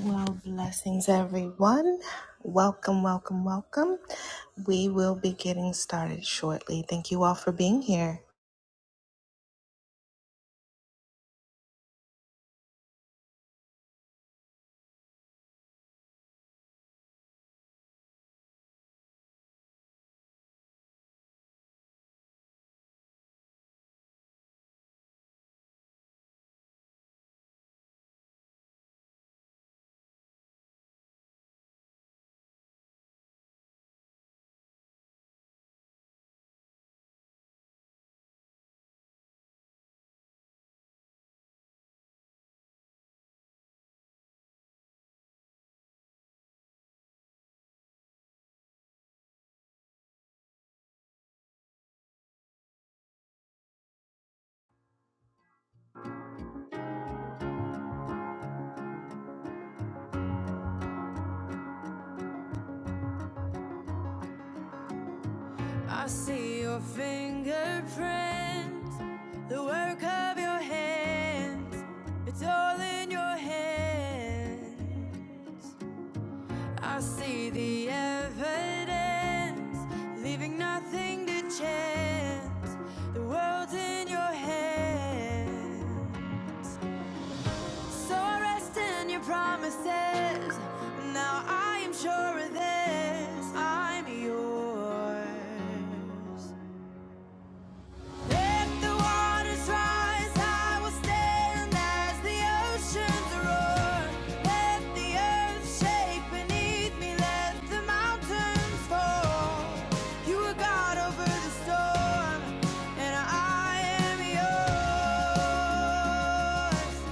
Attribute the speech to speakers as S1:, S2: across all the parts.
S1: Well, blessings, everyone. Welcome, welcome, welcome. We will be getting started shortly. Thank you all for being here.
S2: I see your fingerprints, the work of your hands. It's all in your hands. I see the evidence, leaving nothing to chance. The world's in your hands. So I rest in your promises. Now I am sure of this. I'm yours. Let the waters rise, I will stand as the oceans roar. Let the earth shake beneath me, let the mountains fall. You are God over the storm, and I am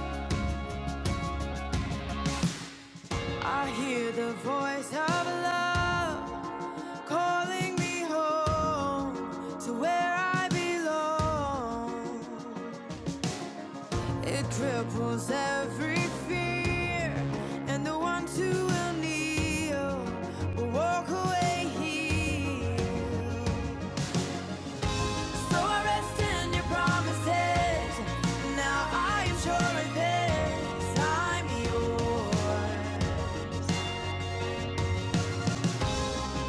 S2: yours. I hear the voice of love calling me home to where I belong. It cripples every fear, and the ones who will kneel will walk away healed. So I rest in your promises. Now I am sure of this. I'm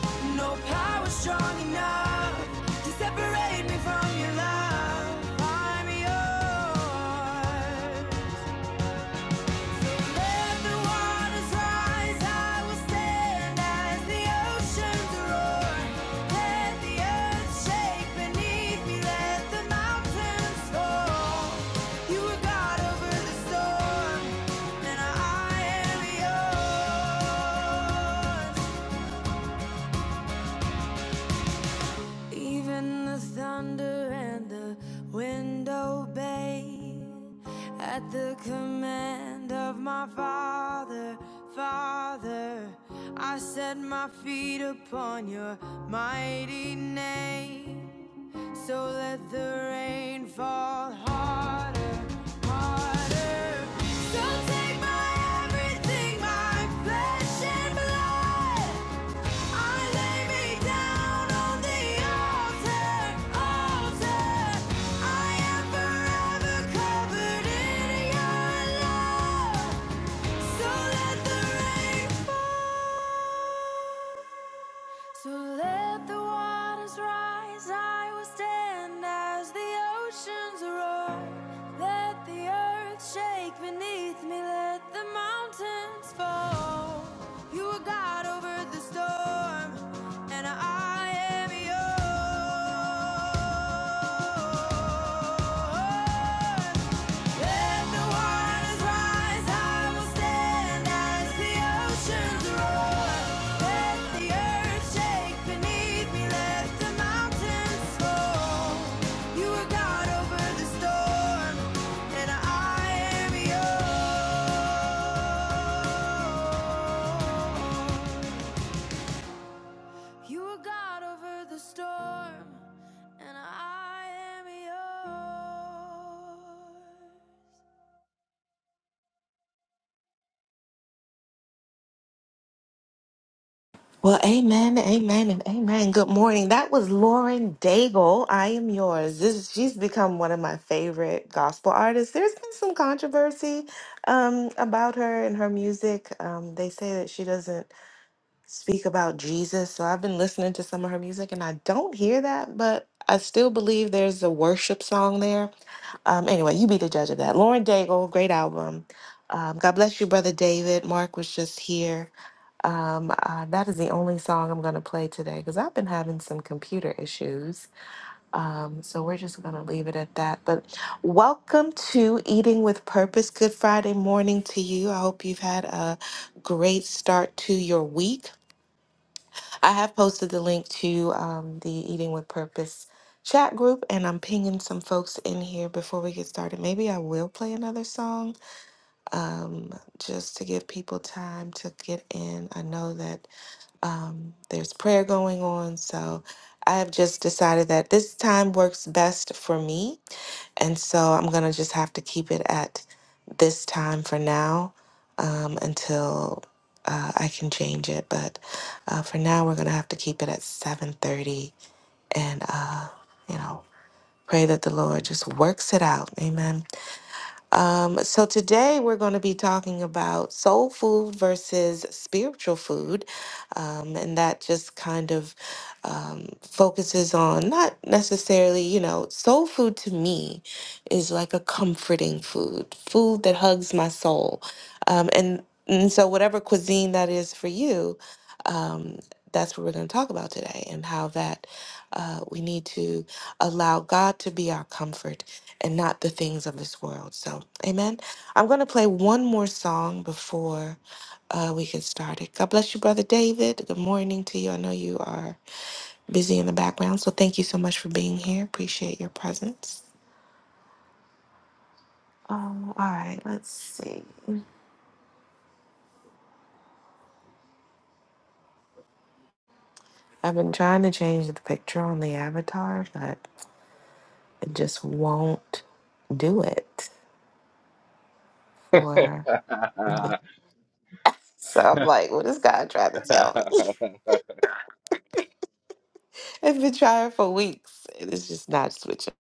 S2: yours. No power strong enough to separate me from your love. I'm yours. Let the waters rise, I will stand as the oceans roar. Let the earth shake beneath me, let the mountains fall. You are God over the storm, and I am yours. Even the thunder and the wind obey at the command of my Father, Father. I set my feet upon your mighty name, so let the rain fall harder, harder. So take my everything, my flesh and blood. I lay me down on the altar, altar. I am forever covered in your love. So let the rain fall. So let the waters rise, I will stand as the oceans roar. Let the earth shake beneath me, let the mountains fall. You are God over the storm, and I am yours. Storm and I am yours.
S1: Well, amen, amen, and amen. Good morning. That was Lauren Daigle. I am yours. This she's become one of my favorite gospel artists. There's been some controversy um, about her and her music. Um, they say that she doesn't speak about Jesus. So I've been listening to some of her music and I don't hear that, but I still believe there's a worship song there. Um, anyway, you be the judge of that. Lauren Daigle, great album. Um, God bless you, brother David. Mark was just here. Um, uh, that is the only song I'm going to play today because I've been having some computer issues. Um, so we're just going to leave it at that. But welcome to Eating with Purpose. Good Friday morning to you. I hope you've had a great start to your week. I have posted the link to um, the Eating with Purpose chat group, and I'm pinging some folks in here before we get started. Maybe I will play another song um, just to give people time to get in. I know that um, there's prayer going on. So I have just decided that this time works best for me. And so I'm going to just have to keep it at this time for now um, until uh, I can change it. But uh, for now, we're going to have to keep it at 7.30 and, uh, you know, pray that the Lord just works it out. Amen. Um, so today we're going to be talking about soul food versus spiritual food, um, and that just kind of um, focuses on not necessarily, you know, soul food to me is like a comforting food, food that hugs my soul, um, and and so whatever cuisine that is for you, um, that's what we're going to talk about today, and how that uh, we need to allow God to be our comfort and not the things of this world. So, amen. I'm going to play one more song before uh, we get started. God bless you, Brother David. Good morning to you. I know you are busy in the background, so thank you so much for being here. Appreciate your presence. Um, all right, let's see. I've been trying to change the picture on the avatar, but it just won't do it for me.
S3: I
S1: So I'm like, what is God trying to tell me? I've been trying for weeks and it's just not switching.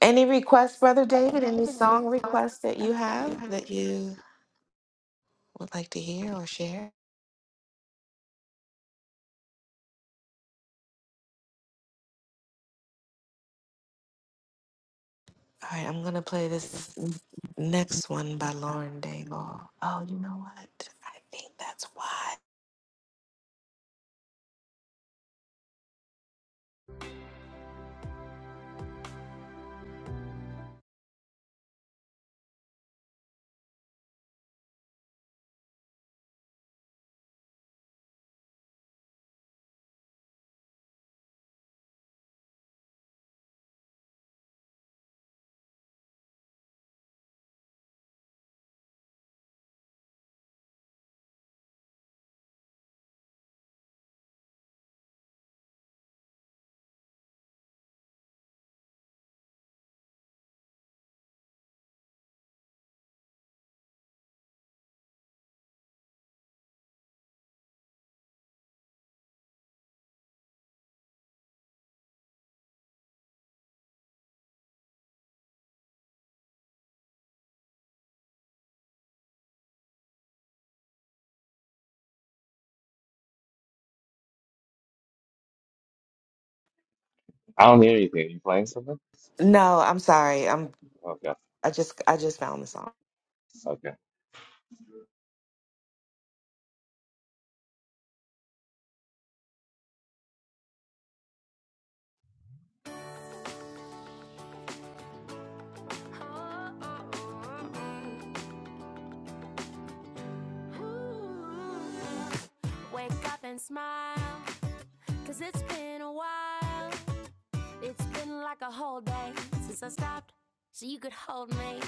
S1: Any requests, Brother David? Any song requests that you have that you would like to hear or share? All right, I'm going to play this n- next one by Lauren Daigle. Oh, you know what? I think that's why.
S3: don't hear anything. You playing something?
S1: No, I'm sorry. I'm
S3: Okay.
S1: I just I just found the song.
S3: Okay.
S2: Oh, oh, oh, oh. Wake up and smile, cause it's been a while. It's been like a whole day since I stopped, so you could hold me.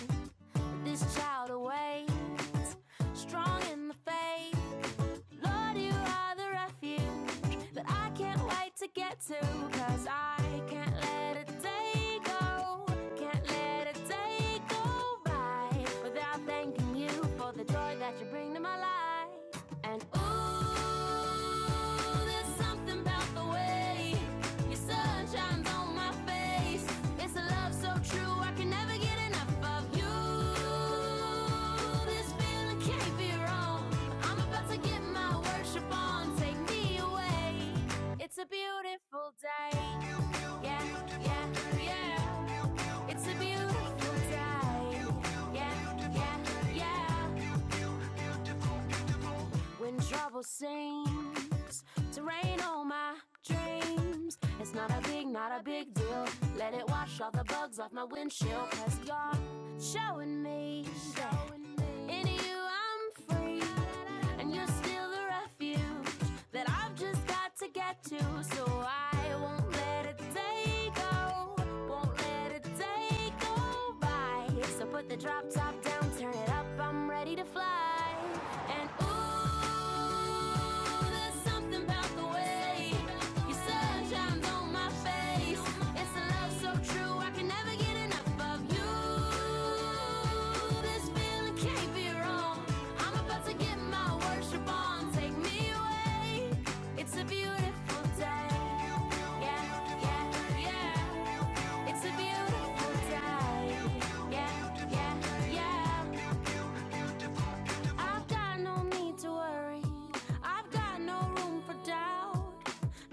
S2: But this child awaits, strong in the faith. Lord, you are the refuge that I can't wait to get to. Cause I can't let a day go, can't let a day go by without thanking you for the joy that you bring to my life. And ooh, there's something about the way your sun shines on my face. It's a love so true, I can never get enough of you. This feeling can't be wrong. I'm about to get my worship on. Take me away. It's a beautiful day. Yeah, yeah, yeah. It's a beautiful day. Yeah, yeah, yeah. When trouble seems to rain on my dreams, it's not a big, not a big deal. Let it wash all the bugs off my windshield, cause you're showing me. that in you I'm free, and you're still the refuge that I've just got to get to. So I won't let a day go, won't let a day go by. So put the drop top down, turn it up. I'm ready to fly. And ooh, there's something about the way your sun shines on my face. It's a love so true, I can never get enough of you. This feeling can't be wrong. I'm about to get my worship on. Take me away. It's a beautiful day. Yeah, yeah, yeah. It's a beautiful day. Yeah, yeah, yeah. I've got no need to worry. I've got no room for doubt.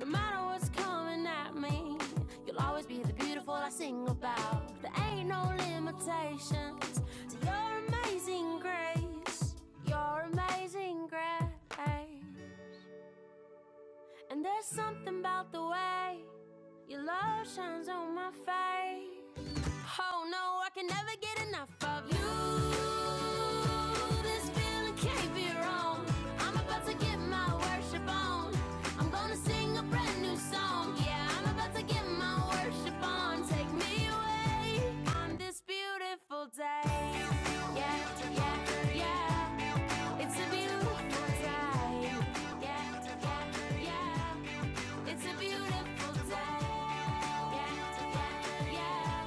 S2: No matter what's coming at me, you'll always be the beautiful I sing about. There ain't no limitations to your amazing grace. Your amazing grace. And there's something about the way your love shines on my face. Oh no, I can never get enough of you. This feeling can't be wrong. I'm about to get my worship on. I'm gonna sing a brand new song. Yeah, I'm about to get my worship on. Take me away on this beautiful day. Yeah, yeah, yeah. It's a beautiful day. Yeah, yeah, yeah. It's a beautiful day. Yeah, yeah, yeah.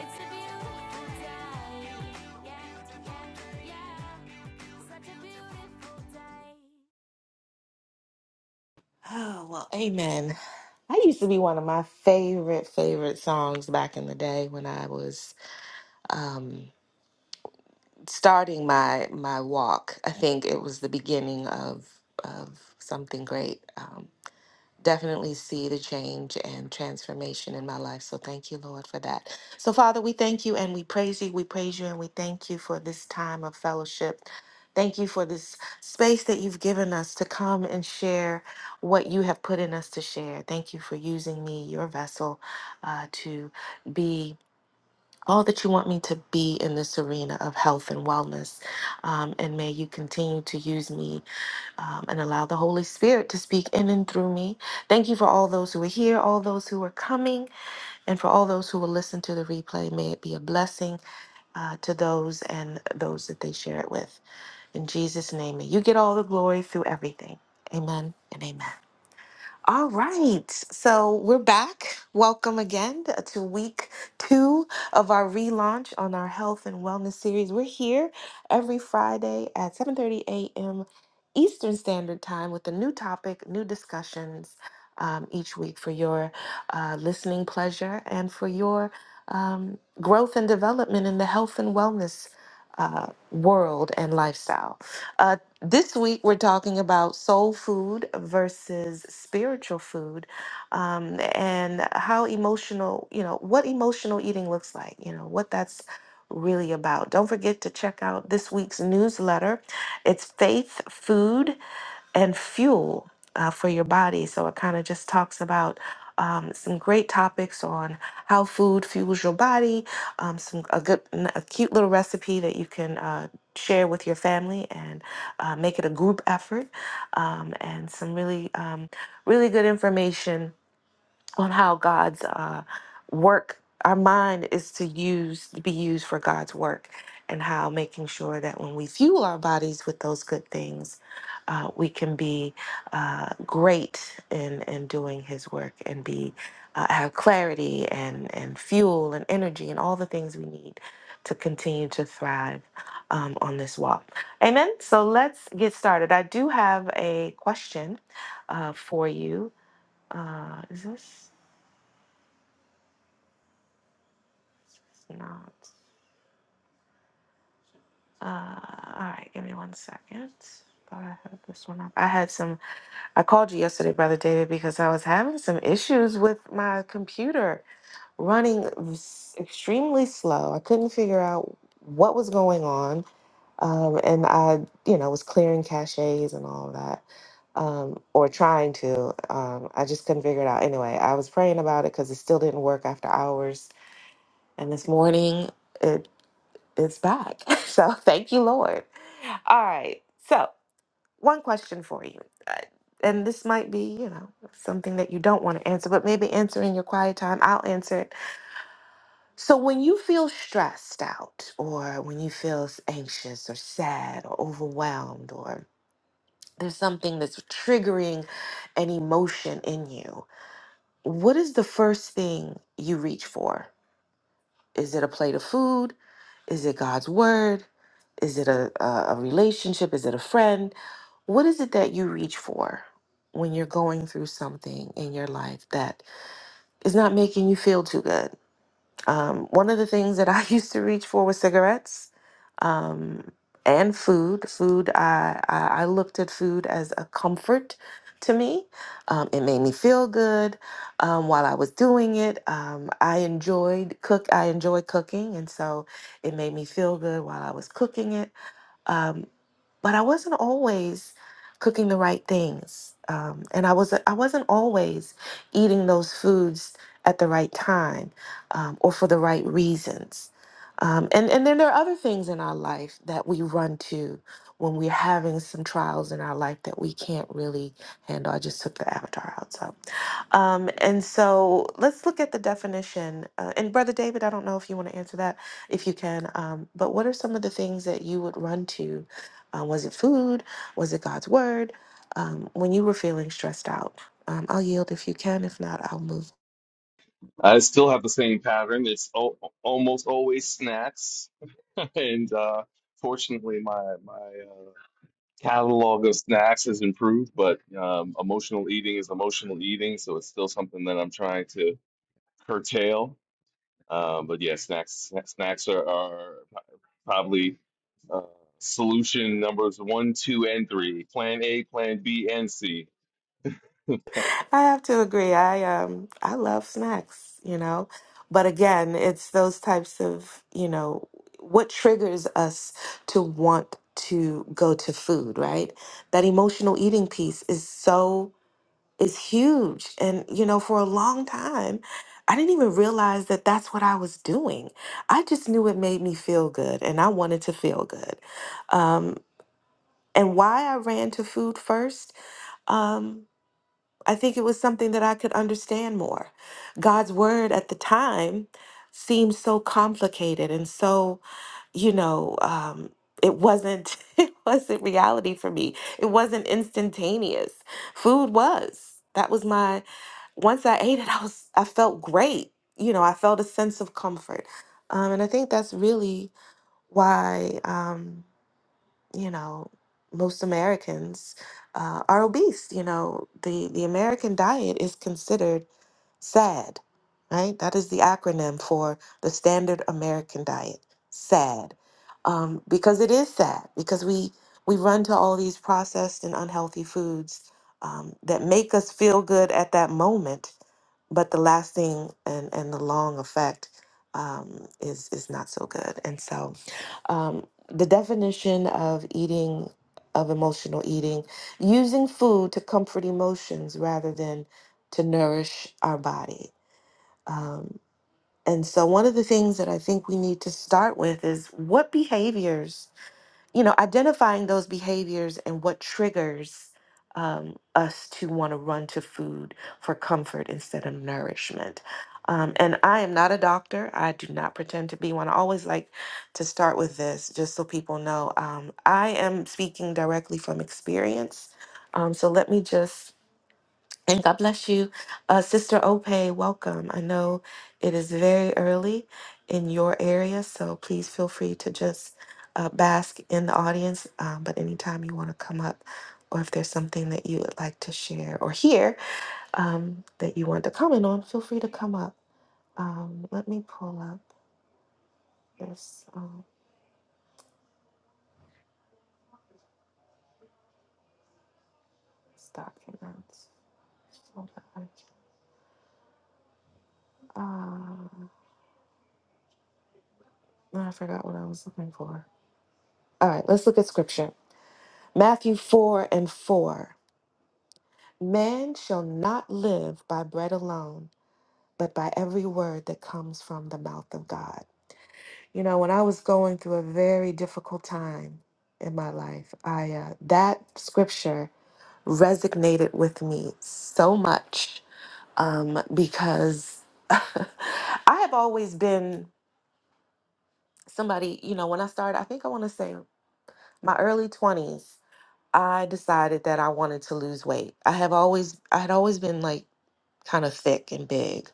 S2: It's a beautiful day. Yeah, yeah, yeah. Such a beautiful day.
S1: Oh, well, amen. That used to be one of my favorite favorite songs back in the day when I was Um, starting my my walk. I think it was the beginning of of something great. Um, definitely see the change and transformation in my life. So thank you, Lord, for that. So Father, we thank you and we praise you. We praise you and we thank you for this time of fellowship. Thank you for this space that you've given us to come and share what you have put in us to share. Thank you for using me, your vessel, uh, to be all that you want me to be in this arena of health and wellness. Um, and may you continue to use me um, and allow the Holy Spirit to speak in and through me. Thank you for all those who are here, all those who are coming, and for all those who will listen to the replay. May it be a blessing uh, to those and those that they share it with. In Jesus' name, may you get all the glory through everything. Amen and amen. All right, so we're back. Welcome again to week two of our relaunch on our health and wellness series. We're here every Friday at 7:30 a.m. Eastern Standard Time with a new topic, new discussions um, each week for your uh, listening pleasure and for your um, growth and development in the health and wellness uh, world and lifestyle. Uh, this week, we're talking about soul food versus spiritual food um, and how emotional, you know, what emotional eating looks like, you know, what that's really about. Don't forget to check out this week's newsletter. It's Faith Food and fuel uh, for your body. So it kind of just talks about um, some great topics on how food fuels your body. Um, some a good, n- a cute little recipe that you can uh, share with your family and uh, make it a group effort. Um, and some really, um, really good information on how God's uh, work, our mind is to use to be used for God's work, and how making sure that when we fuel our bodies with those good things, uh, we can be uh, great in in doing His work and be uh, have clarity and and fuel and energy and all the things we need to continue to thrive. Um, on this walk. Amen. So let's get started. I do have a question uh, for you. Uh, is this? It's not. Uh, all right, give me one second. Thought I had this one up. I had some. I called you yesterday, brother David, because I was having some issues with my computer running s- extremely slow. I couldn't figure out what was going on, um, and I, you know, was clearing caches and all of that, um, or trying to. Um, I just couldn't figure it out. Anyway, I was praying about it because it still didn't work after hours. And this morning, it's back. So thank you, Lord. All right. So, one question for you. Uh, And this might be, you know, something that you don't want to answer, but maybe answer in your quiet time. I'll answer it. So, when you feel stressed out, or when you feel s- anxious, or sad, or overwhelmed, or there's something that's triggering an emotion in you, what is the first thing you reach for? Is it a plate of food? Is it God's word? Is it a, a, a relationship? Is it a friend? What is it that you reach for when you're going through something in your life that is not making you feel too good? Um, one of the things that I used to reach for was cigarettes um, and food. Food, I, I, I looked at food as a comfort to me. Um, it made me feel good um, while I was doing it. Um, I enjoyed cook. I enjoy cooking, and so it made me feel good while I was cooking it. Um, but I wasn't always cooking the right things, um, and I was I wasn't always eating those foods at the right time um, or for the right reasons. Um, and and then there are other things in our life that we run to when we're having some trials in our life that we can't really handle. I just took the avatar outside. Um, and so let's look at the definition. Uh, and Brother David, I don't know if you want to answer that, if you can, um, but what are some of the things that you would run to? Uh, was it food? Was it God's word? Um, when you were feeling stressed out? Um, I'll yield if you can. If not, I'll move.
S3: I still have the same pattern. It's o almost always snacks, and uh, fortunately, my my uh, catalog of snacks has improved. But um, emotional eating is emotional eating, so it's still something that I'm trying to curtail. Um, but yeah, snacks snacks are, are probably uh, solution numbers one, two, and three. Plan A, Plan B, and C.
S1: I have to agree. I um I love snacks, you know. But again, it's those types of, you know, what triggers us to want to go to food, right? That emotional eating piece is so is huge. And you know, for a long time, I didn't even realize that that's what I was doing. I just knew it made me feel good and I wanted to feel good. Um and why I ran to food first? um, I think it was something that I could understand more. God's word at the time seemed so complicated and so, you know, um, it wasn't it wasn't reality for me. It wasn't instantaneous. Food was. That was my once I ate it, I was I felt great. You know, I felt a sense of comfort. Um, and I think that's really why. Um, you know most Americans uh, are obese. You know the the American diet is considered SAD, right? That is the acronym for the standard American diet, SAD, um, because it is sad because we we run to all these processed and unhealthy foods um, that make us feel good at that moment, but the lasting and and the long effect um, is is not so good, and so um, the definition of eating of emotional eating using food to comfort emotions rather than to nourish our body um, and so one of the things that i think we need to start with is what behaviors you know, identifying those behaviors and what triggers um, us to want to run to food for comfort instead of nourishment. Um, and I am not a doctor. I do not pretend to be one. I always like to start with this just so people know. Um, I am speaking directly from experience. Um, so let me just and God bless you. Uh, Sister Ope, welcome. I know it is very early in your area, so please feel free to just uh, bask in the audience. Um, but anytime you want to come up, or if there's something that you would like to share or hear um, that you want to comment on, feel free to come up. Um, let me pull up this um, document. Hold on. Uh, no, I forgot what I was looking for. All right, let's look at scripture. Matthew 4 and 4. Man shall not live by bread alone, but by every word that comes from the mouth of God. You know, when I was going through a very difficult time in my life, I uh, that scripture resonated with me so much um, because I have always been somebody. You know, when I started, I think I want to say my early twenties. I decided that I wanted to lose weight. I have always I had always been like kind of thick and big.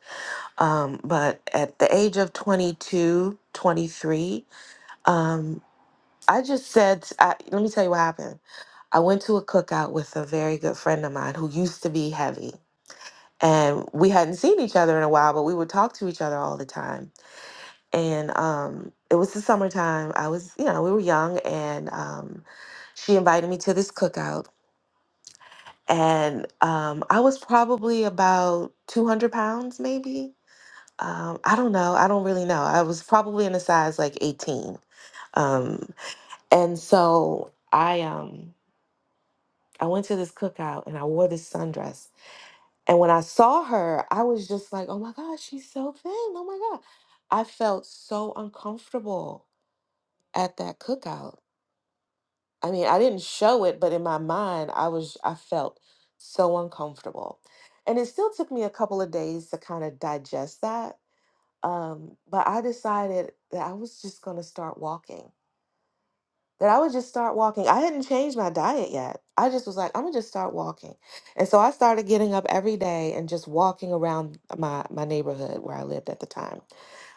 S1: Um, but at the age of 22, 23, um, I just said, I, let me tell you what happened. I went to a cookout with a very good friend of mine who used to be heavy. And we hadn't seen each other in a while, but we would talk to each other all the time. And um, it was the summertime. I was, you know, we were young, and um, she invited me to this cookout and um, I was probably about 200 pounds, maybe. Um, I don't know. I don't really know. I was probably in a size like 18. Um, and so I um, I went to this cookout and I wore this sundress. And when I saw her, I was just like, oh my gosh, she's so thin. Oh my God. I felt so uncomfortable at that cookout. I mean, I didn't show it, but in my mind, I was, I felt so uncomfortable. And it still took me a couple of days to kind of digest that. Um, but I decided that I was just going to start walking, that I would just start walking. I hadn't changed my diet yet. I just was like, I'm going to just start walking. And so I started getting up every day and just walking around my, my neighborhood where I lived at the time.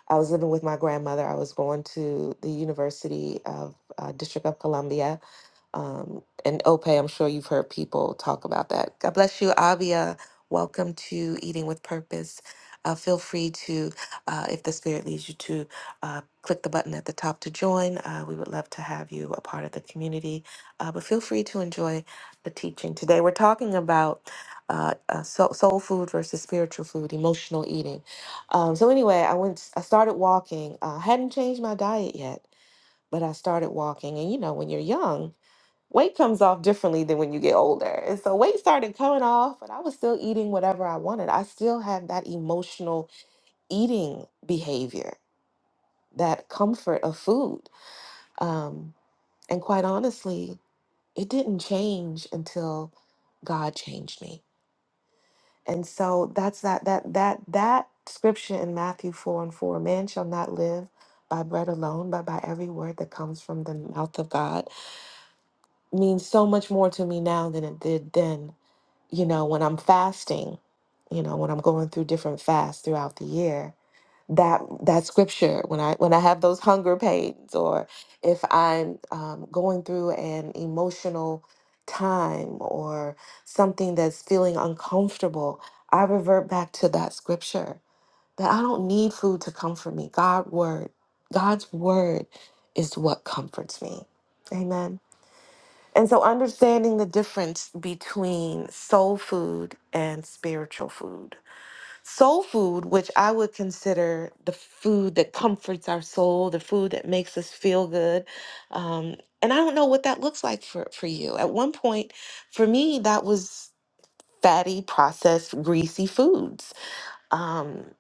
S1: I was living with my grandmother. I was going to the University of uh, District of Columbia um, and Ope, I'm sure you've heard people talk about that. God bless you, Avia. Welcome to Eating with Purpose. Uh, feel free to, uh, if the Spirit leads you to, uh, click the button at the top to join. Uh, we would love to have you a part of the community. Uh, but feel free to enjoy the teaching today. We're talking about uh, uh, soul, soul food versus spiritual food, emotional eating. Um, so anyway, I went. I started walking. Uh, I hadn't changed my diet yet, but I started walking. And you know, when you're young weight comes off differently than when you get older. And so weight started coming off, but I was still eating whatever I wanted. I still had that emotional eating behavior, that comfort of food. Um, and quite honestly, it didn't change until God changed me. And so that's that that that that scripture in Matthew 4 and 4, man shall not live by bread alone, but by every word that comes from the mouth of God means so much more to me now than it did then you know, when I'm fasting, you know, when I'm going through different fasts throughout the year, that that scripture when I when I have those hunger pains, or if I'm um, going through an emotional time or something that's feeling uncomfortable, I revert back to that scripture that I don't need food to comfort me. God word, God's word is what comforts me. Amen. And so understanding the difference between soul food and spiritual food. Soul food, which I would consider the food that comforts our soul, the food that makes us feel good. Um, and I don't know what that looks like for, for you. At one point, for me, that was fatty, processed, greasy foods. Um,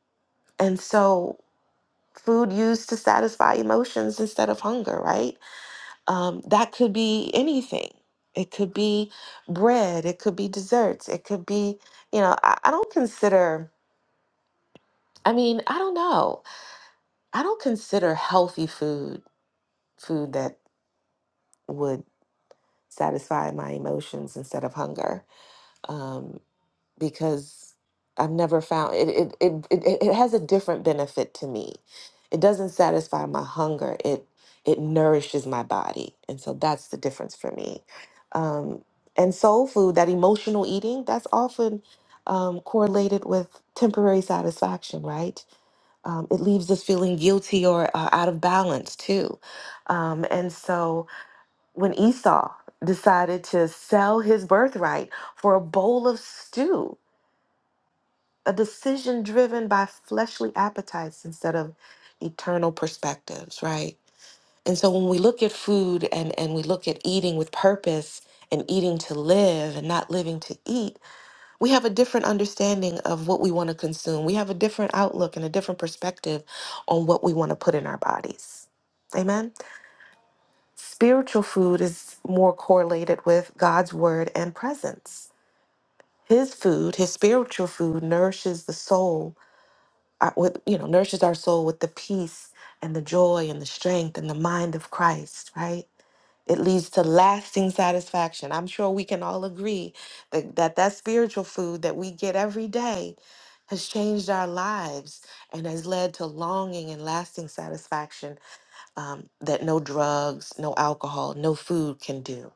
S1: and so food used to satisfy emotions instead of hunger, right? Um, that could be anything. It could be bread. It could be desserts. It could be, you know, I, I don't consider, I mean, I don't know. I don't consider healthy food food that would satisfy my emotions instead of hunger. Um, because I've never found it it, it it it it has a different benefit to me. It doesn't satisfy my hunger. It it nourishes my body. And so that's the difference for me. Um, and soul food, that emotional eating, that's often um, correlated with temporary satisfaction, right? um, it leaves us feeling guilty or uh, out of balance too. Um, and so when Esau decided to sell his birthright for a bowl of stew, a decision driven by fleshly appetites instead of eternal perspectives, right? And so when we look at food and, and we look at eating with purpose and eating to live and not living to eat, we have a different understanding of what we want to consume. We have a different outlook and a different perspective on what we want to put in our bodies. Amen. Spiritual food is more correlated with God's word and presence. His food, his spiritual food, nourishes the soul our- with you know nourishes our soul with the peace and the joy and the strength and the mind of Christ, right? It leads to lasting satisfaction. I'm sure we can all agree that that, that spiritual food that we get every day has changed our lives and has led to longing and lasting satisfaction um, that no drugs, no alcohol, no food can do.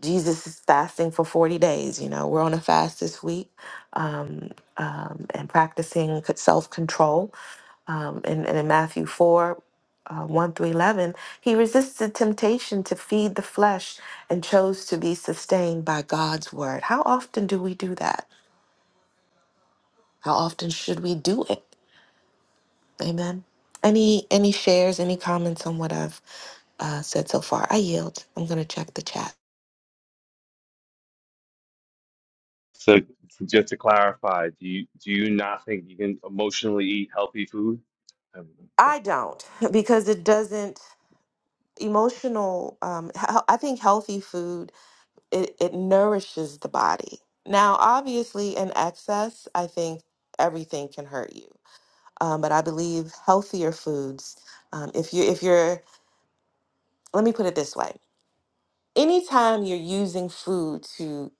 S1: Jesus is fasting for 40 days. You know, we're on a fast this week um, um, and practicing self control um, and, in Matthew 4 uh, 1 through 11, he resisted temptation to feed the flesh and chose to be sustained by God's word. How often do we do that? How often should we do it? Amen. Any any shares, any comments on what I've uh, said so far? I yield. I'm going to check the chat.
S3: So just to clarify, do you do you not think you can emotionally eat healthy food? Um,
S1: I don't because it doesn't emotional. Um, he- I think healthy food it it nourishes the body. Now, obviously, in excess, I think everything can hurt you. Um, but I believe healthier foods. Um, if you if you're, let me put it this way: anytime you're using food to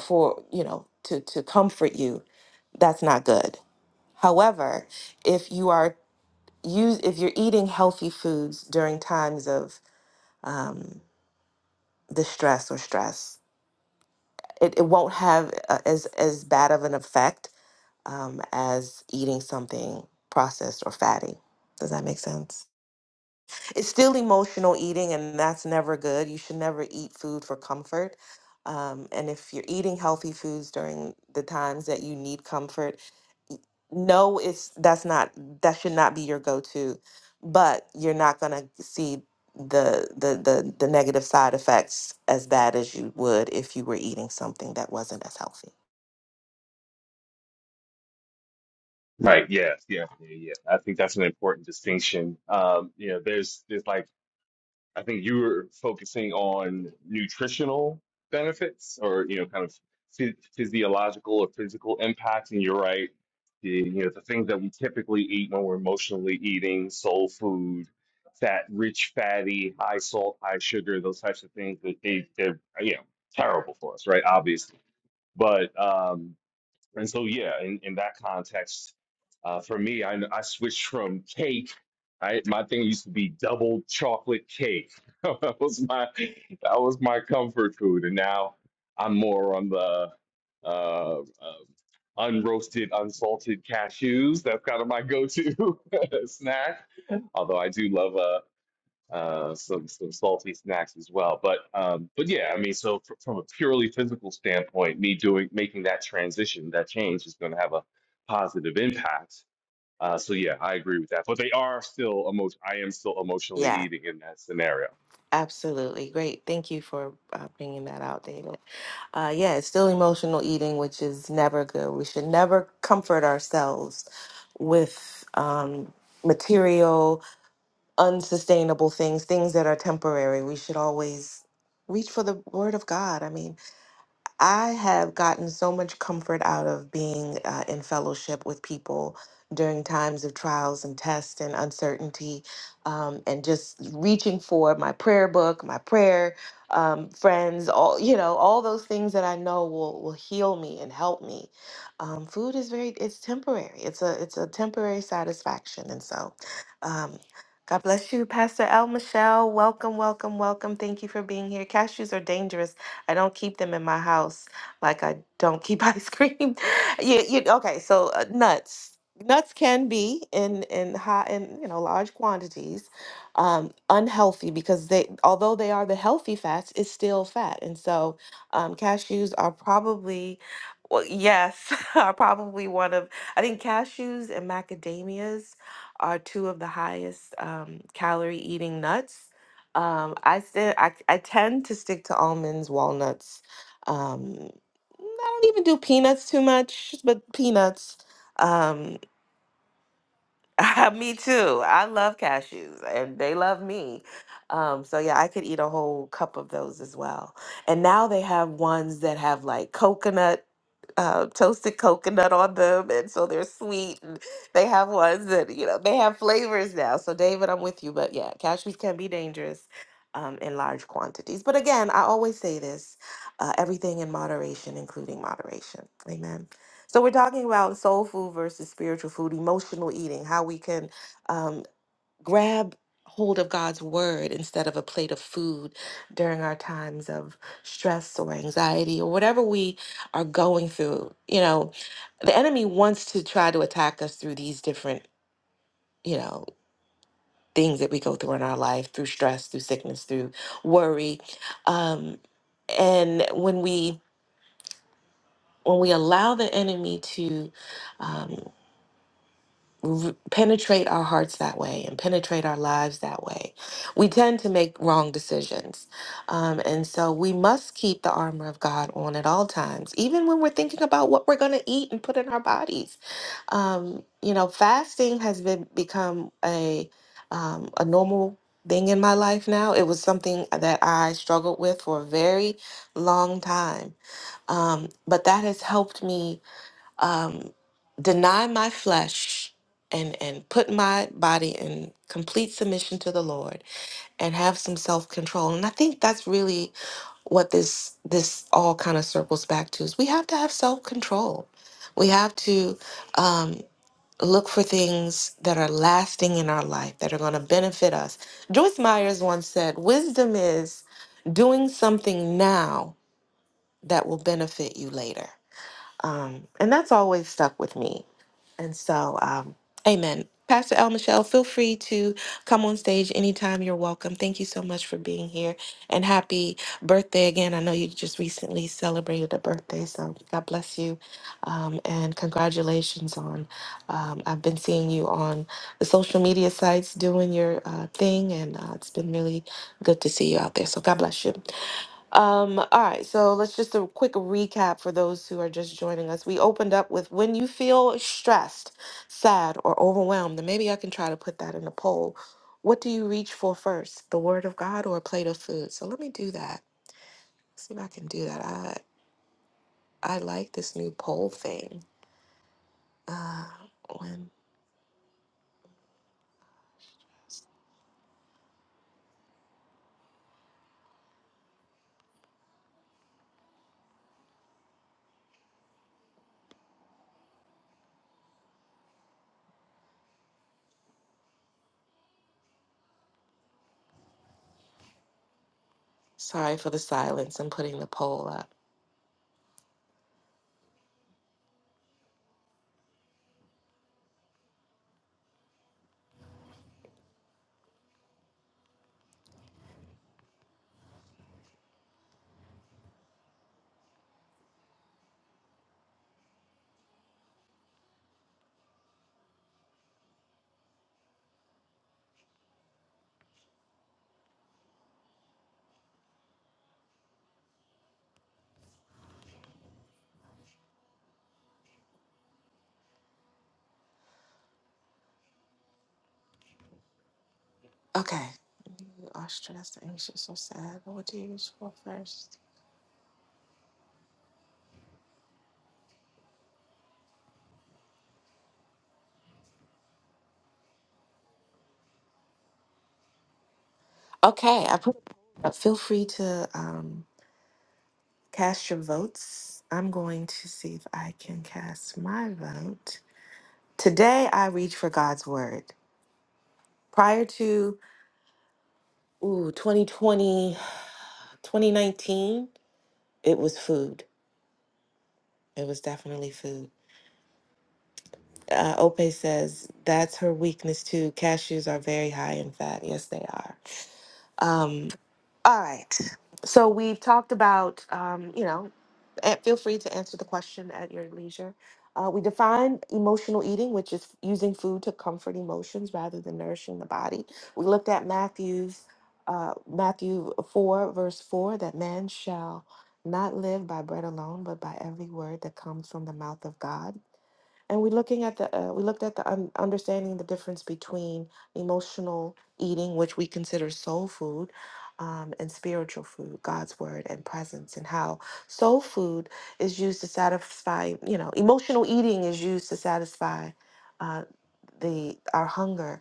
S1: for you know to to comfort you, that's not good. However, if you are use if you're eating healthy foods during times of um, distress or stress, it, it won't have uh, as as bad of an effect um, as eating something processed or fatty. Does that make sense? It's still emotional eating, and that's never good. You should never eat food for comfort. Um, and if you're eating healthy foods during the times that you need comfort, y- no, it's that's not that should not be your go-to. But you're not gonna see the the the, the negative side effects as bad as you would if you were eating something that wasn't as healthy.
S3: Right. Yes. Yeah. Yeah. Yeah. I think that's an important distinction. Um, you know, there's there's like I think you were focusing on nutritional benefits or, you know, kind of phy- physiological or physical impacts. And you're right. The, you know, the things that we typically eat when we're emotionally eating, soul food, fat, rich, fatty, high salt, high sugar, those types of things that they, they're, you know, terrible for us, right? Obviously. But, um, and so, yeah, in, in that context, uh, for me, I, I switched from cake. I, my thing used to be double chocolate cake. that was my that was my comfort food, and now I'm more on the uh, uh, unroasted, unsalted cashews. That's kind of my go-to snack. Although I do love a uh, some some salty snacks as well. But um, but yeah, I mean, so fr- from a purely physical standpoint, me doing making that transition, that change is going to have a positive impact. Uh, so yeah, I agree with that. But they are still emotion. I am still emotionally
S1: Yeah,
S3: eating in that scenario.
S1: absolutely. Great. Thank you for uh, bringing that out, David. Uh, yeah, it's still emotional eating, which is never good. We should never comfort ourselves with um, material, unsustainable things, things that are temporary. We should always reach for the word of God. I mean, I have gotten so much comfort out of being uh, in fellowship with people during times of trials and tests and uncertainty, um, and just reaching for my prayer book, my prayer um, friends, all you know, all those things that I know will will heal me and help me. Um, food is very it's temporary. It's a it's a temporary satisfaction, and so. Um, God bless you, Pastor El Michelle. Welcome, welcome, welcome. Thank you for being here. Cashews are dangerous I don't keep them in my house like I don't keep ice cream. you, you okay? So uh, nuts. Nuts can be in in high in you know large quantities um, unhealthy because they although they are the healthy fats, it's still fat, and so um, cashews are probably well, yes, are probably one of I think cashews and macadamias are two of the highest um, calorie eating nuts. Um, I still I, I tend to stick to almonds, walnuts. Um, I don't even do peanuts too much, but peanuts. um, me too. I love cashews and they love me. Um, so yeah, I could eat a whole cup of those as well. And now they have ones that have like coconut, uh, toasted coconut on them, and so they're sweet. And they have ones that you know they have flavors now. So David, I'm with you, but yeah, cashews can be dangerous um, in large quantities. But again, I always say this: uh, everything in moderation, including moderation. Amen. So we're talking about soul food versus spiritual food, emotional eating, how we can um, grab hold of God's word instead of a plate of food during our times of stress or anxiety or whatever we are going through. You know, the enemy wants to try to attack us through these different, you know, things that we go through in our life, through stress, through sickness, through worry. Um, and when we when we allow the enemy to um, r- penetrate our hearts that way and penetrate our lives that way. We tend to make wrong decisions. Um, and so we must keep the armor of God on at all times, even when we're thinking about what we're going to eat and put in our bodies. Um, you know, fasting has been become a um, a normal thing in my life now. It was something that I struggled with for a very long time. Um, but that has helped me um, deny my flesh and and put my body in complete submission to the Lord and have some self-control. And I think that's really what this this all kind of circles back to is we have to have self-control. We have to um, look for things that are lasting in our life that are going to benefit us. Joyce Myers once said, "Wisdom is doing something now that will benefit you later." Um, and that's always stuck with me and so, um, amen. Pastor El Michelle, feel free to come on stage anytime. You're welcome. Thank you so much for being here and happy birthday again. I know you just recently celebrated a birthday, so God bless you. Um, and congratulations on, um, I've been seeing you on the social media sites doing your uh, thing, and uh, it's been really good to see you out there. So God bless you. Um, all right, so let's just a quick recap for those who are just joining us. We opened up with when you feel stressed, sad, or overwhelmed, and maybe I can try to put that in a poll. What do you reach for first, the word of God or a plate of food? So let me do that. See if I can do that. I I like this new poll thing. Uh, when sorry for the silence and putting the poll up. Okay, you are stressed, anxious, or sad. What do you reach for first? Okay, I put. Feel free to. Um, Cast your votes. I'm going to see if I can cast my vote. Today, I read for God's word. Prior to ooh, 2020, 2019, it was food. It was definitely food. Uh, Ope says that's her weakness too. Cashews are very high in fat. Yes, they are. Um, all right. So we've talked about, um, you know, and feel free to answer the question at your leisure. Uh, we define emotional eating, which is using food to comfort emotions rather than nourishing the body. We looked at Matthew's uh, Matthew four verse four that man shall not live by bread alone, but by every word that comes from the mouth of God. And we're looking at the uh, we looked at the un- understanding the difference between emotional eating, which we consider soul food, um, and spiritual food, God's word and presence, and how soul food is used to satisfy. You know, emotional eating is used to satisfy uh, the our hunger,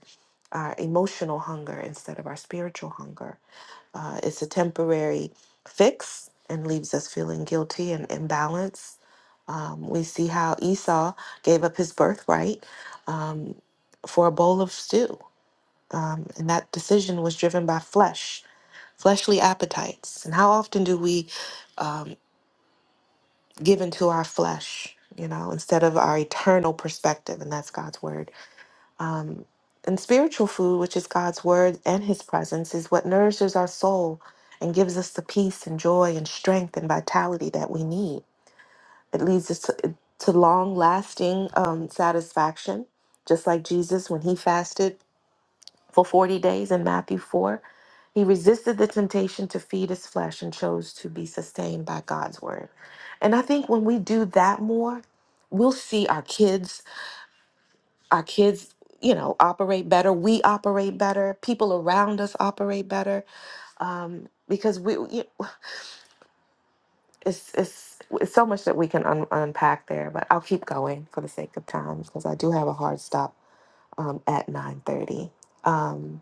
S1: our emotional hunger instead of our spiritual hunger uh, it's a temporary fix and leaves us feeling guilty and imbalanced. Um, we see how Esau gave up his birthright um, for a bowl of stew. Um, and that decision was driven by flesh, fleshly appetites. And how often do we um, give into our flesh, you know, instead of our eternal perspective? And that's God's word. Um, and spiritual food, which is God's word and his presence, is what nourishes our soul and gives us the peace and joy and strength and vitality that we need. It leads us to, to long lasting um, satisfaction, just like Jesus when he fasted for 40 days in Matthew 4. He resisted the temptation to feed his flesh and chose to be sustained by God's word. And I think when we do that more, we'll see our kids our kids you know operate better we operate better people around us operate better um, because we we- it's, it's it's so much that we can un- unpack there but i'll keep going for the sake of time because i do have a hard stop um, at 9.30 um,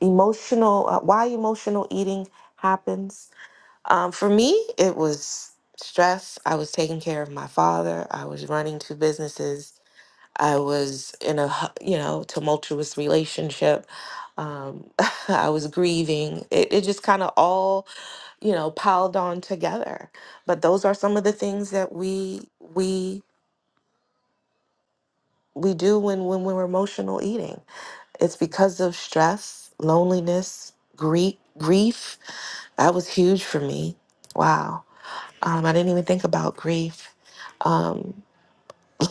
S1: emotional uh, why emotional eating happens um, for me it was stress i was taking care of my father i was running two businesses I was in a hu- you know tumultuous relationship. Um, I was grieving. It, it just kind of all you know piled on together. But those are some of the things that we we we do when when we're emotional eating. It's because of stress, loneliness, grief. Grief that was huge for me. Wow, um, I didn't even think about grief. Um,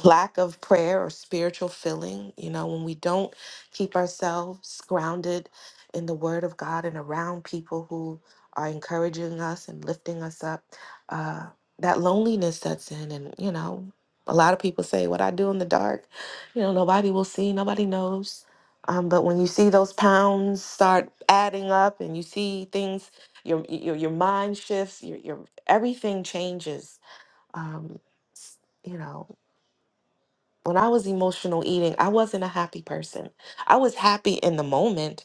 S1: lack of prayer or spiritual filling, you know, when we don't keep ourselves grounded in the Word of God and around people who are encouraging us and lifting us up, uh, that loneliness sets in. And, you know, a lot of people say, What I do in the dark, you know, nobody will see, nobody knows. Um, but when you see those pounds start adding up and you see things, your, your, your mind shifts, your, your, everything changes. Um, s- you know, when I was emotional eating, I wasn't a happy person. I was happy in the moment,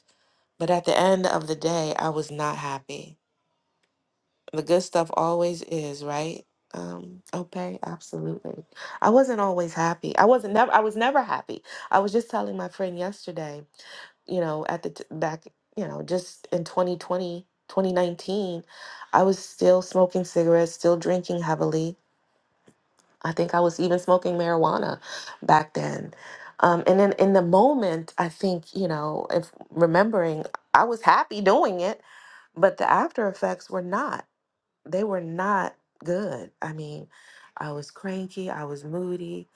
S1: but at the end of the day, I was not happy. The good stuff always is, right? Um, okay, absolutely. I wasn't always happy. I wasn't never I was never happy. I was just telling my friend yesterday, you know, at the t- back, you know, just in 2020 2019, I was still smoking cigarettes, still drinking heavily. I think I was even smoking marijuana back then. Um, and then in the moment, I think, you know, if remembering, I was happy doing it, but the after effects were not. They were not good. I mean, I was cranky. I was moody.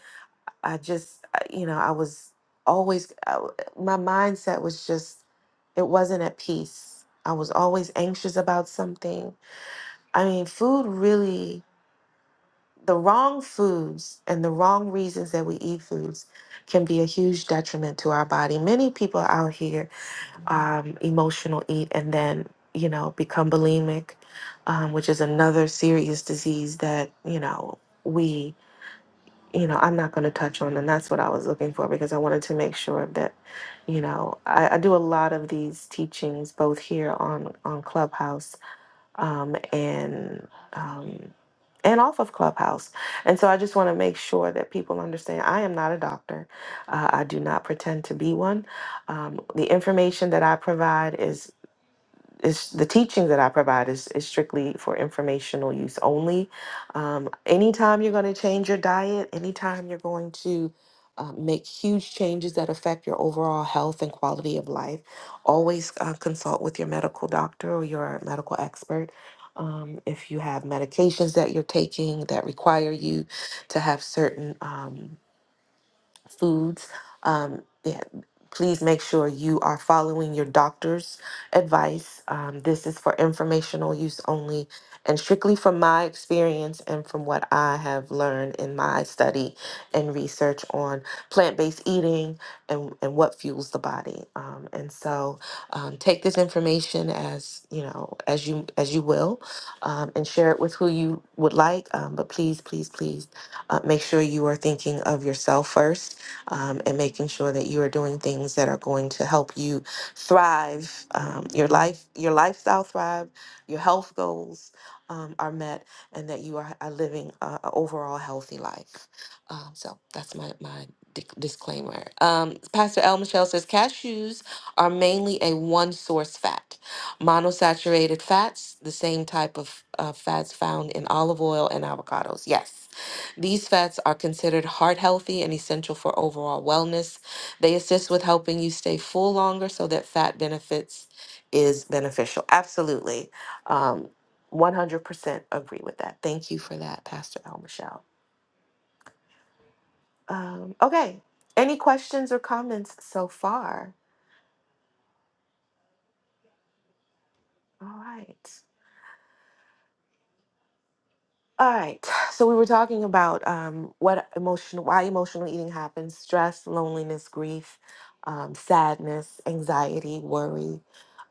S1: I just, I- you know, I was always, I w- my mindset was just, it wasn't at peace. I was always anxious about something. I mean, food really the wrong foods and the wrong reasons that we eat foods can be a huge detriment to our body. Many people out here um, emotional eat and then you know become bulimic, um, which is another serious disease that you know we you know I'm not going to touch on, and that's what I was looking for because I wanted to make sure that you know I, I do a lot of these teachings both here on on Clubhouse um, and um, and off of Clubhouse. And so I just want to make sure that people understand I am not a doctor. Uh, I do not pretend to be one. Um, the information that I provide is it's the teaching that I provide is, is strictly for informational use only. Um, anytime you're going to change your diet, anytime you're going to uh, make huge changes that affect your overall health and quality of life, always uh, consult with your medical doctor or your medical expert. Um, if you have medications that you're taking that require you to have certain um, foods. Um, yeah, please make sure you are following your doctor's advice. Um, this is for informational use only and strictly from my experience and from what I have learned in my study and research on plant based eating and, and what fuels the body. Um, and so um, take this information as you know as you as you will um, and share it with who you would like um, but please please please uh, make sure you are thinking of yourself first um, and making sure that you are doing things that are going to help you thrive, um, your life, your lifestyle thrive, your health goals um, are met, and that you are, are living a, a overall healthy life. Um, so that's my my dic- disclaimer. Um, Pastor L. Michelle says cashews are mainly a one source fat. Monosaturated fats, the same type of uh, fats found in olive oil and avocados. Yes these fats are considered heart healthy and essential for overall wellness. They assist with helping you stay full longer so that fat benefits is beneficial. Absolutely. Um, 100% agree with that. Thank you for that, Pastor El Michelle. Um, okay. Any questions or comments so far? All right. All right. So we were talking about um, what emotional, why emotional eating happens: stress, loneliness, grief, um, sadness, anxiety, worry,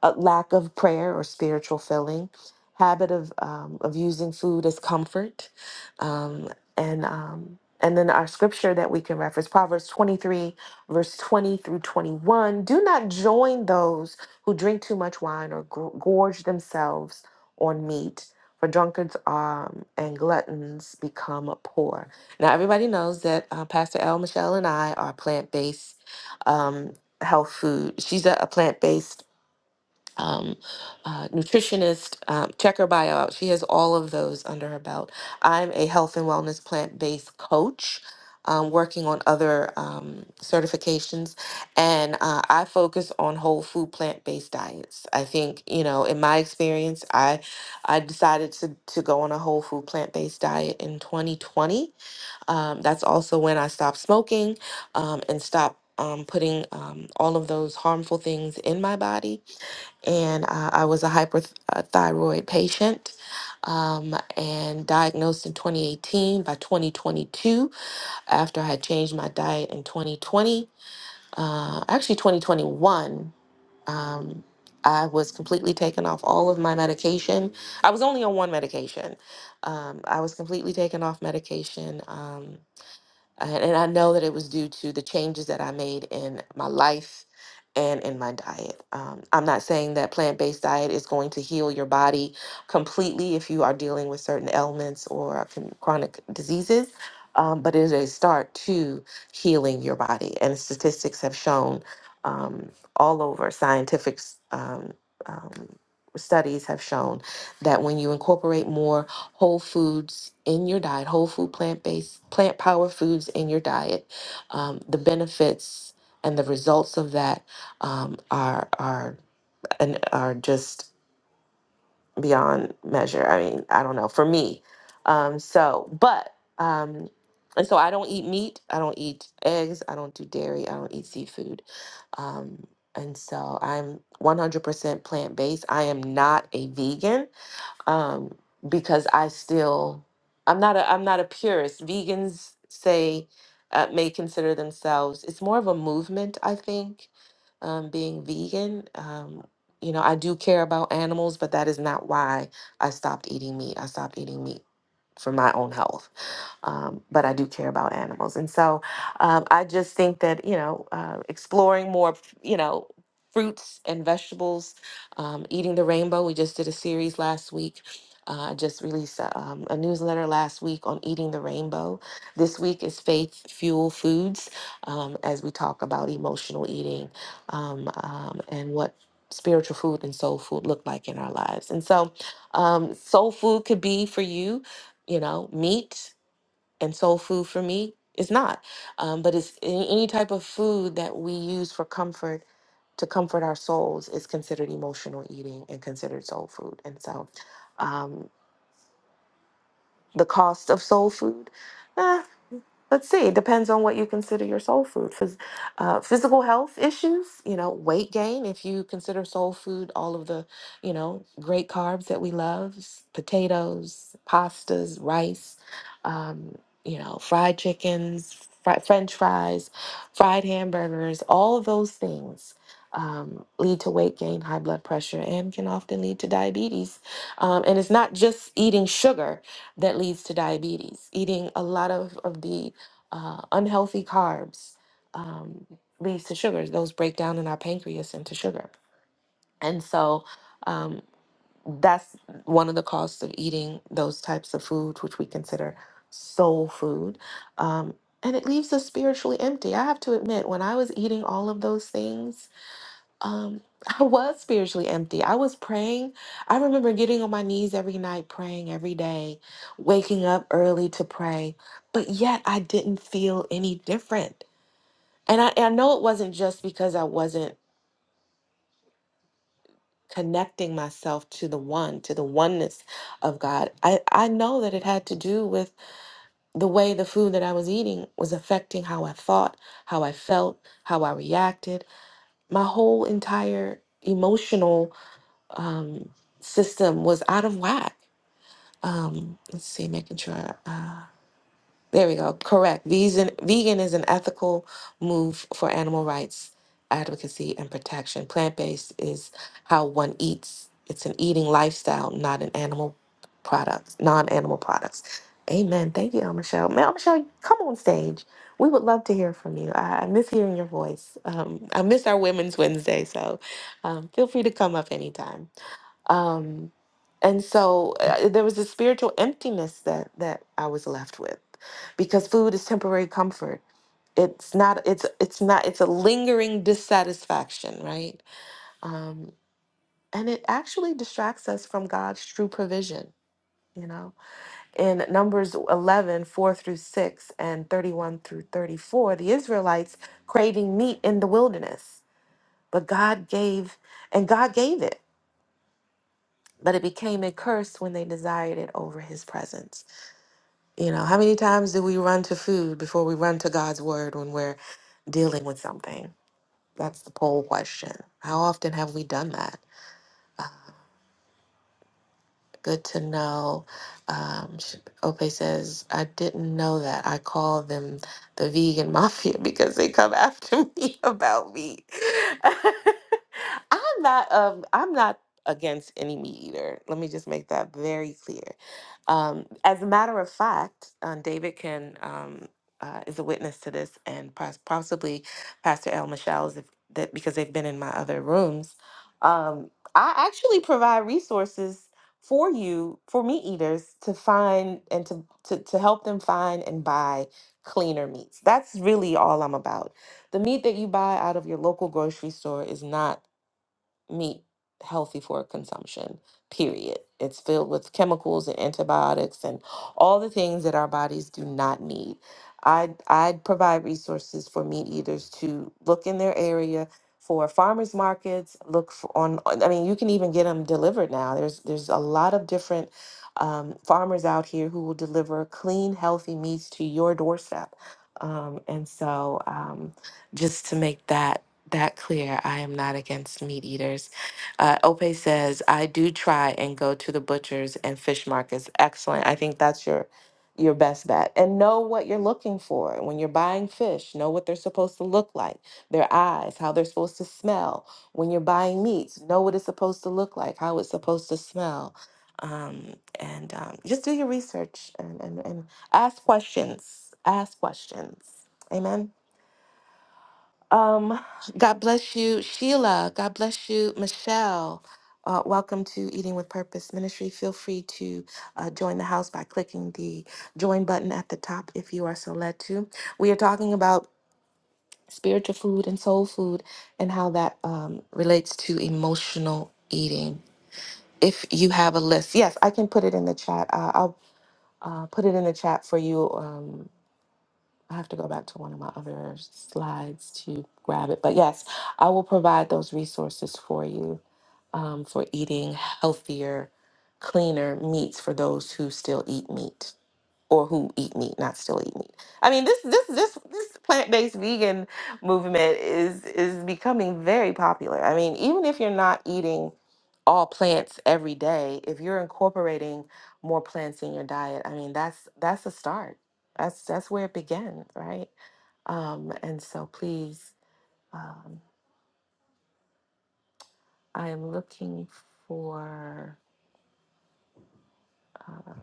S1: uh, lack of prayer or spiritual filling, habit of um, of using food as comfort, um, and um, and then our scripture that we can reference: Proverbs twenty three, verse twenty through twenty one. Do not join those who drink too much wine or gor- gorge themselves on meat for drunkards um, and gluttons become poor. Now, everybody knows that uh, Pastor L. Michelle and I are plant based um, health food. She's a, a plant based um, uh, nutritionist. Um, check her bio out. She has all of those under her belt. I'm a health and wellness plant based coach. Um, working on other um, certifications, and uh, I focus on whole food plant based diets. I think you know, in my experience, I I decided to to go on a whole food plant based diet in 2020. Um, that's also when I stopped smoking um, and stopped um, putting um, all of those harmful things in my body and uh, I was a hyperthyroid patient um, and diagnosed in 2018. By 2022, after I had changed my diet in 2020, uh, actually 2021, um, I was completely taken off all of my medication. I was only on one medication. Um, I was completely taken off medication. Um, and and I know that it was due to the changes that I made in my life and in my diet. Um, I'm not saying that plant based diet is going to heal your body completely if you are dealing with certain ailments or con- chronic diseases. Um, but it is a start to healing your body, and statistics have shown um, all over scientific s- um, um, studies have shown that when you incorporate more whole foods in your diet, whole food plant based, plant power foods in your diet, um, the benefits and the results of that um, are are and are just beyond measure. I mean, I don't know for me. Um, so, but um, and so I don't eat meat. I don't eat eggs. I don't do dairy. I don't eat seafood. Um, and so I'm 100% plant based. I am not a vegan um, because I still I'm not a I'm not a purist. Vegans say uh, may consider themselves. It's more of a movement, I think. Um, being vegan, um, you know, I do care about animals, but that is not why I stopped eating meat. I stopped eating meat for my own health um, but I do care about animals. And so um, I just think that, you know, uh, exploring more, you know, fruits and vegetables, um, eating the rainbow. We just did a series last week. Uh, I just released a, um, a newsletter last week on eating the rainbow. This week is faith fuel foods um, as we talk about emotional eating um, um, and what spiritual food and soul food look like in our lives. And so, um, soul food could be for you, you know, meat and soul food for me is not um, but it's any, any type of food that we use for comfort to comfort our souls is considered emotional eating and considered soul food and so um, the cost of soul food eh, Let's see. It depends on what you consider your soul food. Phys- uh, physical health issues, you know, weight gain. If you consider soul food all of the, you know, great carbs that we love, s- potatoes, pastas, rice, um, you know, fried chickens, fri- French fries, fried hamburgers. All of those things um, lead to weight gain, high blood pressure, and can often lead to diabetes. Um, and it's not just eating sugar that leads to diabetes. Eating a lot of, of the uh, unhealthy carbs um, leads to sugars. Those break down in our pancreas into sugar. And so um, that's one of the costs of eating those types of food, which we consider soul food. Um, and it leaves us spiritually empty. I have to admit, when I was eating all of those things, um I was spiritually empty. I was praying. I remember getting on my knees every night praying every day, waking up early to pray, but yet I didn't feel any different. And I, I know it wasn't just because I wasn't connecting myself to the one, to the oneness of God. I, I know that it had to do with the way the food that I was eating was affecting how I thought, how I felt, how I reacted, my whole entire emotional um, system was out of whack. Um, let's see, making sure. Uh, there we go. Correct. Vegan, vegan is an ethical move for animal rights advocacy and protection. Plant based is how one eats. It's an eating lifestyle, not an animal products, non animal products. Amen. Thank you, El Michelle. Mel Michelle, come on stage. We would love to hear from you. I, I miss hearing your voice. Um, I miss our Women's Wednesday, so um, feel free to come up anytime. Um, and so uh, there was a spiritual emptiness that that I was left with, because food is temporary comfort. It's not. It's it's not. It's a lingering dissatisfaction, right? Um, and it actually distracts us from God's true provision. You know, in Numbers 11 4 through 6, and 31 through 34, the Israelites craving meat in the wilderness, but God gave, and God gave it. but it became a curse when they desired it over his presence. You know, how many times do we run to food before we run to God's word when we're dealing with something? That's the poll question. How often have we done that? Good to know. Um, sh- Ope says, I didn't know that. I call them the vegan mafia because they come after me about meat. I'm not um I'm not against any meat eater. Let me just make that very clear. Um, as a matter of fact, um, David can um, uh, is a witness to this, and pos- possibly Pastor El Michelle is if, that because they've been in my other rooms. Um, I actually provide resources for you for meat eaters to find and to, to to help them find and buy cleaner meats that's really all i'm about the meat that you buy out of your local grocery store is not meat healthy for consumption, period. It's filled with chemicals and antibiotics and all the things that our bodies do not need. I'd, I'd provide resources for meat eaters to look in their area for farmers markets look for on i mean you can even get them delivered now there's there's a lot of different um, farmers out here who will deliver clean healthy meats to your doorstep um, and so um, just to make that that clear. I am not against meat eaters. Uh, Ope says, I do try and go to the butchers and fish markets. Excellent. I think that's your your best bet. And know what you're looking for. When you're buying fish, know what they're supposed to look like, their eyes, how they're supposed to smell. When you're buying meats, know what it's supposed to look like, how it's supposed to smell. Um, and um, just do your research and, and, and ask questions. Ask questions. Amen. Um, God bless you, Sheila. God bless you, Michelle. Uh, welcome to Eating with Purpose Ministry. Feel free to uh, join the house by clicking the join button at the top if you are so led to. We are talking about spiritual food and soul food and how that um, relates to emotional eating. If you have a list, yes, I can put it in the chat. Uh, I'll uh, put it in the chat for you. Um, I have to go back to one of my other slides to grab it. But yes, I will provide those resources for you um, for eating healthier, cleaner meats for those who still eat meat or who eat meat, not still eat meat. I mean, this this this this plant-based vegan movement is is becoming very popular. I mean, even if you're not eating all plants every day, if you're incorporating more plants in your diet, I mean, that's that's a start that's that's where it began, right? Um, and so please, um, I am looking for. Uh,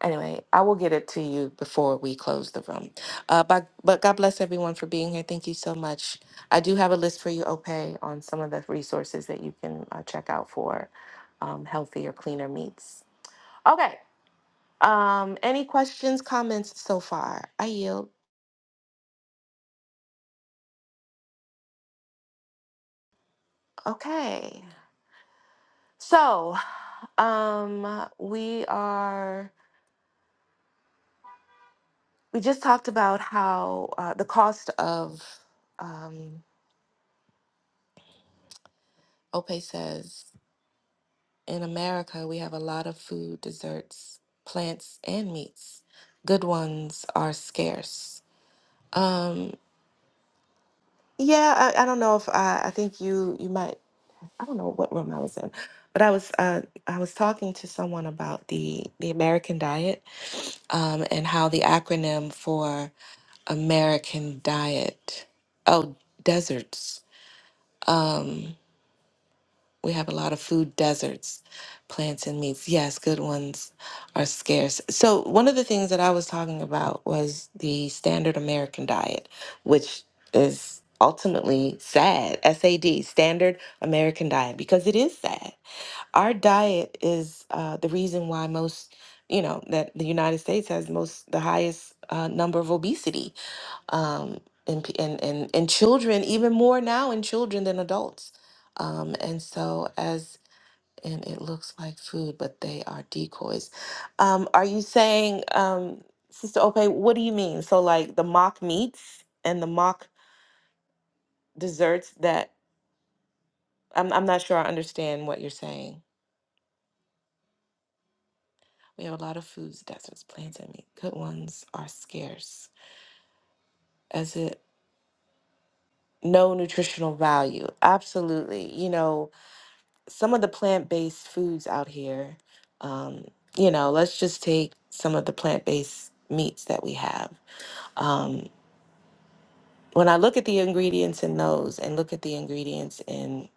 S1: anyway, I will get it to you before we close the room. Uh, but, but God bless everyone for being here. Thank you so much. I do have a list for you, Opay, on some of the resources that you can uh, check out for um, healthier, cleaner meats. Okay. Um, any questions, comments so far? I yield. Okay. So um, we are. we just talked about how uh, the cost of um, ope says in america we have a lot of food desserts plants and meats good ones are scarce um, yeah I, I don't know if I, I think you you might i don't know what room i was in but i was uh, i was talking to someone about the the american diet um, and how the acronym for american diet oh deserts Um, We have a lot of food deserts, plants and meats. Yes, good ones are scarce. So, one of the things that I was talking about was the standard American diet, which is ultimately sad, SAD, standard American diet, because it is sad. Our diet is uh, the reason why most, you know, that the United States has most, the highest uh, number of obesity um, and, p- and and and children even more now in children than adults. Um, and so as and it looks like food, but they are decoys. Um, are you saying, um, Sister Ope? What do you mean? So like the mock meats and the mock desserts that I'm I'm not sure I understand what you're saying. We have a lot of foods, deserts, plants, and meat. Good ones are scarce. As it no nutritional value. Absolutely. You know, some of the plant-based foods out here um, you know let's just take some of the plant-based meats that we have um, when i look at the ingredients in those and look at the ingredients in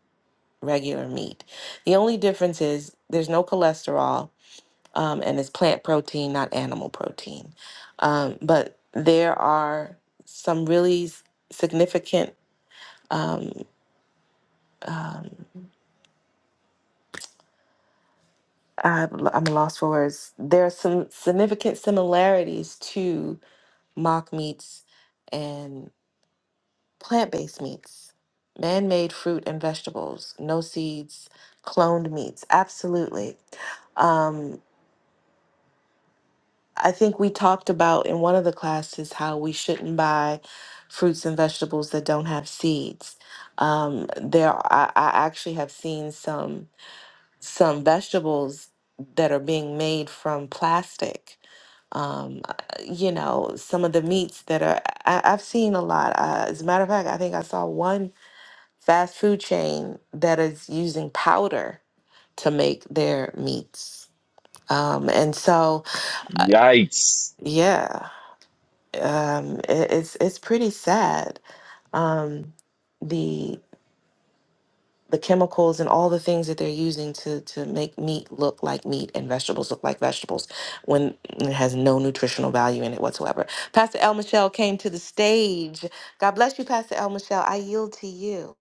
S1: regular meat the only difference is there's no cholesterol um, and it's plant protein not animal protein um, but there are some really s- significant um, I, i'm lost for words there are some significant similarities to mock meats, and plant based meats, man made fruit and vegetables, no seeds, cloned meats. Absolutely. Um, I think we talked about in one of the classes how we shouldn't buy fruits and vegetables that don't have seeds. Um, there, I, I actually have seen some. some vegetables that are being made from plastic. Um, uh, you know, some of the meats that are, I, I've seen a lot. Uh, as a matter of fact, I think I saw one fast food chain that is using powder to make their meats. Um, and so,
S3: Yikes!
S1: yeah, um, it, it's it's pretty sad. Um, the chemicals and all the things that they're using to to make meat look like meat and vegetables look like vegetables when it has no nutritional value in it whatsoever. Pastor El Michelle came to the stage. God bless you, Pastor El Michelle. I yield to you.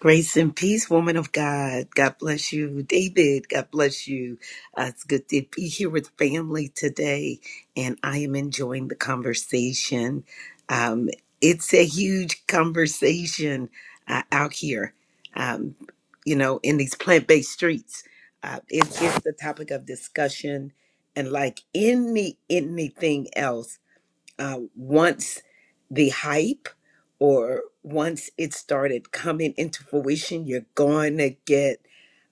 S4: Grace and peace, woman of God. God bless you. David, God bless you. Uh, it's good to be here with family today, and I am enjoying the conversation. Um, it's a huge conversation uh, out here, um, you know, in these plant based streets. Uh, it, it's the topic of discussion, and like any anything else uh, once the hype or once it started coming into fruition, you're going to get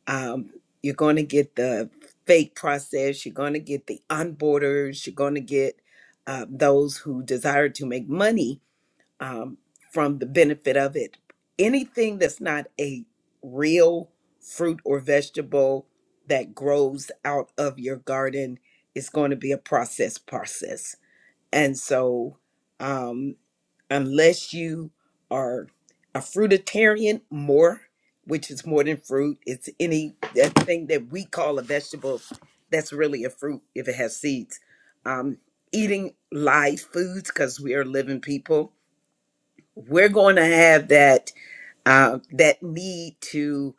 S4: um, you're going to get the fake process. You're going to get the onboarders. You're going to get uh, those who desire to make money um, from the benefit of it. Anything that's not a real fruit or vegetable that grows out of your garden is going to be a process process and so, um, unless you are a fruitarian, more, which is more than fruit, it's any that thing that we call a vegetable that's really a fruit if it has seeds. Um, eating live foods because we are living people, we're going to have that uh, that need to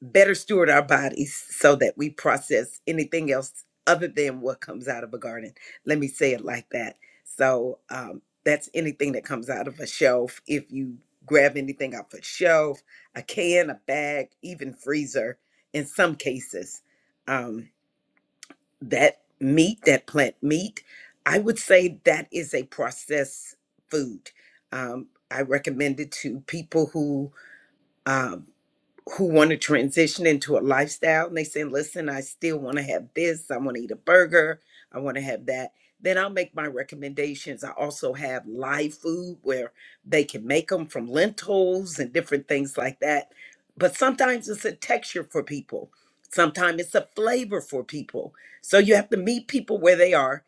S4: better steward our bodies so that we process anything else other than what comes out of a garden. Let me say it like that. So um, that's anything that comes out of a shelf. If you grab anything off a shelf, a can, a bag, even freezer, in some cases, um, that meat, that plant meat, I would say that is a processed food. Um, I recommend it to people who um, who want to transition into a lifestyle and they say, listen, I still want to have this. I want to eat a burger. I want to have that. Then I'll make my recommendations. I also have live food where they can make them from lentils and different things like that. But sometimes it's a texture for people, sometimes it's a flavor for people. So you have to meet people where they are.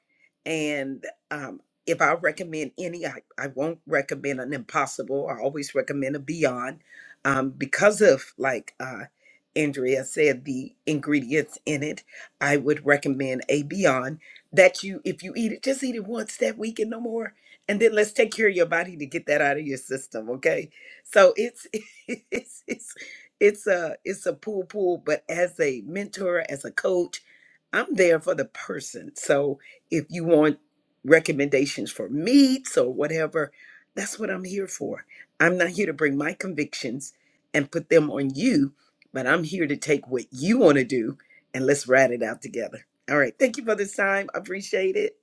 S4: And um, if I recommend any, I, I won't recommend an impossible. I always recommend a beyond um, because of like uh, Andrea said, the ingredients in it, I would recommend a Beyond that you, if you eat it, just eat it once that week and no more. And then let's take care of your body to get that out of your system, okay? So it's it's it's it's a it's a pool pool, but as a mentor, as a coach, I'm there for the person. So if you want recommendations for meats or whatever, that's what I'm here for. I'm not here to bring my convictions and put them on you, but I'm here to take what you want to do and let's ride it out together. All right. Thank you for this time. I appreciate it.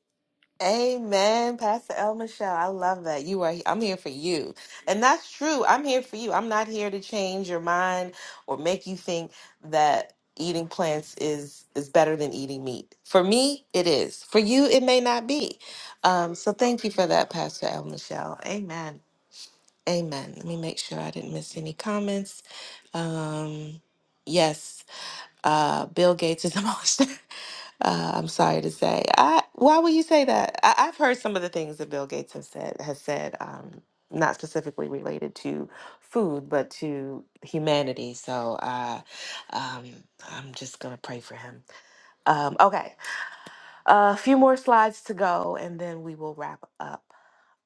S1: Amen, Pastor El Michelle. I love that. You are I'm here for you. And that's true. I'm here for you. I'm not here to change your mind or make you think that eating plants is is better than eating meat. For me, it is. For you, it may not be. Um, so thank you for that, Pastor El Michelle. Amen. Amen. Let me make sure I didn't miss any comments. Um yes, uh Bill Gates is a monster. Uh, I'm sorry to say. I, why would you say that? I, I've heard some of the things that Bill Gates has said has said, um, not specifically related to food, but to humanity. So uh, um, I'm just gonna pray for him. Um, okay, a few more slides to go, and then we will wrap up.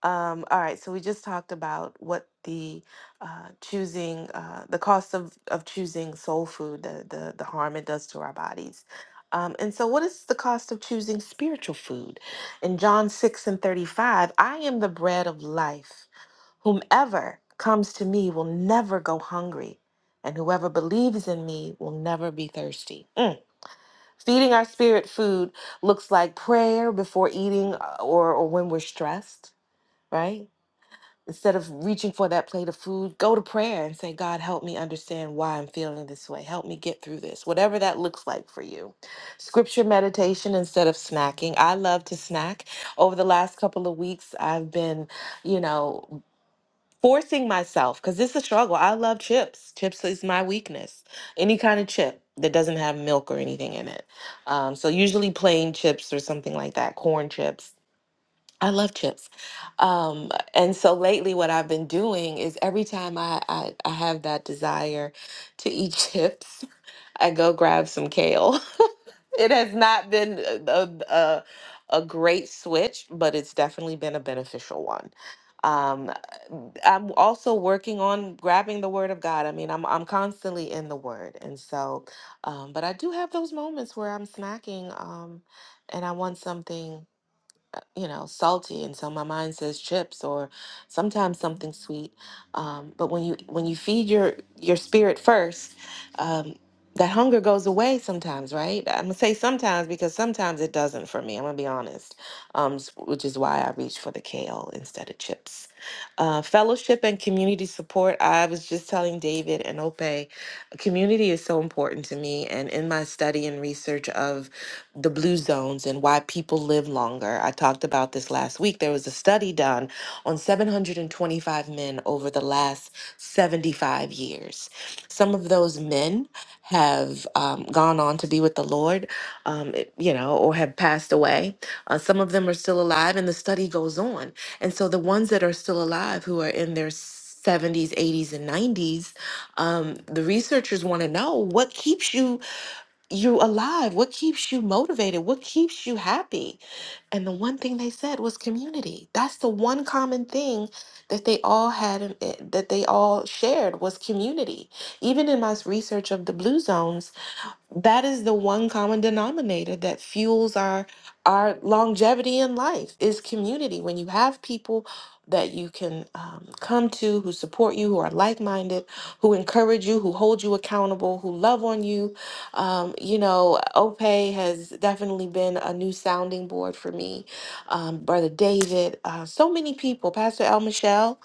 S1: Um, all right, so we just talked about what the uh, choosing uh, the cost of, of choosing soul food, the, the the harm it does to our bodies. Um, and so, what is the cost of choosing spiritual food? In John 6 and 35, I am the bread of life. Whomever comes to me will never go hungry, and whoever believes in me will never be thirsty. Mm. Feeding our spirit food looks like prayer before eating uh, or, or when we're stressed, right? instead of reaching for that plate of food, go to prayer and say, God, help me understand why I'm feeling this way. Help me get through this, whatever that looks like for you. Scripture meditation instead of snacking. I love to snack. Over the last couple of weeks, I've been, you know, forcing myself because this is a struggle. I love chips. Chips is my weakness. Any kind of chip that doesn't have milk or anything in it. Um, so usually plain chips or something like that, corn chips I love chips. Um, and so lately, what I've been doing is every time I, I, I have that desire to eat chips, I go grab some kale. It has not been a, a, a great switch, but it's definitely been a beneficial one. Um, I'm also working on grabbing the word of God. I mean, I'm I'm constantly in the word. And so, um, but I do have those moments where I'm snacking, um, and I want something you know, salty, and so my mind says chips or sometimes something sweet. Um, but when you when you feed your your spirit first, um, that hunger goes away sometimes, right? I'm gonna say sometimes because sometimes it doesn't for me. I'm gonna be honest, um, s- which is why I reach for the kale instead of chips. Uh, fellowship and community support. I was just telling David and Ope, community is so important to me, and in my study and research of the blue zones and why people live longer. I talked about this last week. There was a study done on 725 men over the last 75 years. Some of those men have um, gone on to be with the Lord, um, it- you know, or have passed away. Uh, some of them are still alive, and the study goes on. And so the ones that are still alive, who are in their 70s, 80s, and 90s, um, the researchers want to know what keeps you you alive? What keeps you motivated? What keeps you happy? And the one thing they said was community. That's the one common thing that they all had in eh, that they all shared was community. Even in my research of the blue zones, that is the one common denominator that fuels our our longevity in life is community when you have people that you can um, come to who support you who are like-minded who encourage you who hold you accountable who love on you um, you know ope has definitely been a new sounding board for me um, brother david uh, so many people pastor el michelle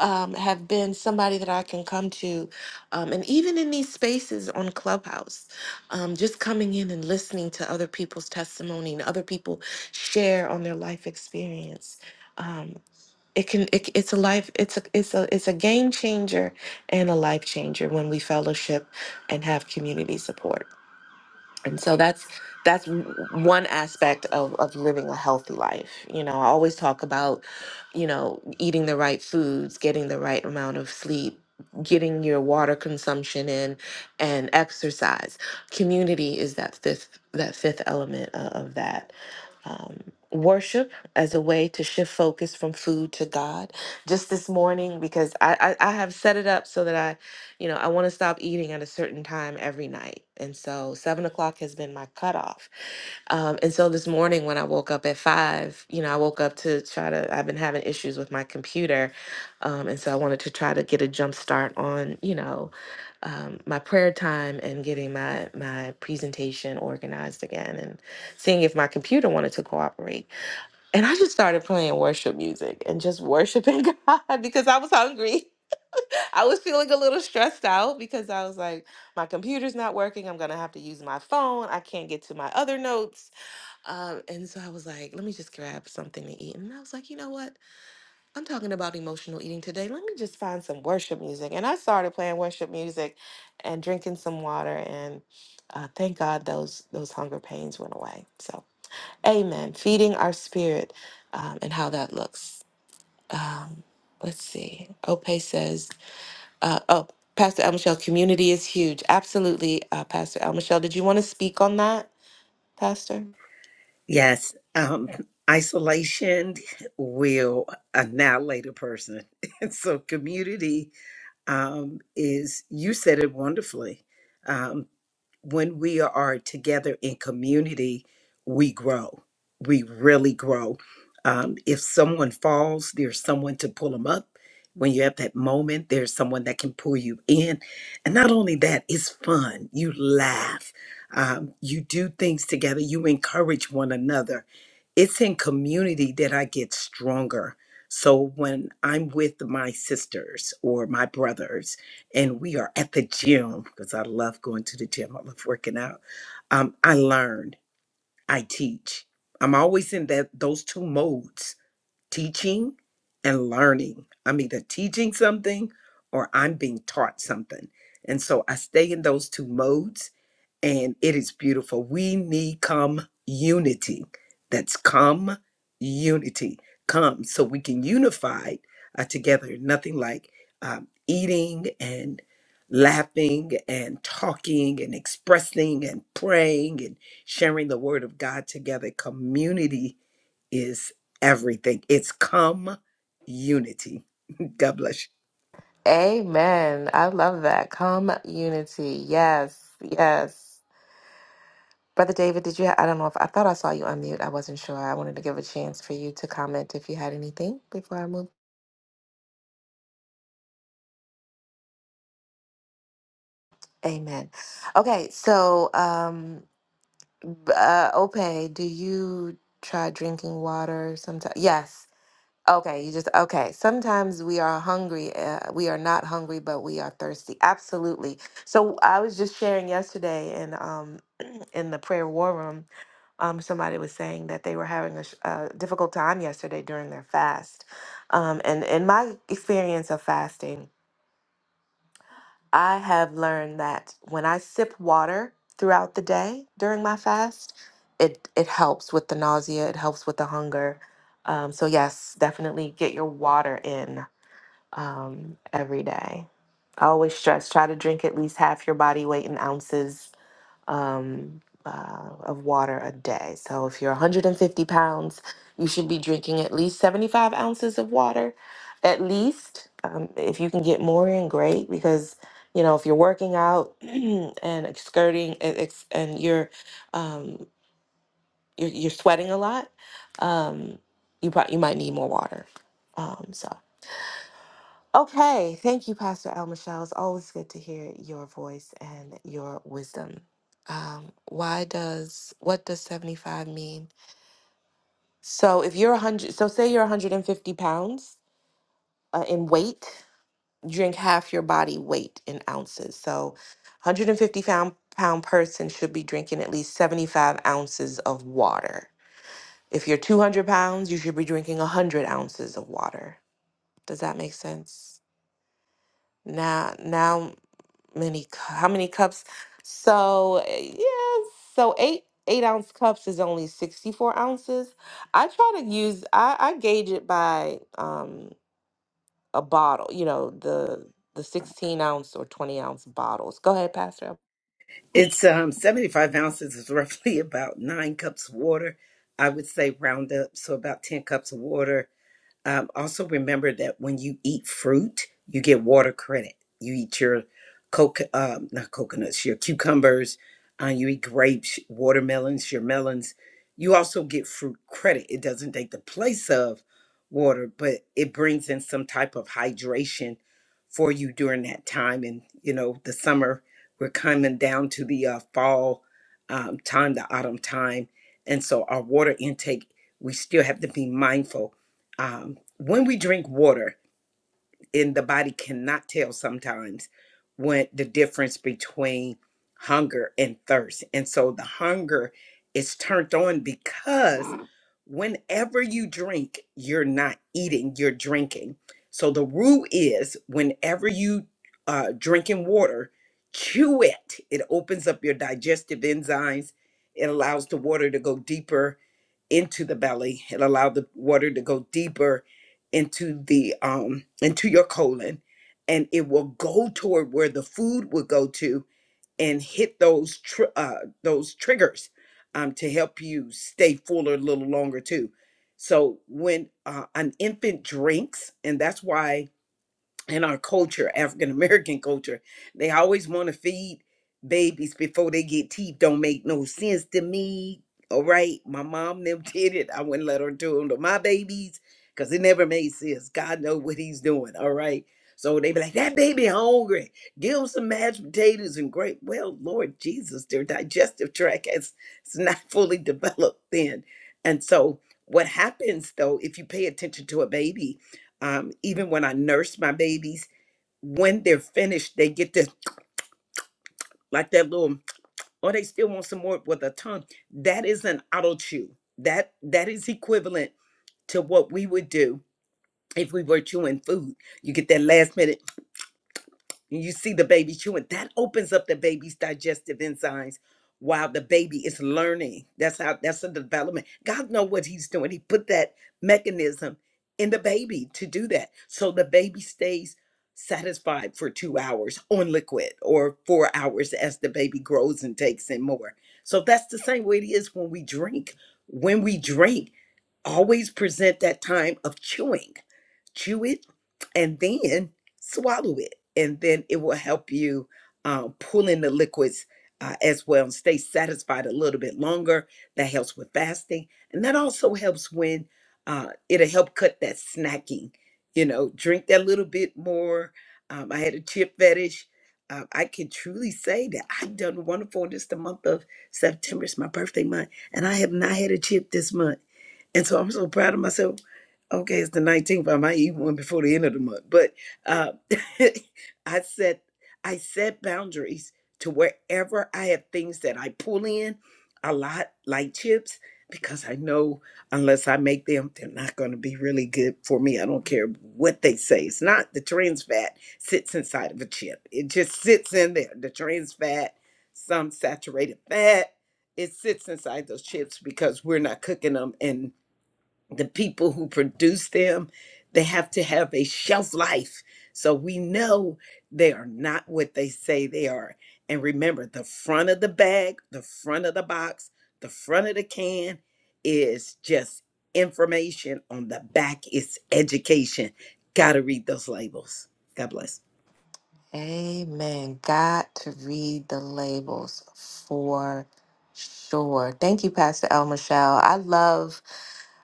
S1: um, have been somebody that I can come to. Um, and even in these spaces on Clubhouse, um, just coming in and listening to other people's testimony and other people share on their life experience. Um, it can it, it's a life it's a it's a it's a game changer and a life changer when we fellowship and have community support and so that's that's one aspect of, of living a healthy life you know i always talk about you know eating the right foods getting the right amount of sleep getting your water consumption in and exercise community is that fifth that fifth element o- of that um, worship as a way to shift focus from food to god just this morning because I, I i have set it up so that i you know, I want to stop eating at a certain time every night. And so seven o'clock has been my cutoff. Um, and so this morning when I woke up at five, you know, I woke up to try to, I've been having issues with my computer. Um, and so I wanted to try to get a jump start on, you know, um, my prayer time and getting my, my presentation organized again and seeing if my computer wanted to cooperate. And I just started playing worship music and just worshiping God because I was hungry. I was feeling a little stressed out because I was like, my computer's not working. I'm going to have to use my phone. I can't get to my other notes. Um, and so I was like, let me just grab something to eat. And I was like, you know what? I'm talking about emotional eating today. Let me just find some worship music. And I started playing worship music and drinking some water. And uh, thank God those, those hunger pains went away. So, amen. Feeding our spirit um, and how that looks. Um, let's see. Ope says, uh, oh, Pastor El Michelle, community is huge. Absolutely, uh, Pastor El Michelle. Did you want to speak on that, Pastor?
S4: Yes. Um, isolation will annihilate a person. And so community um, is you said it wonderfully. Um, when we are together in community, we grow. We really grow. Um, if someone falls, there's someone to pull them up. When you have that moment, there's someone that can pull you in. And not only that, it's fun. You laugh. Um, you do things together. You encourage one another it's in community that I get stronger. So when I'm with my sisters or my brothers and we are at the gym, because I love going to the gym, I love working out, um, I learn, I teach. I'm always in that those two modes, teaching and learning. I'm either teaching something or I'm being taught something. And so I stay in those two modes and it is beautiful. We need come unity. That's come unity. Come so we can unify uh, together. Nothing like um, eating and laughing and talking and expressing and praying and sharing the word of God together. Community is everything. It's come unity. God bless you.
S1: Amen. I love that. Come unity. Yes, yes. Brother David, did you? Ha- I don't know if I thought I saw you unmute. I wasn't sure. I wanted to give a chance for you to comment if you had anything before I move. Amen. Okay, so um, b- uh, Ope, do you try drinking water sometimes? Yes. Okay, you just okay. Sometimes we are hungry. Uh, we are not hungry, but we are thirsty. Absolutely. So I was just sharing yesterday, and um, in the prayer war room, um, somebody was saying that they were having a, sh- a difficult time yesterday during their fast. Um, and in my experience of fasting, I have learned that when I sip water throughout the day during my fast, it it helps with the nausea. It helps with the hunger. Um, so yes, definitely get your water in um, every day. I always stress try to drink at least half your body weight in ounces um, uh, of water a day. So if you're 150 pounds, you should be drinking at least 75 ounces of water, at least. Um, if you can get more in, great, because you know if you're working out and excurting and, ex- and you're, um, you're you're sweating a lot, um, you pro- you might need more water. Um, so. Okay, thank you, Pastor El Michelle. It's always good to hear your voice and your wisdom. Um, why does what does seventy five mean? So if you're one hundred, so say you're one hundred and fifty pounds uh, in weight, drink half your body weight in ounces. So, one hundred and fifty pound pound person should be drinking at least seventy five ounces of water. If you're two hundred pounds, you should be drinking one hundred ounces of water. Does that make sense? Now, now many cu- how many cups so uh, yeah so eight eight ounce cups is only 64 ounces i try to use i i gauge it by um a bottle you know the the 16 ounce or 20 ounce bottles go ahead pastor
S4: It's um 75 ounces is roughly about nine cups of water. I would say round up, so about 10 cups of water. Um, also, remember that when you eat fruit, you get water credit. You eat your coco um, not coconuts, your cucumbers, uh, you eat grapes, watermelons, your melons. You also get fruit credit. It doesn't take the place of water, but it brings in some type of hydration for you during that time. And, you know, the summer, we're coming down to the uh, fall um, time, the autumn time. And so our water intake, we still have to be mindful um, when we drink water and the body cannot tell sometimes when the difference between hunger and thirst and so the hunger is turned on because whenever you drink you're not eating you're drinking so the rule is whenever you uh, drinking water chew it it opens up your digestive enzymes it allows the water to go deeper into the belly it allow the water to go deeper into the um into your colon and it will go toward where the food will go to and hit those tr- uh those triggers um to help you stay fuller a little longer too so when uh, an infant drinks and that's why in our culture, African American culture, they always want to feed babies before they get teeth. Don't make no sense to me. All right, my mom them did it. I wouldn't let her do them to my babies because it never made sense. God know what He's doing. All right, so they be like, that baby hungry. Give him some mashed potatoes and grape." Well, Lord Jesus, their digestive tract has it's not fully developed then, and so what happens though if you pay attention to a baby? um, even when I nurse my babies, when they're finished, they get this like that little, oh, they still want some more with a tongue. That is an auto chew. That that is equivalent to what we would do if we were chewing food. You get that last minute. and you see the baby chewing, that opens up the baby's digestive enzymes while the baby is learning. That's how that's the development. God know what he's doing. He put that mechanism in the baby to do that. So the baby stays satisfied for 2 hours on liquid or 4 hours as the baby grows and takes in more. So that's the same way it is when we drink. When we drink, always present that time of chewing chew it and then swallow it and then it will help you um, pull in the liquids uh, as well and stay satisfied a little bit longer that helps with fasting and that also helps when uh, it'll help cut that snacking you know drink that little bit more um, i had a chip fetish uh, i can truly say that i've done wonderful in just the month of september it's my birthday month and i have not had a chip this month and so I'm so proud of myself. Okay, it's the 19th. I might eat one before the end of the month. But uh, I set I set boundaries to wherever I have things that I pull in a lot, like chips, because I know unless I make them, they're not going to be really good for me. I don't care what they say. It's not the trans fat sits inside of a chip. It just sits in there. The trans fat, some saturated fat, it sits inside those chips because we're not cooking them and the people who produce them they have to have a shelf life so we know they are not what they say they are and remember the front of the bag the front of the box the front of the can is just information on the back is education gotta read those labels god bless
S1: Amen. Got to read the labels for sure. Thank you, Pastor El Michelle. I love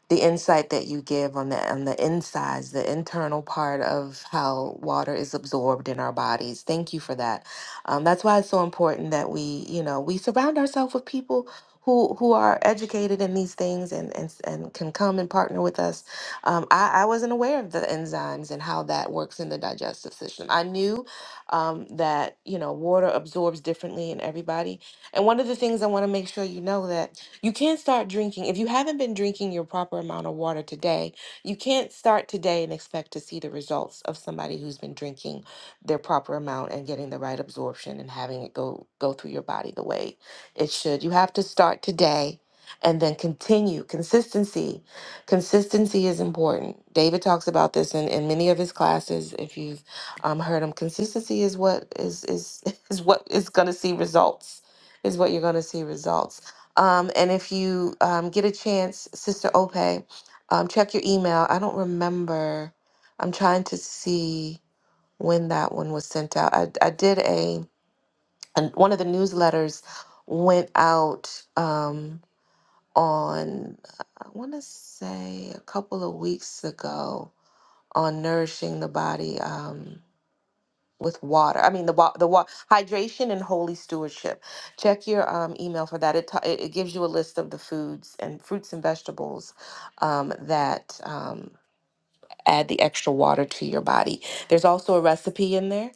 S1: the insight that you give on the on the insides, the internal part of how water is absorbed in our bodies. Thank you for that. Um, that's why it's so important that we, you know, we surround ourselves with people who who are educated in these things and and, and can come and partner with us. Um, I, I wasn't aware of the enzymes and how that works in the digestive system. I knew um, that you know water absorbs differently in everybody. And one of the things I want to make sure you know that you can't start drinking if you haven't been drinking your proper amount of water today. You can't start today and expect to see the results of somebody who's been drinking their proper amount and getting the right absorption and having it go go through your body the way it should. You have to start today and then continue consistency consistency is important david talks about this in, in many of his classes if you um, heard him. Consistency is what is is is what is going to see results. Is what you're going to see results. Um, and if you um, get a chance, Sister Ope, um, check your email. I don't remember. I'm trying to see when that one was sent out. I, I did a and one of the newsletters went out um, on I want to say a couple of weeks ago on nourishing the body. Um, with water. I mean the wa- the wa- hydration and holy stewardship. Check your um, email for that. It, ta- it it gives you a list of the foods and fruits and vegetables um, that. Um, add the extra water to your body. There's also a recipe in there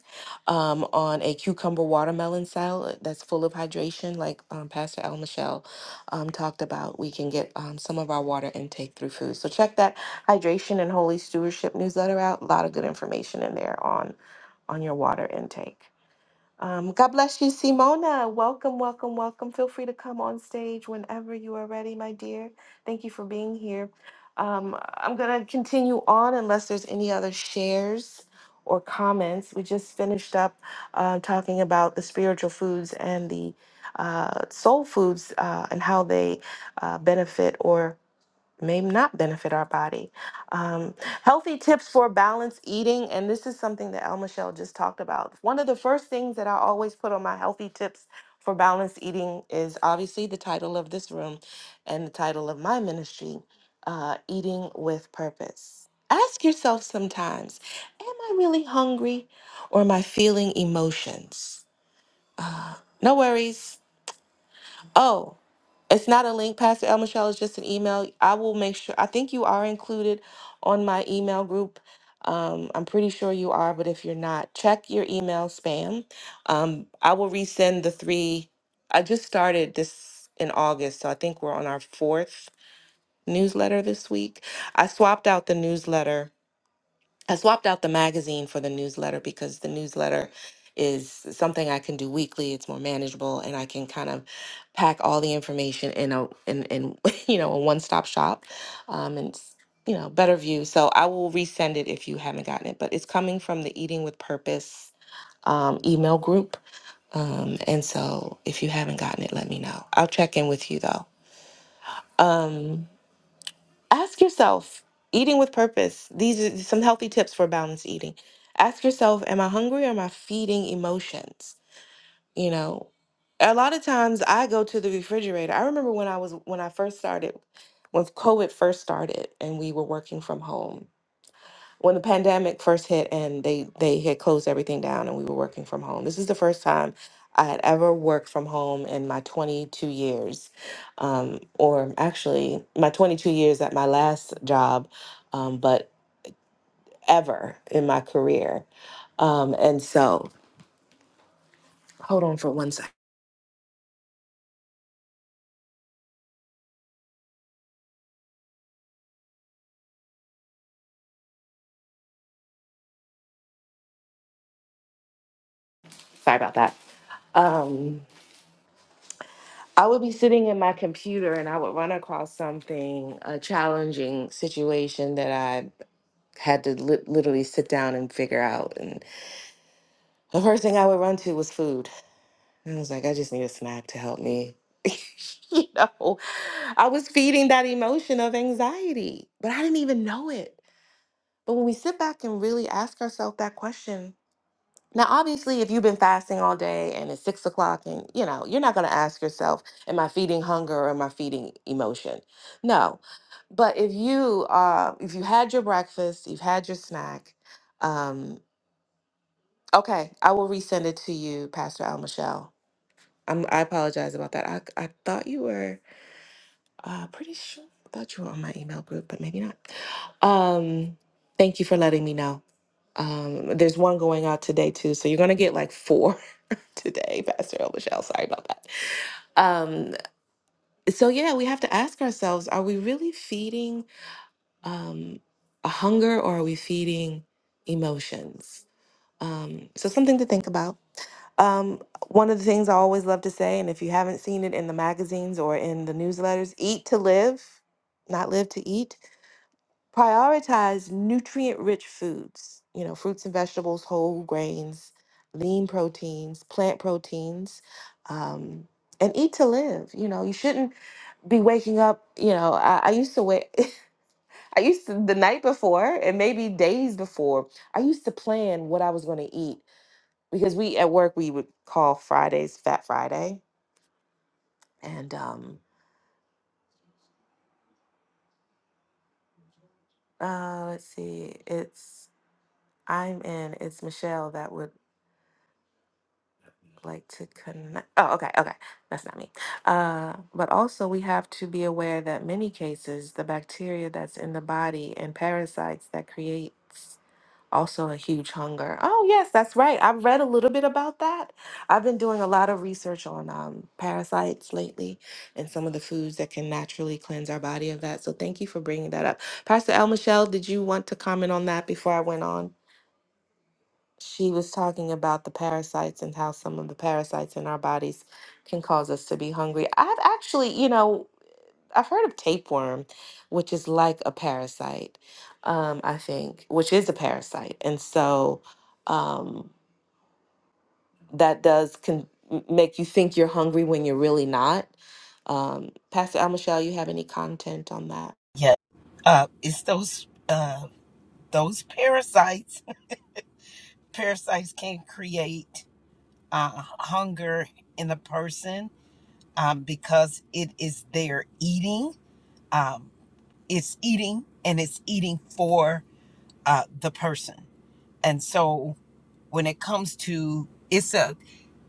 S1: um, on a cucumber watermelon salad that's full of hydration, like um, Pastor El Michelle um, talked about. We can get um, some of our water intake through food. So check that hydration and holy stewardship newsletter out. A lot of good information in there on on your water intake. Um, God bless you, Simona. Welcome, welcome, welcome. Feel free to come on stage whenever you are ready, my dear. Thank you for being here. Um, I'm going to continue on unless there's any other shares or comments. We just finished up uh, talking about the spiritual foods and the uh, soul foods uh, and how they uh, benefit or may not benefit our body. Um, healthy tips for balanced eating, and this is something that El Michelle just talked about. One of the first things that I always put on my healthy tips for balanced eating is obviously the title of this room and the title of my ministry, uh, Eating with Purpose. Ask yourself sometimes, am I really hungry or am I feeling emotions? No worries. Oh, it's not a link, Pastor El Michelle. It's just an email. I will make sure. I think you are included on my email group. Um, I'm pretty sure you are, but if you're not, check your email spam. Um, I will resend the three. I just started this in August, so I think we're on our fourth newsletter this week. I swapped out the newsletter I swapped out the magazine for the newsletter because the newsletter is something I can do weekly. It's more manageable, and I can kind of pack all the information in a in in you know a one stop shop, um, and it's, you know better view. So I will resend it if you haven't gotten it, but it's coming from the Eating with Purpose um, email group, um, and so if you haven't gotten it, let me know. I'll check in with you though. Um, ask yourself eating with purpose these are some healthy tips for balanced eating ask yourself am i hungry or am i feeding emotions you know a lot of times i go to the refrigerator i remember when i was when i first started when covid first started and we were working from home when the pandemic first hit and they they had closed everything down and we were working from home this is the first time i had ever worked from home in my 22 years um, or actually my 22 years at my last job um, but ever in my career um, and so hold on for one sec sorry about that um, i would be sitting in my computer and i would run across something a challenging situation that i had to li- literally sit down and figure out The first thing I would run to was food. And I was like, I just need a snack to help me. you know, I was feeding that emotion of anxiety, but I didn't even know it. But when we sit back and really ask ourselves that question, now obviously, if you've been fasting all day and it's six o'clock, and you know, you're not going to ask yourself, "Am I feeding hunger or am I feeding emotion?" No, but if you uh, if you had your breakfast, you've had your snack. Um, okay, I will resend it to you, Pastor Al Michelle I'm, I apologize about that. I, I thought you were uh, pretty sure. I thought you were on my email group, but maybe not. Um, thank you for letting me know. Um, there's one going out today too, so you're gonna get like four today, Pastor El Michelle. Sorry about that. Um, so yeah, we have to ask ourselves: Are we really feeding um, a hunger, or are we feeding emotions? Um, so something to think about. Um, one of the things I always love to say, and if you haven't seen it in the magazines or in the newsletters, eat to live, not live to eat. Prioritize nutrient rich foods, you know, fruits and vegetables, whole grains, lean proteins, plant proteins, um, and eat to live. You know, you shouldn't be waking up, you know, I, I used to wake. I used to the night before and maybe days before, I used to plan what I was going to eat because we at work we would call Fridays Fat Friday. And um uh let's see, it's I'm in, it's Michelle that would like to connect oh okay, okay. That's not me. Uh but also we have to be aware that many cases the bacteria that's in the body and parasites that creates also a huge hunger. Oh, yes, that's right. I've read a little bit about that. I've been doing a lot of research on um, parasites lately and some of the foods that can naturally cleanse our body of that. So thank you for bringing that up. Pastor El Michelle, did you want to comment on that before I went on? She was talking about the parasites and how some of the parasites in our bodies can cause us to be hungry. I've actually, you know, I've heard of tapeworm, which is like a parasite, um, I think, which is a parasite. And so um, that does con- m- make you think you're hungry when you're really not. Um, Pastor Al Michelle, you have any content on that?
S4: Yeah, uh, it's those uh, those parasites. Parasites can create uh, hunger in a person. um, because it is their eating. Um, it's eating and it's eating for uh, the person. And so when it comes to it's a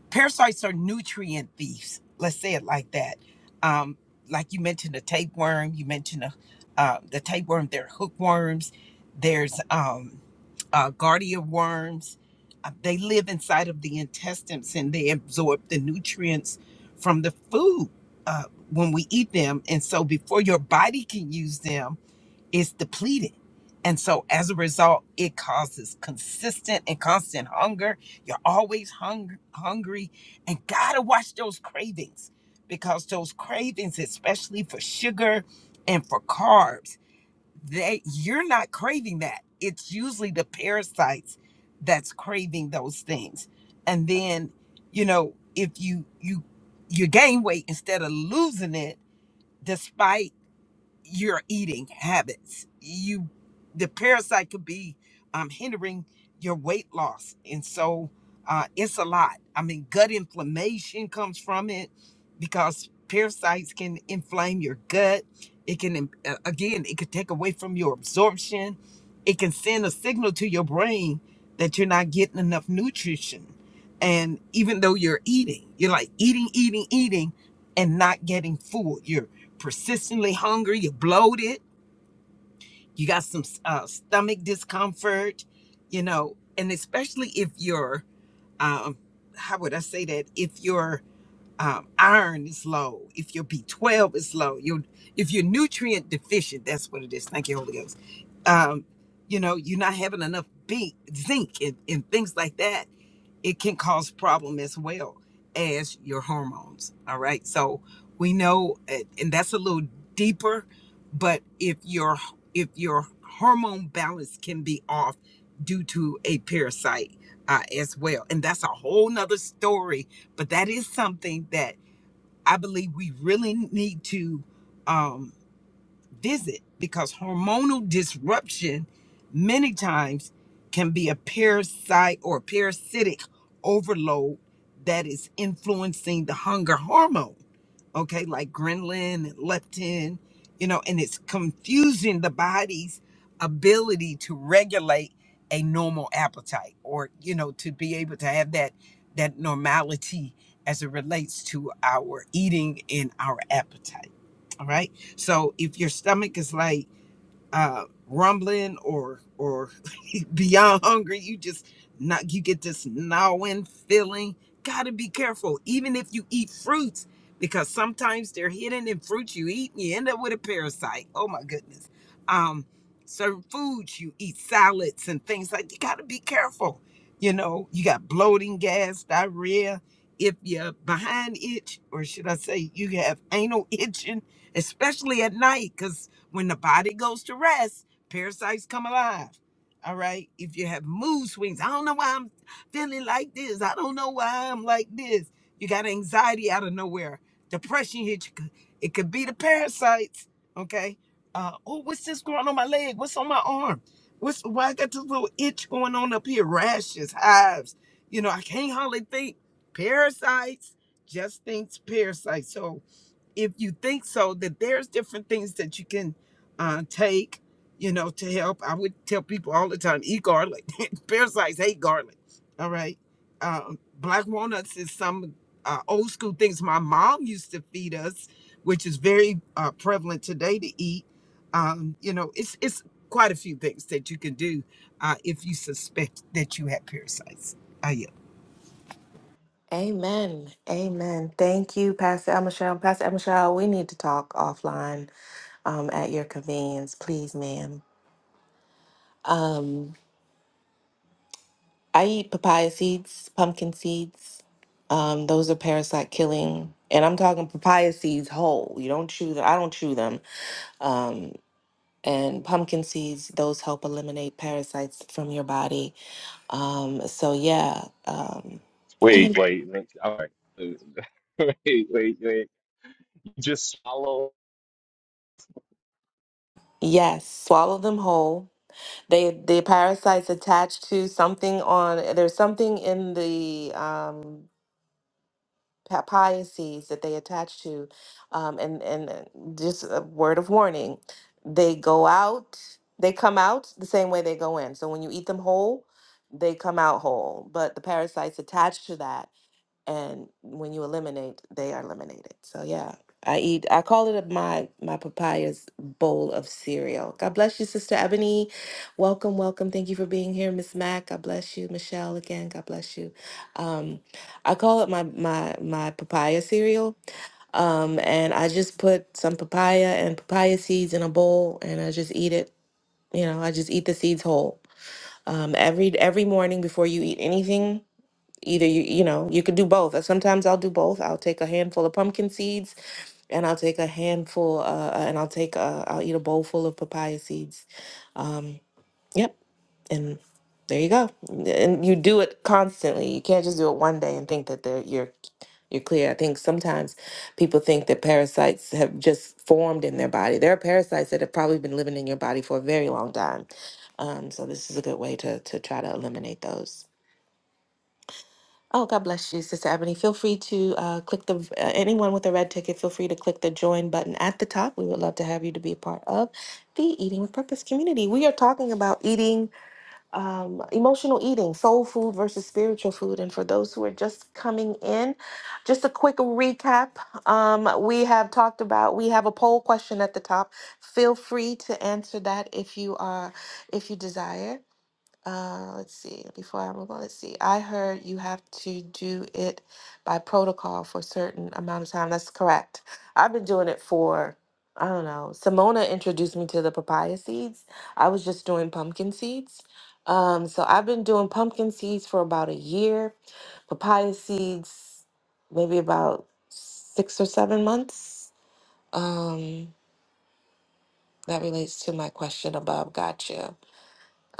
S4: parasites are nutrient thieves. Let's say it like that. Um, like you mentioned, the tapeworm. You mentioned the, uh, the tapeworm. There are hookworms. There's um, uh, guardia worms. Uh, they live inside of the intestines and they absorb the nutrients from the food uh, when we eat them. And so before your body can use them is depleted. And so as a result, it causes consistent and constant hunger. You're always hung- hungry and gotta watch those cravings because those cravings, especially for sugar and for carbs, they you're not craving that. It's usually the parasites that's craving those things. And then, you know, if you you you gain weight instead of losing it, despite your eating habits. You, the parasite could be um, hindering your weight loss, and so uh, it's a lot. I mean, gut inflammation comes from it because parasites can inflame your gut. It can, im- uh, again, it could take away from your absorption. It can send a signal to your brain that you're not getting enough nutrition. And even though you're eating, you're like eating, eating, eating, and not getting full persistently hungry, you're bloated, you got some uh, stomach discomfort, you know, and especially if your, um, how would I say that? If your um, iron is low, if your B12 is low, you if you're nutrient deficient, that's what it is. Thank you, Holy Ghost. Um, you know, you're not having enough B, zinc and, and things like that it can cause problem as well as your hormones all right so we know uh, and that's a little deeper but if your if your hormone balance can be off due to a parasite uh, as well and that's a whole nother story but that is something that i believe we really need to um, visit because hormonal disruption many times can be a parasite or parasitic overload that is influencing the hunger hormone okay, like ghrelin and leptin, you know, and it's confusing the body's ability to regulate a normal appetite or, you know, to be able to have that that normality as it relates to our eating and our appetite. All right. So if your stomach is like uh, rumbling or or beyond hungry. You just not you get this gnawing feeling. Gotta be careful, even if you eat fruits, because sometimes they're hidden in fruits you eat, and you end up with a parasite. Oh my goodness. Um, certain foods you eat, salads and things like. You gotta be careful. You know, you got bloating, gas, diarrhea. If you're behind itch, or should I say, you have anal itching, especially at night, because. When the body goes to rest, parasites come alive. All right. If you have mood swings, I don't know why I'm feeling like this. I don't know why I'm like this. You got anxiety out of nowhere. Depression hit you. It could be the parasites. Okay. Uh, oh, what's this growing on my leg? What's on my arm? What's why I got this little itch going on up here? Rashes, hives. You know, I can't hardly think. Parasites, just thinks parasites. So if you think so that there's different things that you can uh, take you know to help i would tell people all the time eat garlic parasites hate garlic all right um, black walnuts is some uh, old school things my mom used to feed us which is very uh, prevalent today to eat um, you know it's it's quite a few things that you can do uh, if you suspect that you have parasites i yield.
S1: Amen. Amen. Thank you, Pastor Al Michelle. Pastor Al Michelle, we need to talk offline um, at your convenience, please, ma'am. Um, I eat papaya seeds, pumpkin seeds. Um, those are parasite killing, and I'm talking papaya seeds whole. You don't chew them. I don't chew them. Um, and pumpkin seeds, those help eliminate parasites from your body. Um, so yeah, um,
S3: Wait,
S1: and
S3: wait, let- all right. Wait, wait, wait. You just swallow.
S1: yes, swallow them whole. They the parasites attached to something on. There's something in the um, papaya seeds that they attach to, um, and and uh, just a word of warning, they go out, they come out the same way they go in. So when you eat them whole, they come out whole, but the parasites attached to that and when you eliminate they are eliminated so yeah i eat i call it my my papayas bowl of cereal god bless you sister ebony welcome welcome thank you for being here miss mac god bless you michelle again god bless you um i call it my my my papaya cereal um and i just put some papaya and papaya seeds in a bowl and i just eat it you know i just eat the seeds whole um every every morning before you eat anything either you you know you could do both Uh, sometimes i'll do both i'll take a handful of pumpkin seeds and i'll take a handful uh, uh, and i'll take uh, i'll eat a bowl full of papaya seeds um yep and there you go and you do it constantly you can't just do it one day and think that they're, you're you're clear i think sometimes people think that parasites have just formed in their body there are parasites that have probably been living in your body for a very long time um, so this is a good way to to try to eliminate those Oh, God bless you, Sister Ebony. Feel free to uh, click the, uh, anyone with a red ticket, feel free to click the join button at the top. We would love to have you to be a part of the Eating with Purpose community. We are talking about eating, um, emotional eating, soul food versus spiritual food. And for those who are just coming in, just a quick recap. Um, we have talked about, we have a poll question at the top. Feel free to answer that if you are, if you desire. Uh, let's see. Before I move on, let's see. I heard you have to do it by protocol for a certain amount of time. That's correct. I've been doing it for, I don't know. Simona introduced me to the papaya seeds. I was just doing pumpkin seeds. Um, so I've been doing pumpkin seeds for about a year, papaya seeds, maybe about six or seven months. Um, that relates to my question above. Gotcha.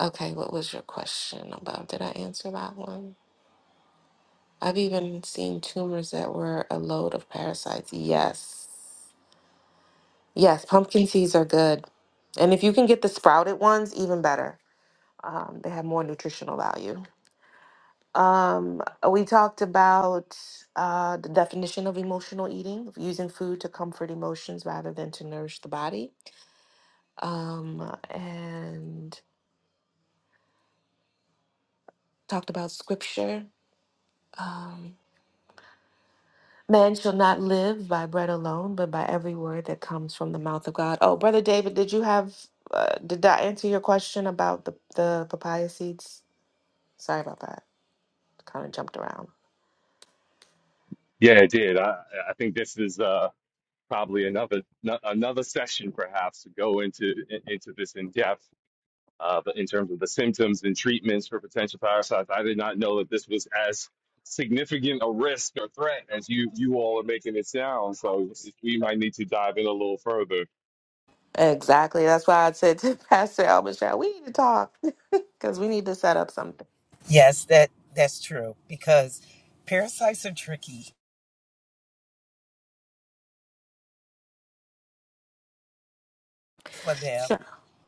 S1: Okay, what was your question about? Did I answer that one? I've even seen tumors that were a load of parasites. Yes. Yes, pumpkin seeds are good. And if you can get the sprouted ones, even better. Um, they have more nutritional value. Um, we talked about uh, the definition of emotional eating, using food to comfort emotions rather than to nourish the body. Um, and talked about scripture. Um, Man shall not live by bread alone, but by every word that comes from the mouth of God. Oh, brother David, did you have? Uh, did that answer your question about the the papaya seeds? Sorry about that. Kind of jumped around.
S3: Yeah, I did. I I think this is uh probably another no- another session perhaps to go into in- into this in depth uh, but in terms of the symptoms and treatments for potential parasites, I did not know that this was as significant a risk or threat as you you all are making it sound. So we might need to dive in a little further
S1: Exactly. That's why I said to Pastor Elbishaw, we need to talk because we need to set up something.
S4: Yes, that that's true because parasites are tricky for them.
S1: Sure.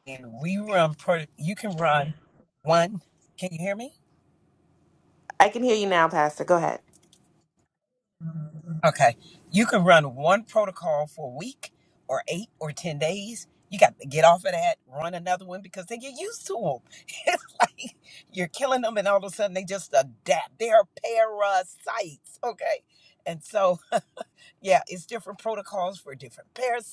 S4: And we run pro you can run one can you hear me
S1: I can hear you now, Pastor. Go ahead.
S4: okay you can run one protocol for a week or eight or ten days you got to get off of that run another one because they get used to them it's like you're killing them and all of a sudden they just adapt they are parasites okay and so yeah, it's different protocols for different parasites.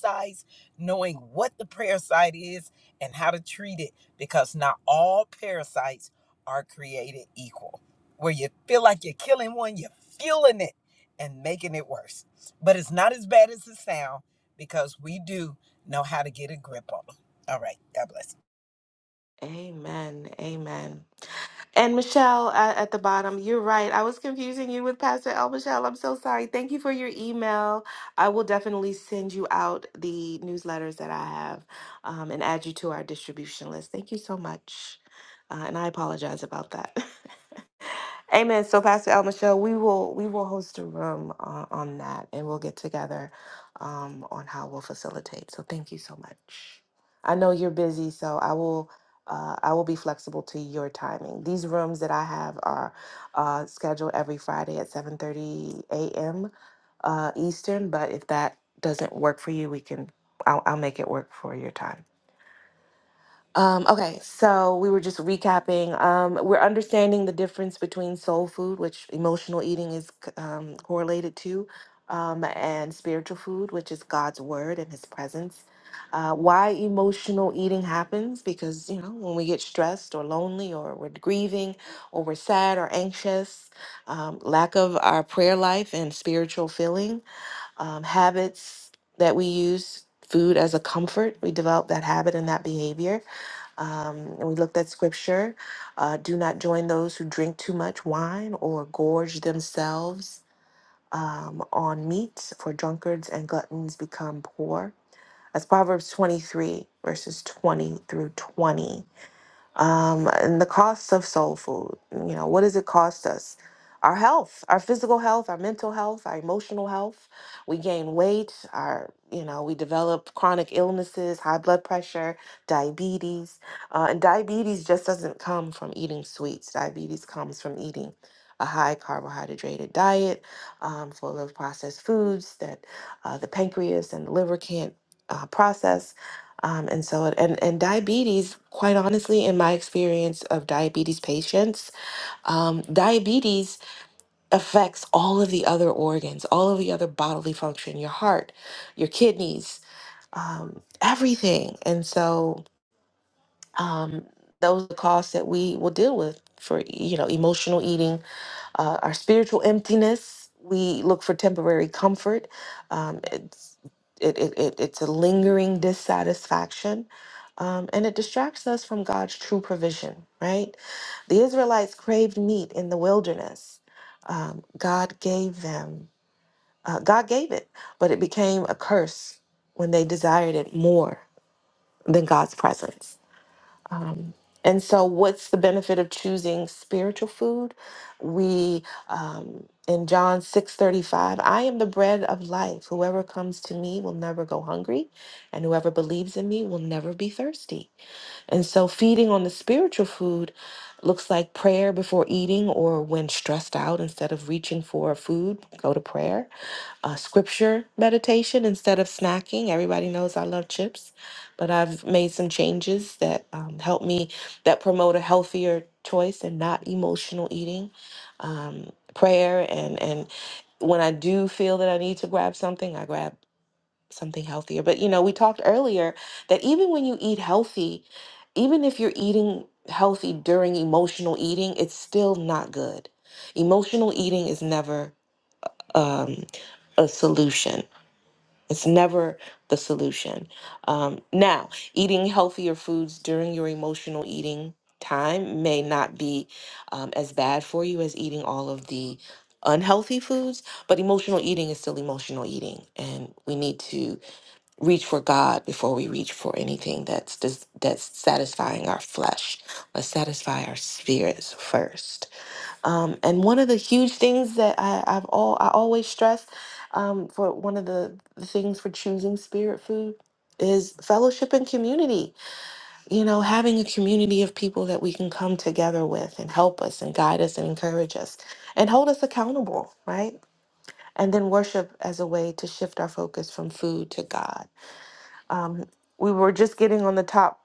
S4: knowing what the parasite is and how to treat it because not all parasites are created equal. Where you feel like you're killing one, you're fueling it and making it worse. But it's not as bad as it sounds because we do know how to get a grip on them. All right, God bless.
S1: Amen. Amen. And Michelle uh, at the bottom, you're right. I was confusing you with Pastor El Michelle. I'm so sorry. Thank you for your email. I will definitely send you out the newsletters that I have um, and add you to our distribution list. Thank you so much. Uh, and I apologize about that. Amen. So, Pastor El Michelle, we will we will host a room uh, on that, and we'll get together um, on how we'll facilitate. So, thank you so much. I know you're busy, so I will uh, I will be flexible to your timing. These rooms that I have are uh, scheduled every Friday at 7:30 a.m. Uh, Eastern. But if that doesn't work for you, we can I'll, I'll make it work for your time. Um, okay, so we were just recapping. Um, we're understanding the difference between soul food, which emotional eating is c- um, correlated to, um, and spiritual food, which is God's word and His presence. Uh, why emotional eating happens? Because, you know, when we get stressed or lonely or we're grieving or we're sad or anxious, um, lack of our prayer life and spiritual feeling, um, habits that we use food as a comfort, we develop that habit and that behavior um, and we looked at scripture. Uh, do not join those who drink too much wine or gorge themselves um, on meat, for drunkards and gluttons become poor. That's Proverbs 23, verses 20 through 20 um, and the costs of soul food. You know, what does it cost us? Our health, our physical health, our mental health, our emotional health. We gain weight. Our, you know, we develop chronic illnesses, high blood pressure, diabetes, uh, and diabetes just doesn't come from eating sweets. Diabetes comes from eating a high carbohydrate diet, um, full of processed foods that uh, the pancreas and the liver can't uh, process um, and so, it- and, and diabetes, quite honestly, in my experience of diabetes patients, um, diabetes affects all of the other organs, all of the other bodily function, your heart, your kidneys, um, everything. And so, um, those are the costs that we will deal with for, you know, emotional eating, uh, our spiritual emptiness. We look for temporary comfort. Um, it's it, it, it it's a lingering dissatisfaction, um, and it distracts us from God's true provision. Right? The Israelites craved meat in the wilderness. Um, God gave them. Uh, God gave it, but it became a curse when they desired it more than God's presence. Um, and so, what's the benefit of choosing spiritual food? We um, in John six thirty five, I am the bread of life. Whoever comes to me will never go hungry, and whoever believes in me will never be thirsty. And so, feeding on the spiritual food looks like prayer before eating, or when stressed out, instead of reaching for food, go to prayer a scripture meditation instead of snacking. Everybody knows I love chips, but I've made some changes that um, help me that promote a healthier choice and not emotional eating. Um, prayer and and when I do feel that I need to grab something, I grab something healthier. But you know, we talked earlier that even when you eat healthy, even if you're eating healthy during emotional eating, it's still not good. Emotional eating is never um, a solution it's never the solution. Um, now, eating healthier foods during your emotional eating time may not be um, as bad for you as eating all of the unhealthy foods, but emotional eating is still emotional eating, and we need to reach for God before we reach for anything that's dis- that's satisfying our flesh. Let's satisfy our spirits first. Um, and one of the huge things that I, I've all I always stress um, for one of the, the things for choosing spirit food is fellowship and community. You know, having a community of people that we can come together with and help us and guide us and encourage us and hold us accountable, right? And then worship as a way to shift our focus from food to God. Um, we were just getting on the top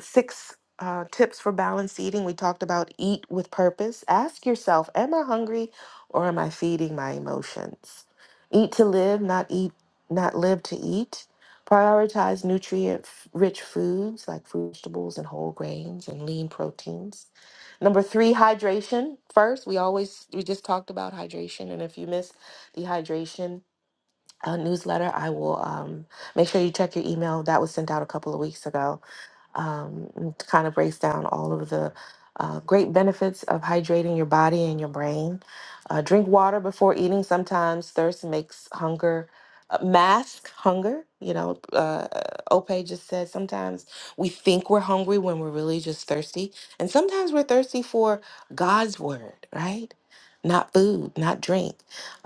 S1: six uh, tips for balanced eating. We talked about eat with purpose. Ask yourself, am I hungry or am I feeding my emotions? Eat to live, not eat, not live to eat. Prioritize nutrient rich foods like fruit, vegetables and whole grains and lean proteins. Number three, hydration. First, we always, we just talked about hydration. And if you miss the hydration uh, newsletter, I will um, make sure you check your email. That was sent out a couple of weeks ago um, and it kind of breaks down all of the uh, great benefits of hydrating your body and your brain. Uh, drink water before eating. Sometimes thirst makes hunger. uh, Mask hunger. You know, uh, Ope just said sometimes we think we're hungry when we're really just thirsty. And sometimes we're thirsty for God's word, right? Not food, not drink.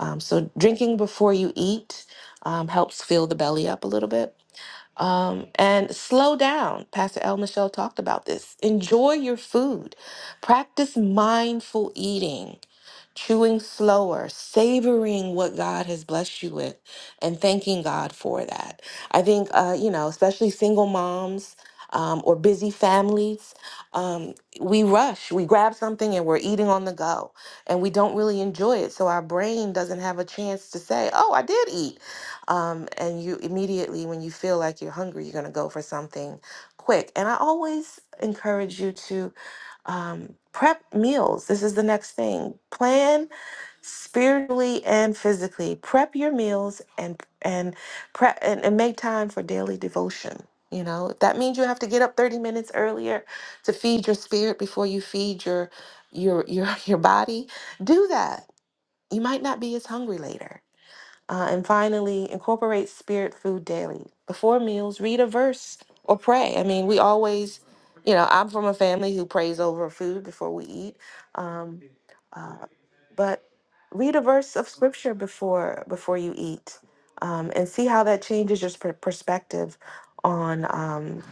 S1: Um, so, drinking before you eat um, helps fill the belly up a little bit um, and slow down. Pastor El Michelle talked about this. Enjoy your food. Practice mindful eating, chewing slower, savoring what God has blessed you with, and thanking God for that. I think, uh, you know, especially single moms um, or busy families, um, we rush, we grab something and we're eating on the go, and we don't really enjoy it. So our brain doesn't have a chance to say, Oh, I did eat um, and you immediately when you feel like you're hungry you're going to go for something quick and i always encourage you to um, prep meals this is the next thing plan spiritually and physically prep your meals and and prep and, and make time for daily devotion you know if that means you have to get up 30 minutes earlier to feed your spirit before you feed your your your, your body do that you might not be as hungry later uh, and finally, incorporate spirit food daily. Before meals, read a verse or pray. I mean, we always, you know, I'm from a family who prays over food before we eat. Um, uh, but read a verse of scripture before before you eat, um, and see how that changes your per- perspective on, um,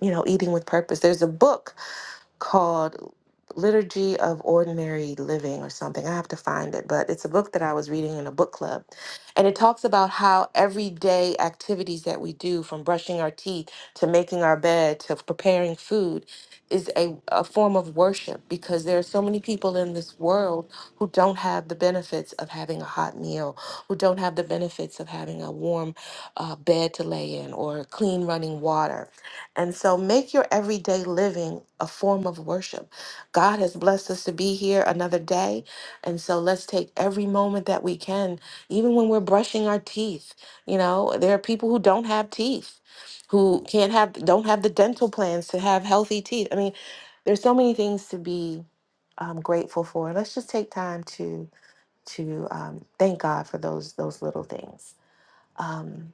S1: you know, eating with purpose. There's a book called Liturgy of Ordinary Living or something. I have to find it, but it's a book that I was reading in a book club. And it talks about how everyday activities that we do, from brushing our teeth to making our bed to preparing food, is a, a form of worship because there are so many people in this world who don't have the benefits of having a hot meal, who don't have the benefits of having a warm uh, bed to lay in or clean running water. And so make your everyday living a form of worship. God has blessed us to be here another day. And so let's take every moment that we can, even when we're brushing our teeth. You know, there are people who don't have teeth, who can't have, don't have the dental plans to have healthy teeth. I mean, there's so many things to be um, grateful for. Let's just take time to to um, thank God for those those little things. Um,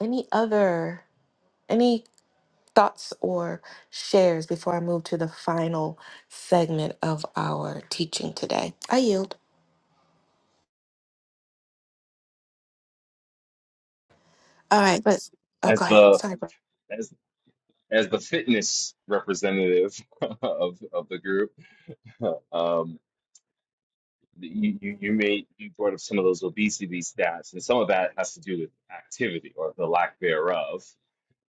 S1: any other any thoughts or shares before I move to the final segment of our teaching today? I yield. All right, but oh,
S3: as
S1: go ahead.
S3: the
S1: Sorry, bro.
S3: as as the fitness representative of of the group. Um, you, you you made you brought up some of those obesity stats, and some of that has to do with activity or the lack thereof,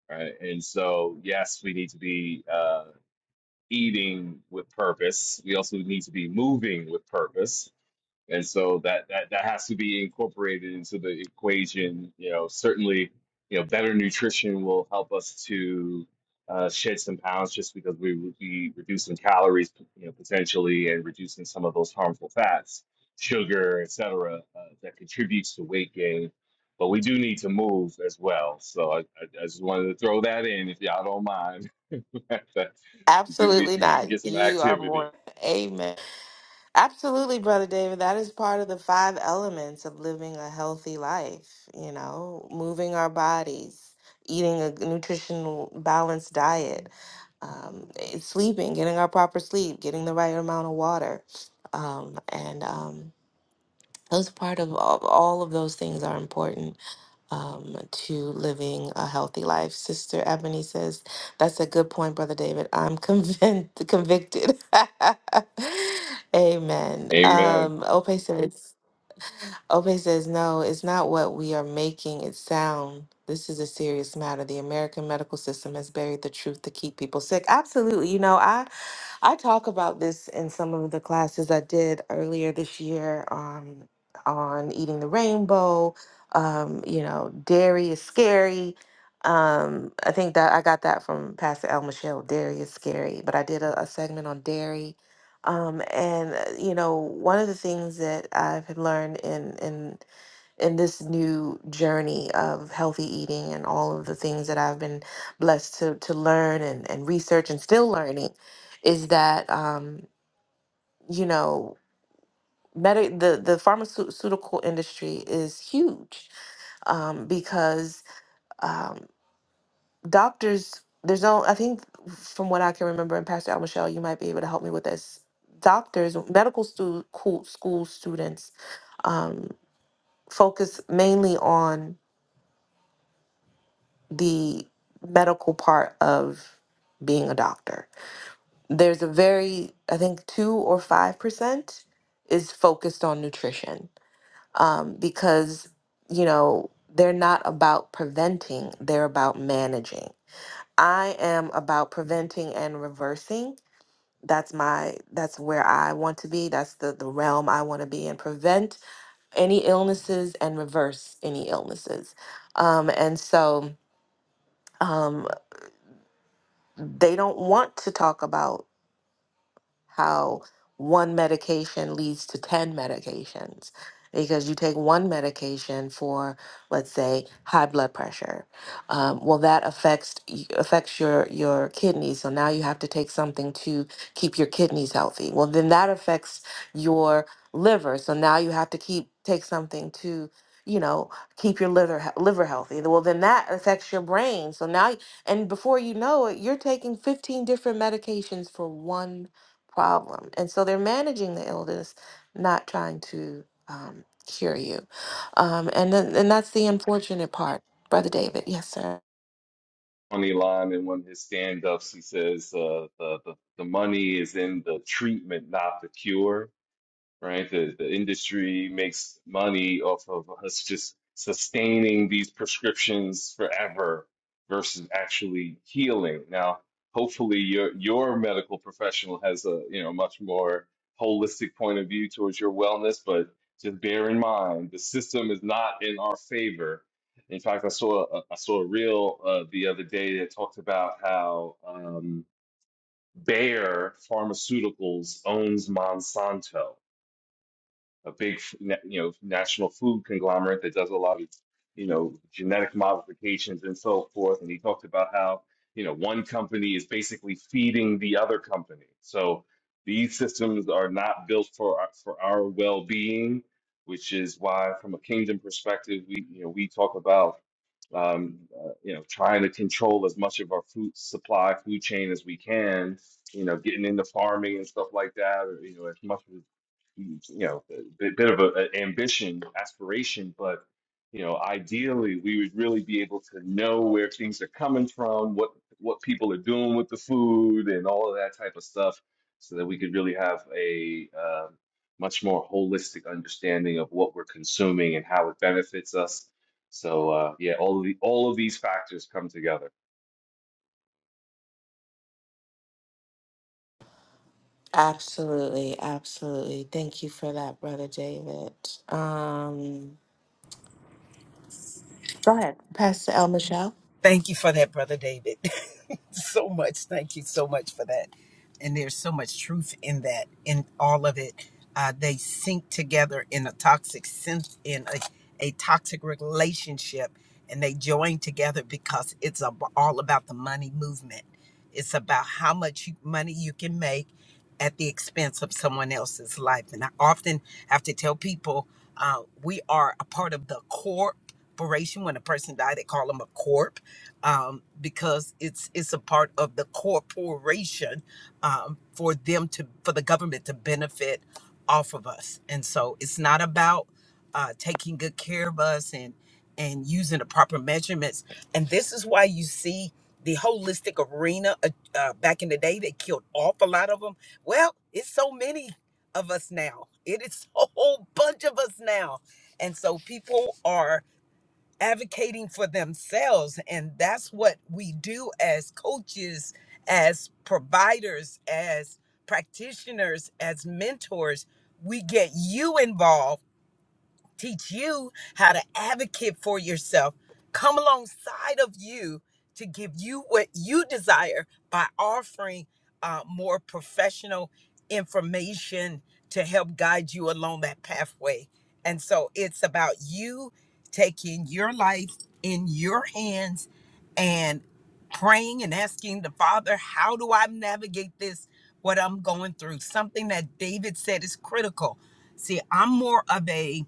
S3: right? And so yes, we need to be. uh, eating with purpose. We also need to be moving with purpose and so that that that has to be incorporated into the equation. You know, certainly, you know, better nutrition will help us to uh, shed some pounds just because we would be reducing calories, you know, potentially, and reducing some of those harmful fats, sugar, etc., uh, that contributes to weight gain. But we do need to move as well. So I, I, I just wanted to throw that in, if y'all don't mind. we do need
S1: Absolutely
S3: to
S1: not.
S3: get some
S1: You are
S3: activity.
S1: more. Amen. Absolutely, brother David. That is part of the five elements of living a healthy life. You know, moving our bodies, eating a nutritional balanced diet, um, eh, sleeping, getting our proper sleep, getting the right amount of water, um, and um, those part of all, all of those things are important um, to living a healthy life. Sister Ebony says that's a good point, brother David. I'm convinced, convicted. Amen.
S3: Amen.
S1: Um, Ope says, Ope says, no, it's not what we are making it sound. This is a serious matter. The American medical system has buried the truth to keep people sick. Absolutely. You know, I I talk about this in some of the classes I did earlier this year um, on eating the rainbow. Um, you know, dairy is scary. Um, I think that I got that from Pastor El Michelle. Dairy is scary, but I did a, a segment on dairy. Um, and uh, you know, one of the things that I've learned in in in this new journey of healthy eating and all of the things that I've been blessed to to learn and, and research and still learning is that um, you know medi the the pharmaceutical industry is huge um, because um, doctors there's no I think from what I can remember and Pastor Al Michelle you might be able to help me with this doctors medical stu- cool- school students um, focus mainly on the medical part of being a doctor. There's a very, I think, two or five percent is focused on nutrition um, because, you know, they're not about preventing, they're about managing. I am about preventing and reversing. That's my that's where I want to be. That's the, the realm I want to be in. Prevent any illnesses and reverse any illnesses. Um, and so um, they don't want to talk about how one medication leads to 10 medications because you take one medication for let's say high blood pressure um, well that affects affects your your kidneys so now you have to take something to keep your kidneys healthy well then that affects your liver so now you have to keep take something to you know keep your liver he- liver healthy well then that affects your brain so now and before you know it you're taking 15 different medications for one problem. And so they're managing the illness, not trying to um, cure you. Um, and then, and that's the unfortunate part, Brother David. Yes, sir.
S3: funny line in one of his stand-ups. He says, uh, the, the, the money is in the treatment, not the cure right? The, the industry makes money off of us just sustaining these prescriptions forever versus actually healing. Now, hopefully your your medical professional has a, you know, much more holistic point of view towards your wellness, but just bear in mind the system is not in our favor. In fact, I saw a, I saw a reel uh, the other day that talked about how um, Bayer Pharmaceuticals owns Monsanto a big you know national food conglomerate that does a lot of you know genetic modifications and so forth and he talked about how you know one company is basically feeding the other company so these systems are not built for our, for our well-being which is why from a kingdom perspective we you know we talk about um, uh, you know, trying to control as much of our food supply, food chain as we can, you know, getting into farming and stuff like that, or, you know, as much as, you know, a bit, bit of a, a ambition, aspiration, but, you know, ideally we would really be able to know where things are coming from, what, what people are doing with the food and all of that type of stuff, so that we could really have a, um much more holistic understanding of what we're consuming and how it benefits us so uh, yeah, all of the all of these factors come together.
S1: Absolutely, absolutely. Thank you for that, Brother David. Um, Go ahead, Pastor El Michelle.
S4: Thank you for that, Brother David. so much. Thank you so much for that. And there's so much truth in that, in all of it. Uh, they sink together in a toxic sense, in a, a toxic relationship, and they join together because it's ab- all about the money movement. It's about how much you, money you can make at the expense of someone else's life. And I often have to tell people uh, we are a part of the corporation. When a person died, they call them a corp um, because it's it's a part of the corporation um, for them to for the government to benefit off of us. And so it's not about uh, taking good care of us and and using the proper measurements. And this is why you see the holistic arena uh, uh, back in the day they killed off a lot of them. Well, it's so many of us now. It is a whole bunch of us now. And so people are advocating for themselves. And that's what we do as coaches, as providers, as practitioners, as mentors. We get you involved teach you how to advocate for yourself, come alongside of you to give you what you desire by offering uh, more professional information to help guide you along that pathway. And so it's about you taking your life in your hands and praying and asking the Father, how do I navigate this, what I'm going through? Something that David said is critical. See, I'm more of a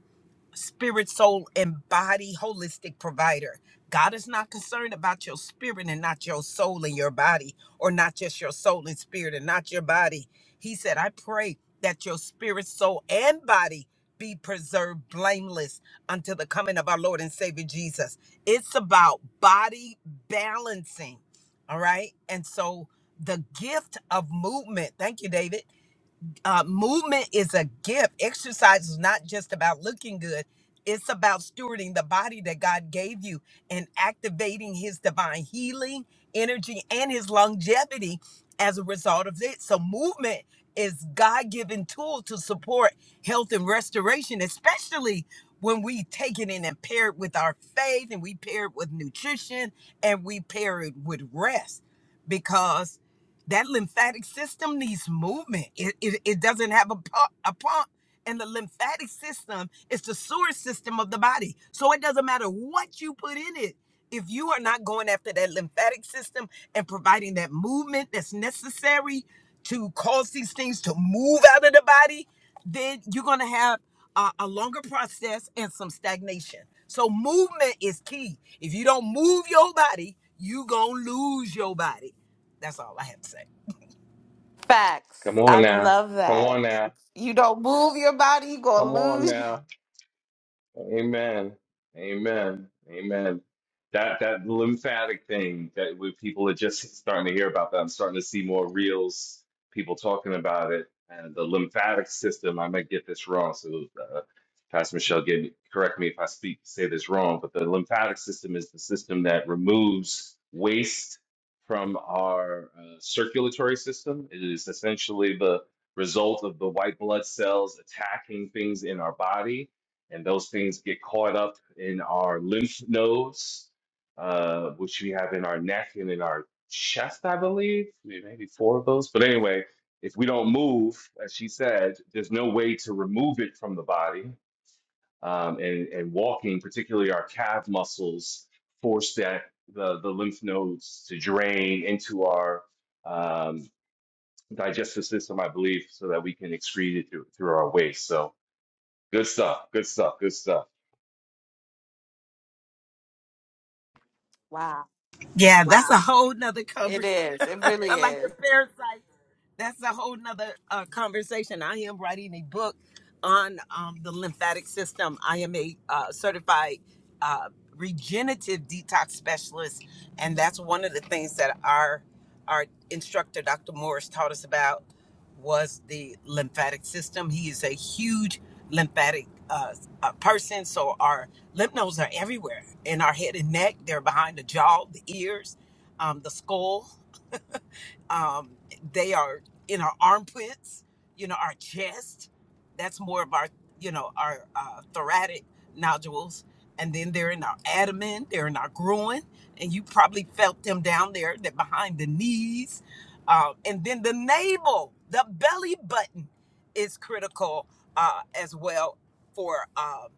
S4: spirit, soul, and body holistic provider. God is not concerned about your spirit and not your soul and your body, or not just your soul and spirit and not your body. He said, I pray that your spirit, soul, and body be preserved blameless until the coming of our Lord and Savior Jesus. It's about body balancing. All right. And so the gift of movement, thank you, David uh, movement is a gift. Exercise is not just about looking good, it's about stewarding the body that God gave you and activating His divine healing, energy, and His longevity as a result of it. So, movement is God given tool to support health and restoration, especially when we take it in and pair it with our faith and we pair it with nutrition and we pair it with rest because that lymphatic system needs movement. It, it, it doesn't have a, pu- a pump. And the lymphatic system is the sewer system of the body. So it doesn't matter what you put in it. If you are not going after that lymphatic system and providing that movement that's necessary to cause these things to move out of the body, then you're going to have a, a longer process and some stagnation. So movement is key. If you don't move your body, you going to lose your body. That's all I have to say.
S3: Come
S1: Facts.
S3: on
S1: I
S3: now,
S1: love
S3: come on
S1: that.
S3: now,
S1: You don't move your body, you're
S3: come
S1: going to
S3: on
S1: lose.
S3: now. Amen. Amen. Amen. That that lymphatic thing that we, people are just starting to hear about that. I'm starting to see more reels, people talking about it, and the lymphatic system. I might get this wrong, so uh, Pastor Michelle, get me, correct me if I speak say this wrong. But the lymphatic system is the system that removes waste from our uh, circulatory system. It is essentially the result of the white blood cells attacking things in our body and those things get caught up in our lymph nodes, uh, which we have in our neck and in our chest, I believe, maybe four of those. But anyway, if we don't move, as she said, there's no way to remove it from the body. Um, and, and walking, particularly our calf muscles, force that the, the lymph nodes to drain into our um, digestive system, I believe, so that we can excrete it through, through our waste. So good stuff, good stuff, good stuff.
S1: Wow.
S4: Yeah, that's a whole nother
S1: It
S4: conversation.
S1: is. It really
S4: like
S1: is.
S4: the parasite. That's a whole nother uh, conversation. I am writing a book on um, the lymphatic system. I am a uh, certified uh, regenerative detox specialist, and that's one of the things that our our instructor, Dr. Morris, taught us about was the lymphatic system. He is a huge lymphatic uh, uh, person, so our Lymph nodes are everywhere in our head and neck. They're behind the jaw, the ears, um, the skull um, they are in our armpits you know our chest that's more of our you know our uh, thoracic nodules and then they're in our abdomen they're in our groin and you probably felt them down there that behind the knees um, and then the navel the belly button is critical uh, as well for um,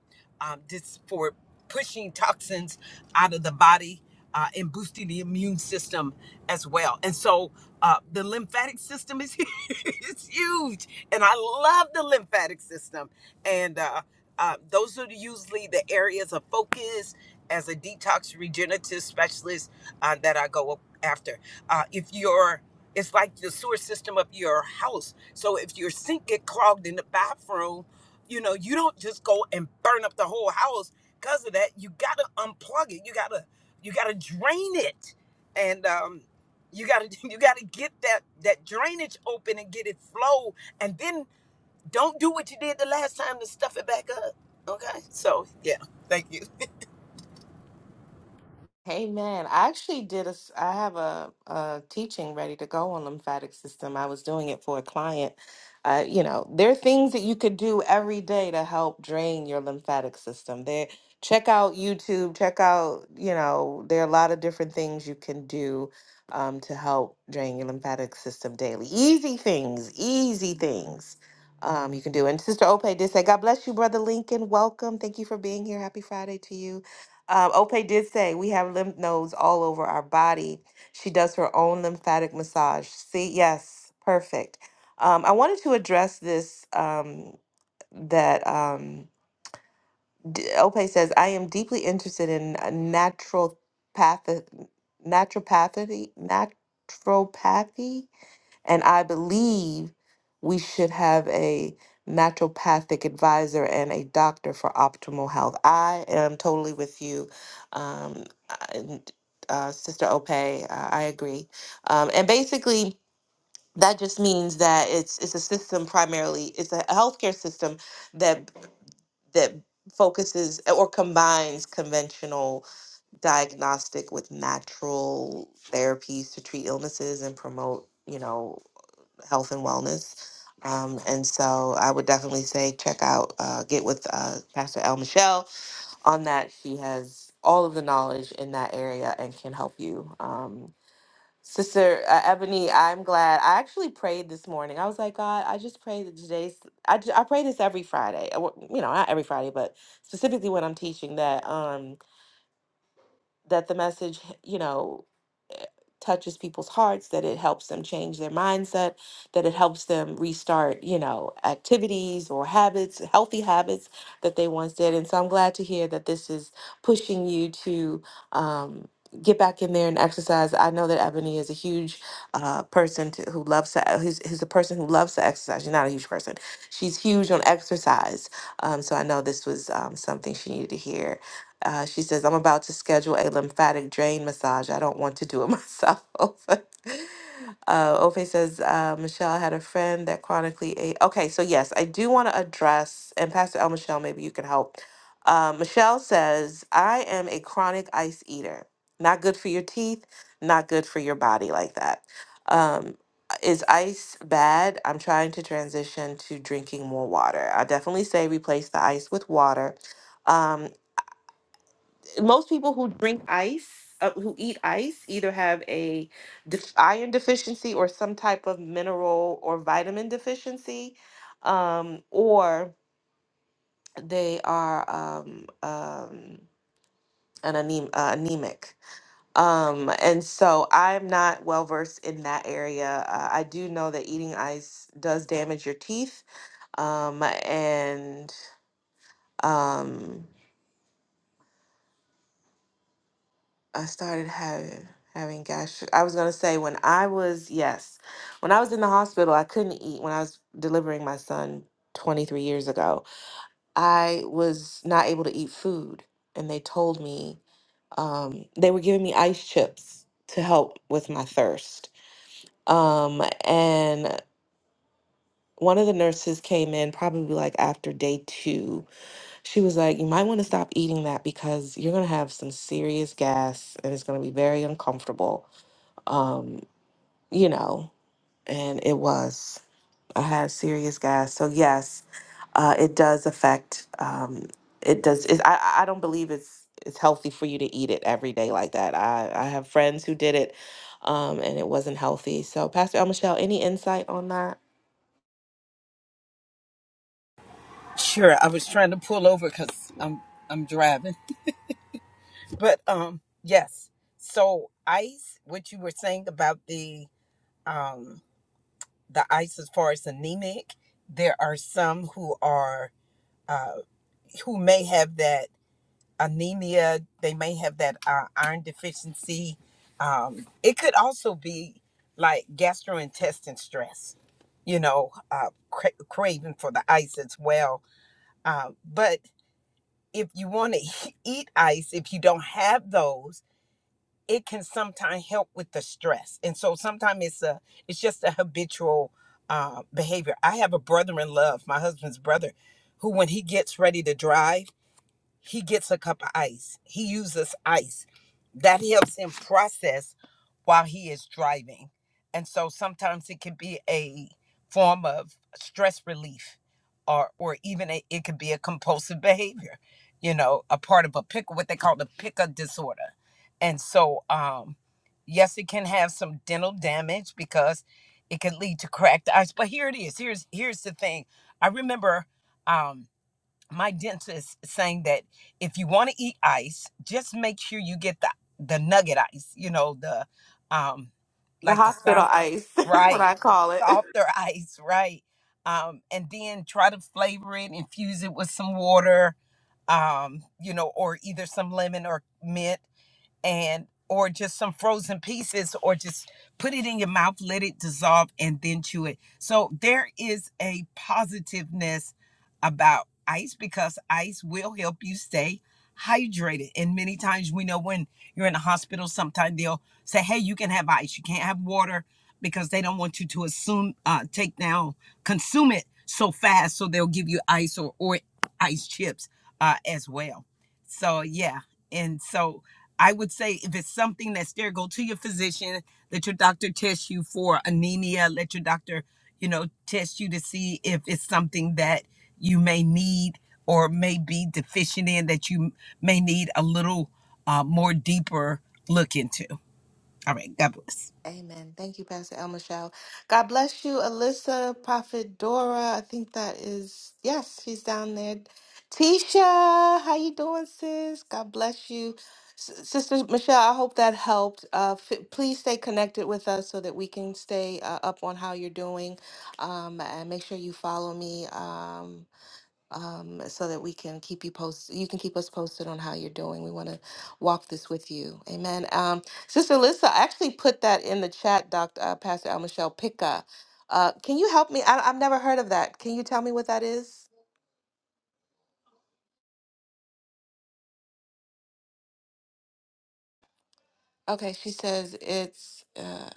S4: um, dis- for pushing toxins out of the body uh, and boosting the immune system as well and so uh, the lymphatic system is it's huge, and I love the lymphatic system. And uh, uh, those are usually the areas of focus as a detox regenerative specialist uh, that I go after. Uh, if you're it's like the sewer system of your house. So if your sink get clogged in the bathroom, you know you don't just go and burn up the whole house because of that. You gotta unplug it. You gotta you gotta drain it. And um, you gotta you gotta get that that drainage open and get it flow, and then don't do what you did the last time to stuff it back up. Okay, so yeah, thank you.
S1: Hey man, I actually did a s- I have a, a teaching ready to go on lymphatic system. I was doing it for a client. Uh, you know, there are things that you could do every day to help drain your lymphatic system. There, check out YouTube, check out, you know, there are a lot of different things you can do um, to help drain your lymphatic system daily. Easy things, easy things um, you can do. And Sister Ope did say, God bless you, Brother Lincoln. Welcome. Thank you for being here. Happy Friday to you. Um, Ope did say we have lymph nodes all over our body. She does her own lymphatic massage. See, yes, perfect. Um, I wanted to address this um, that um, D- Ope says I am deeply interested in uh, natural path, naturopathy, naturopathy. And I believe we should have a naturopathic advisor and a doctor for optimal health. I am totally with you, um, and, uh, Sister Ope. Uh, I agree. Um, and basically, that just means that it's it's a system primarily. It's a healthcare system that that focuses or combines conventional diagnostic with natural therapies to treat illnesses and promote you know health and wellness. Um, and so I would definitely say check out, uh, get with uh, Pastor El Michelle on that. She has all of the knowledge in that area and can help you. Um, Sister uh, Ebony, I'm glad. I actually prayed this morning. I was like, God, I just pray that today's, I, ju- I pray this every Friday. I wo- You know, not every Friday, but specifically when I'm teaching that, um, that the message, you know, touches people's hearts, that it helps them change their mindset, that it helps them restart, you know, activities or habits, healthy habits that they once did. And so I'm glad to hear that this is pushing you to um, get back in there and exercise. I know that Ebony is a huge uh, person to, who loves to, uh, who's, who's a person who loves to exercise. She's not a huge person. She's huge on exercise. Um, so I know this was um, something she needed to hear uh, she says, I'm about to schedule a lymphatic drain massage. I don't want to do it myself. uh, Ofe says, uh, Michelle had a friend that chronically ate. Okay, so yes, I do want to address, and Pastor El Michelle, maybe you can help. Uh, Michelle says, I am a chronic ice eater. Not good for your teeth, not good for your body like that. Um, is ice bad? I'm trying to transition to drinking more water. I definitely say replace the ice with water. Um, most people who drink ice, uh, who eat ice, either have a def- iron deficiency or some type of mineral or vitamin deficiency, um, or they are um, um, an anem- uh, anemic. Um, and so I'm not well versed in that area. Uh, I do know that eating ice does damage your teeth. Um, and um, I started having having gastric. I was gonna say when I was yes, when I was in the hospital, I couldn't eat. When I was delivering my son 23 years ago, I was not able to eat food, and they told me um, they were giving me ice chips to help with my thirst. Um, and one of the nurses came in probably like after day two. She was like, "You might want to stop eating that because you're gonna have some serious gas, and it's gonna be very uncomfortable." um, you know, and it was. I had serious gas. So yes, uh, it does affect. Um, it does. It's, I I I don't believe it's it's healthy for you to eat it every day like that. I I have friends who did it, um, and it wasn't healthy. So Pastor El Michelle, any insight on that?
S4: Sure, I was trying to pull over because I'm I'm driving, but um yes. So ice, what you were saying about the um the ice as far as anemic, there are some who are uh who may have that anemia. They may have that uh, iron deficiency. Um, it could also be like gastrointestinal stress, you know, uh, cra- craving for the ice as well. Uh, but if you want to eat ice, if you don't have those, it can sometimes help with the stress. And so sometimes it's a, it's just a habitual uh, behavior. I have a brother in love, my husband's brother, who when he gets ready to drive he gets a cup of ice. He uses ice. That helps him process while he is driving. And so sometimes it can be a form of stress relief or or even a, it could be a compulsive behavior, you know, a part of a pick what they call the picker disorder. And so um yes, it can have some dental damage because it can lead to cracked ice. But here it is. Here's here's the thing. I remember um my dentist saying that if you want to eat ice, just make sure you get the the nugget ice. You know the um
S1: The
S4: like the
S1: hospital
S4: sound
S1: ice. That's what
S4: right
S1: I call it.
S4: softer ice, right? Um, and then try to flavor it, infuse it with some water, um, you know, or either some lemon or mint and or just some frozen pieces or just put it in your mouth let it dissolve and then chew it so there is a positiveness about ice because ice will help you stay hydrated and many times we know when you're in the hospital sometimes they'll say hey you can have ice you can't have water because they don't want you to assume uh, take down consume it so fast so they'll give you ice or or ice chips uh, as well so yeah and so I would say if it's something that's there, go to your physician. Let your doctor test you for anemia. Let your doctor, you know, test you to see if it's something that you may need or may be deficient in that you may need a little uh, more deeper look into. All right. God bless.
S1: Amen. Thank you, Pastor El Michelle. God bless you, Alyssa, Prophet Dora. I think that is yes, she's down there. Tisha, how you doing, sis? God bless you, S- Sister Michelle. I hope that helped. Uh, f- please stay connected with us so that we can stay uh, up on how you're doing, um, and make sure you follow me. Um, um, so that we can keep you posted. You can keep us posted on how you're doing. We want to walk this with you. Amen. Um, Sister Lisa, I actually put that in the chat, Dr. Uh, Pastor Al Michelle Pica. Uh, can you help me? I, I've never heard of that. Can you tell me what that is? Okay, she says it's uh,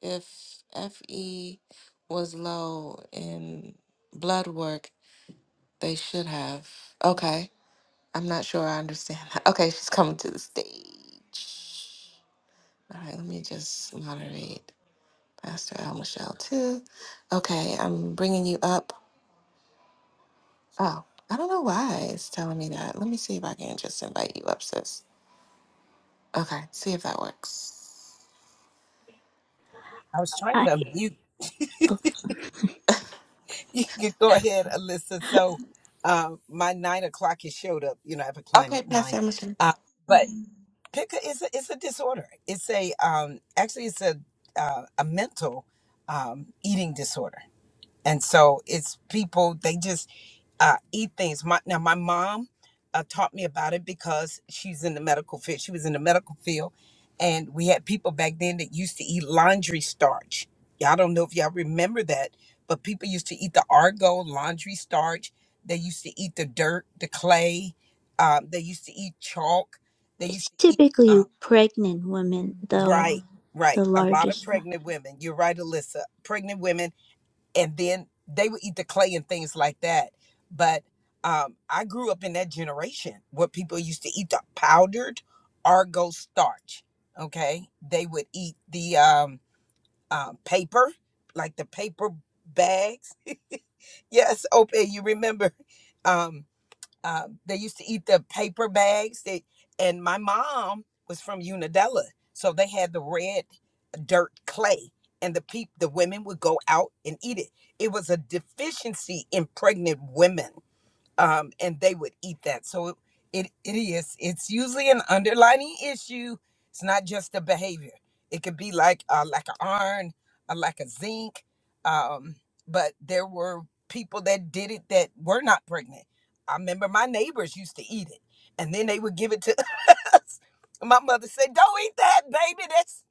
S1: if FE was low in blood work, they should have. Okay, I'm not sure I understand that. Okay, she's coming to the stage. All right, let me just moderate Pastor Al Michelle too. Okay, I'm bringing you up. Oh, I don't know why it's telling me that. Let me see if I can just invite you up, sis. Okay, see if that works.
S4: I was trying
S5: I
S4: to you
S5: oh,
S4: you could go ahead, Alyssa. So uh, my nine o'clock has showed up. You know, I have a client
S1: Okay,
S4: at
S1: Pastor
S4: nine.
S1: Al Michelle.
S4: Uh, but pick a, it's a it's a disorder. It's a um actually it's a uh, a mental um eating disorder, and so it's people they just uh, eat things. My now my mom uh, taught me about it because she's in the medical field. She was in the medical field, and we had people back then that used to eat laundry starch. Y'all don't know if y'all remember that, but people used to eat the argo laundry starch. They used to eat the dirt, the clay. Um, they used to eat chalk. They used
S5: it's
S4: to eat.
S5: typically
S4: uh,
S5: pregnant women though
S4: Right,
S5: the
S4: right. A lot of
S5: largest one.
S4: pregnant women. You're right, Alyssa. Pregnant women, and then they would eat the clay and things like that. But um, I grew up in that generation where people used to eat the powdered Argo starch. Okay, they would eat the um, um, paper, like the paper bags. yes, Opie, you remember? Um, uh, they used to eat the paper bags. They, and my mom was from Unadilla, so they had the red dirt clay and the peop the women would go out and eat it it was a deficiency in pregnant women um, and they would eat that. So it, it it is. It's usually an underlining issue. It's not just a behavior. It could be like uh, like an iron, uh, like a zinc. Um, but there were people that did it that were not pregnant. I remember my neighbors used to eat it, and then they would give it to us. My mother said, "Don't eat that, baby. That's."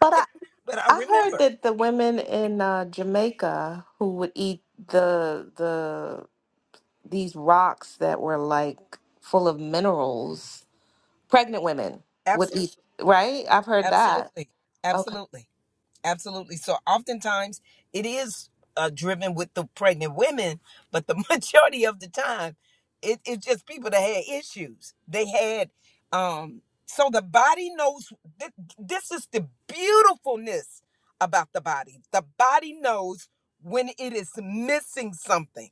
S1: But I,
S4: but I
S1: I heard
S4: remember.
S1: that the women in uh, Jamaica who would eat the the these rocks that were like full of minerals, pregnant women would
S4: Absolutely,
S1: eat. Right? I've heard that.
S4: absolutely, absolutely. Absolutely. So oftentimes it is uh, driven with the pregnant women, but the majority of the time, it, it's just people that had issues. They had, um, so the body knows. Th- this is the beautifulness about the body. The body knows when it is missing something,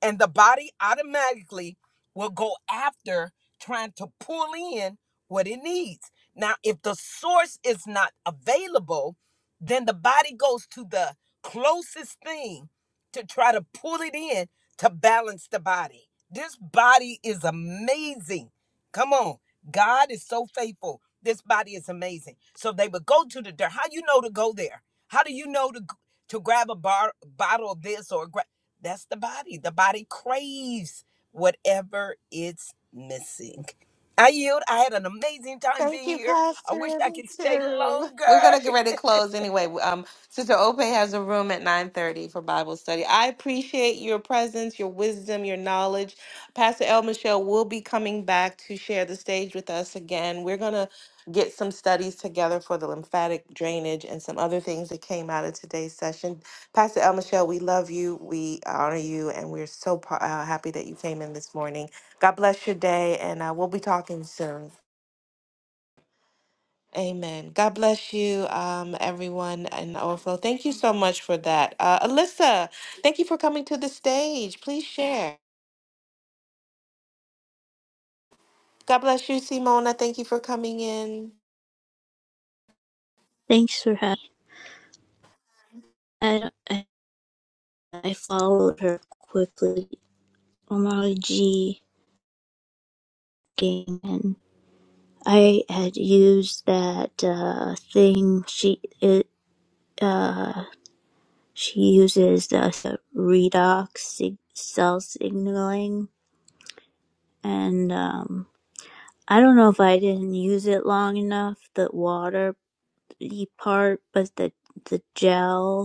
S4: and the body automatically will go after trying to pull in what it needs. Now, if the source is not available, then the body goes to the closest thing to try to pull it in to balance the body. This body is amazing. Come on. God is so faithful. This body is amazing. So they would go to the dirt. How you know to go there? How do you know to to grab a bar, bottle of this or gra- that's the body. The body craves whatever it's missing. I yield. I had an amazing time
S1: Thank
S4: being
S1: you,
S4: here. I wish
S1: Pastor.
S4: I
S1: Me
S4: could stay
S1: too. We're
S4: longer.
S1: gonna get ready to close anyway. Um, Sister Ope has a room at nine thirty for Bible study. I appreciate your presence, your wisdom, your knowledge. Pastor El Michelle will be coming back to share the stage with us again. We're gonna get some studies together for the lymphatic drainage and some other things that came out of today's session. Pastor El Michelle, we love you, we honor you, and we're so pa- uh, happy that you came in this morning. God bless your day, and uh, we'll be talking soon. Amen. God bless you, um, everyone in Overflow. Thank you so much for that. Uh, Alyssa, thank you for coming to the stage. Please share. God bless you, Simona. Thank you for coming in.
S5: Thanks for having. I I, I followed her quickly. Omar G game and I had used that uh, thing she it, uh she uses uh, the redox sig- cell signaling and um I don't know if I didn't use it long enough the water part but the the gel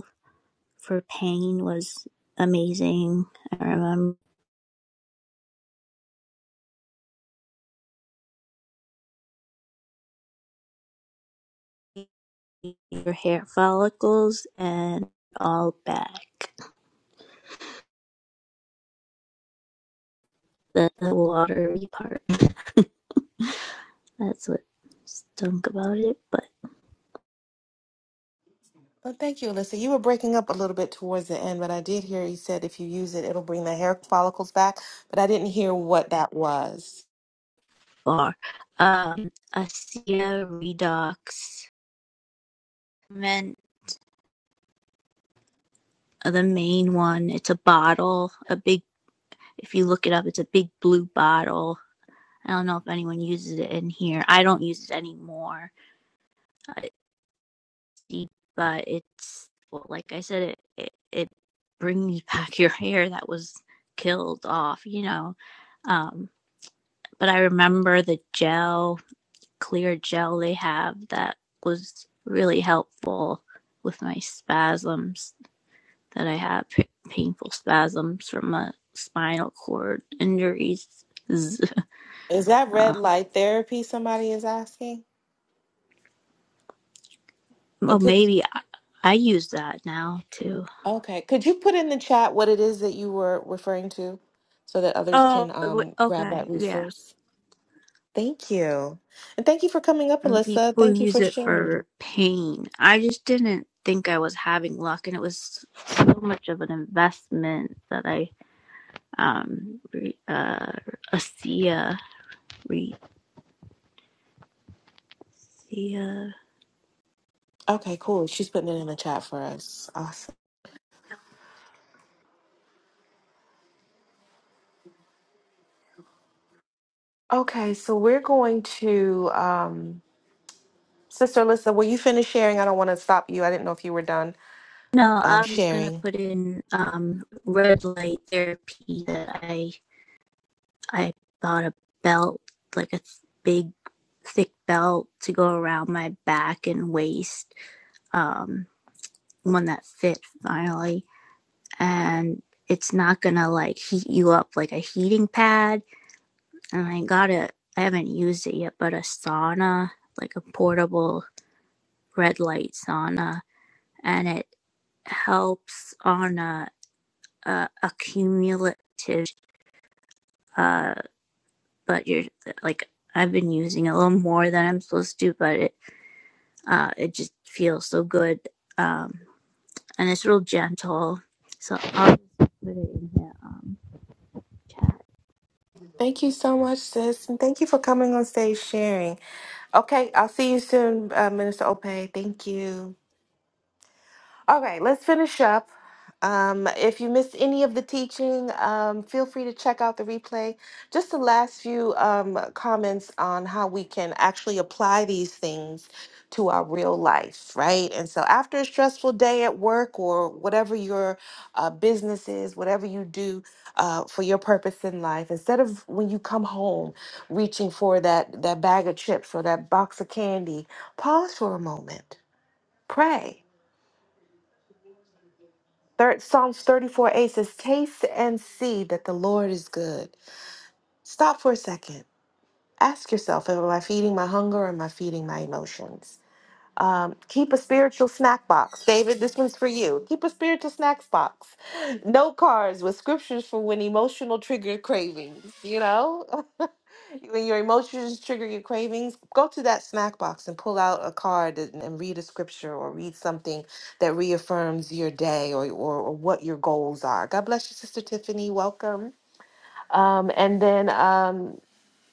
S5: for pain was amazing. I remember your hair follicles and all back. The, the watery part. That's what stunk about it, but
S1: Oh, thank you, Alyssa. You were breaking up a little bit towards the end, but I did hear you said if you use it, it'll bring the hair follicles back. But I didn't hear what that was.
S5: far. Um, Acia Redox meant the main one. It's a bottle, a big. If you look it up, it's a big blue bottle. I don't know if anyone uses it in here. I don't use it anymore. I deep, but it's well, like I said, it, it it brings back your hair that was killed off, you know. Um, but I remember the gel, clear gel they have that was really helpful with my spasms that I had, p- painful spasms from a spinal cord injuries.
S1: Is that red
S5: Um,
S1: light therapy? Somebody is asking. Oh,
S5: well,
S1: could-
S5: maybe I, I use that now too.
S1: okay. Could you put in the chat what it is that you were referring to, so that others can
S5: Oh,
S1: um, grab
S5: okay,
S1: that
S5: yeah.
S1: resource? Thank you. And thank you for coming up,
S5: and
S1: Alyssa.
S5: people
S1: Thank you
S5: use
S1: for
S5: it for
S1: sharing.
S5: pain. I just didn't think I was having luck, and it was so much of an investment that I um re, uh Acia re, Acia.
S1: Okay, cool. She's putting it in the chat for us. Awesome. Okay, so we're going to um Sister Alyssa, will you finish sharing? I don't want to stop you. I didn't know if you were done
S5: No, I
S1: um
S5: am just gonna
S1: sharing.
S5: put in um red light therapy that I I bought a belt like a big thick belt to go around my back and waist um one that fit finally and it's not gonna like heat you up like a heating pad. And I got a, I haven't used it yet, but a sauna, like a portable red light sauna, and it helps on a, a accumulative. Uh, but you're like I've been using a little more than I'm supposed to, but it uh it just feels so good. Um, and it's real gentle. So I'll just put it in the Um, chat.
S1: Thank you so much, sis. And thank you for coming on stage sharing. Okay, I'll see you soon, uh, Minister Ope. Thank you. All right, let's finish up. Um, if you missed any of the teaching, um, feel free to check out the replay. Just the last few um, comments on how we can actually apply these things to our real life, right? And so, after a stressful day at work or whatever your uh, business is, whatever you do uh, for your purpose in life, instead of when you come home reaching for that that bag of chips or that box of candy, pause for a moment, pray Third, Psalms 34 8 says, Taste and see that the Lord is good. Stop for a second. Ask yourself, am I feeding my hunger or am I feeding my emotions? Um, keep a spiritual snack box. David, this one's for you. Keep a spiritual snacks box. Note cards with scriptures for when emotional trigger cravings, you know? When your emotions trigger your cravings, go to that snack box and pull out a card and, and read a scripture or read something that reaffirms your day or, or, or what your goals are. God bless you, Sister Tiffany. Welcome. Um, and then um,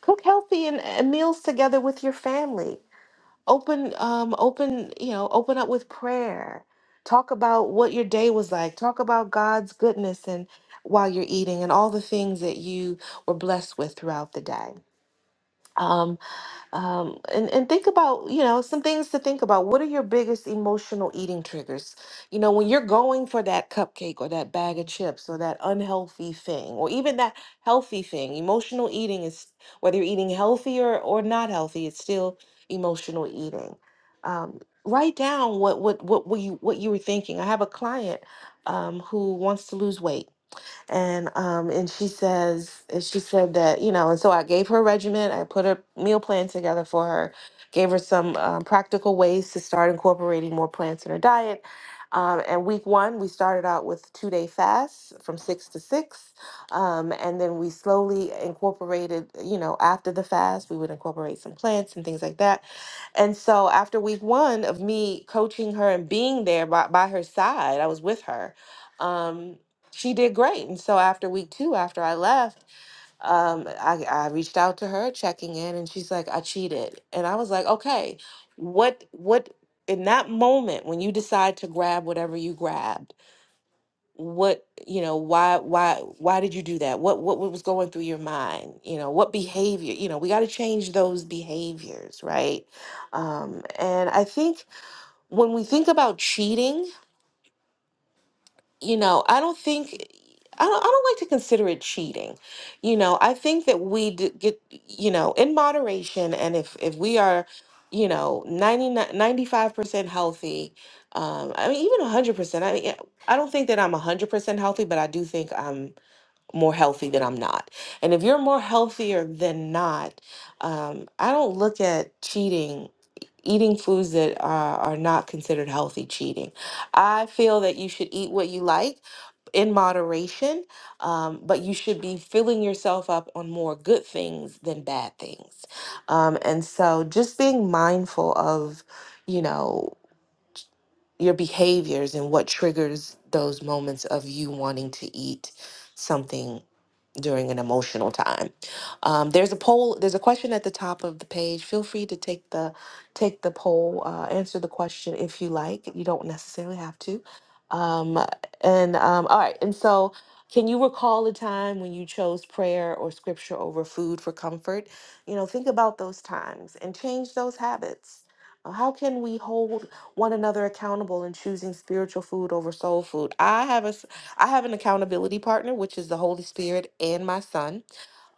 S1: cook healthy and, and meals together with your family. Open, um, open, you know, open up with prayer. Talk about what your day was like. Talk about God's goodness and while you're eating and all the things that you were blessed with throughout the day. Um, um, and and think about you know some things to think about. What are your biggest emotional eating triggers? You know, when you're going for that cupcake or that bag of chips or that unhealthy thing or even that healthy thing. Emotional eating is whether you're eating healthy or or not healthy, it's still emotional eating. Um, write down what what what what you what you were thinking. I have a client um, who wants to lose weight and um and she says and she said that you know and so i gave her a regimen i put a meal plan together for her gave her some um, practical ways to start incorporating more plants in her diet um, and week one we started out with two day fasts from six to six um, and then we slowly incorporated you know after the fast we would incorporate some plants and things like that and so after week one of me coaching her and being there by, by her side, I was with her. Um, she did great. And so after week two, after I left, um, I, I reached out to her checking in and she's like, I cheated. And I was like, okay, what, what, in that moment when you decide to grab whatever you grabbed, what you know why why why did you do that what what was going through your mind you know what behavior you know we got to change those behaviors right um and i think when we think about cheating you know i don't think I don't, I don't like to consider it cheating you know i think that we d- get you know in moderation and if if we are you know ninety nine ninety five percent healthy um i mean even 100% i mean i don't think that i'm 100% healthy but i do think i'm more healthy than I'm not. And if you're more healthier than not, um, I don't look at cheating, eating foods that are, are not considered healthy cheating. I feel that you should eat what you like in moderation, um, but you should be filling yourself up on more good things than bad things. Um, and so just being mindful of, you know, your behaviors and what triggers those moments of you wanting to eat something during an emotional time. Um, there's a poll. There's a question at the top of the page. Feel free to take the take the poll. Uh, answer the question if you like. You don't necessarily have to. Um, and um, all right. And so, can you recall a time when you chose prayer or scripture over food for comfort? You know, think about those times and change those habits. Uh, How can we hold one another accountable in choosing spiritual food over soul food? I have a I have an accountability partner, which is the Holy Spirit and my son.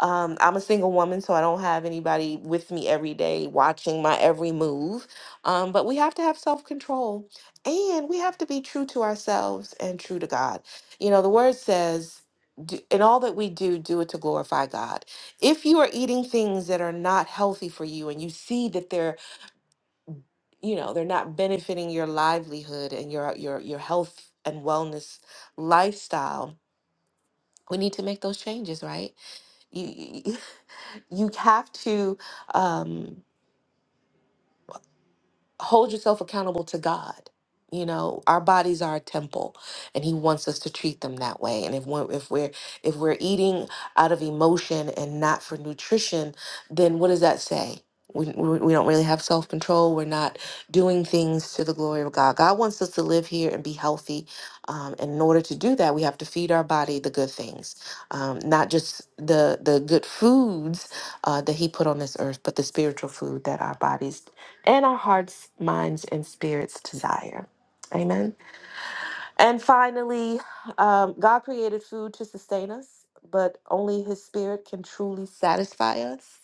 S1: Um, I'm a single woman, so I don't have anybody with me every day watching my every move. Um, but we have to have self control and we have to be true to ourselves and true to God. You know, the word says, "Do- in all that we do, do it to glorify God. If you are eating things that are not healthy for you and you see that they're, you know, they're not benefiting your livelihood and your your your health and wellness lifestyle, we need to make those changes, right? You you, you have to. Um, hold yourself accountable to God. You know, our bodies are a temple, and He wants us to treat them that way. And if we're if we're if we're eating out of emotion and not for nutrition, then what does that say? We, we we don't really have self control. We're not doing things to the glory of God. God wants us to live here and be healthy. Um, and in order to do that, we have to feed our body the good things, um, not just the the good foods uh, that He put on this earth, but the spiritual food that our bodies and our hearts, minds, and spirits desire. Amen. And finally, um, God created food to sustain us, but only His Spirit can truly satisfy us.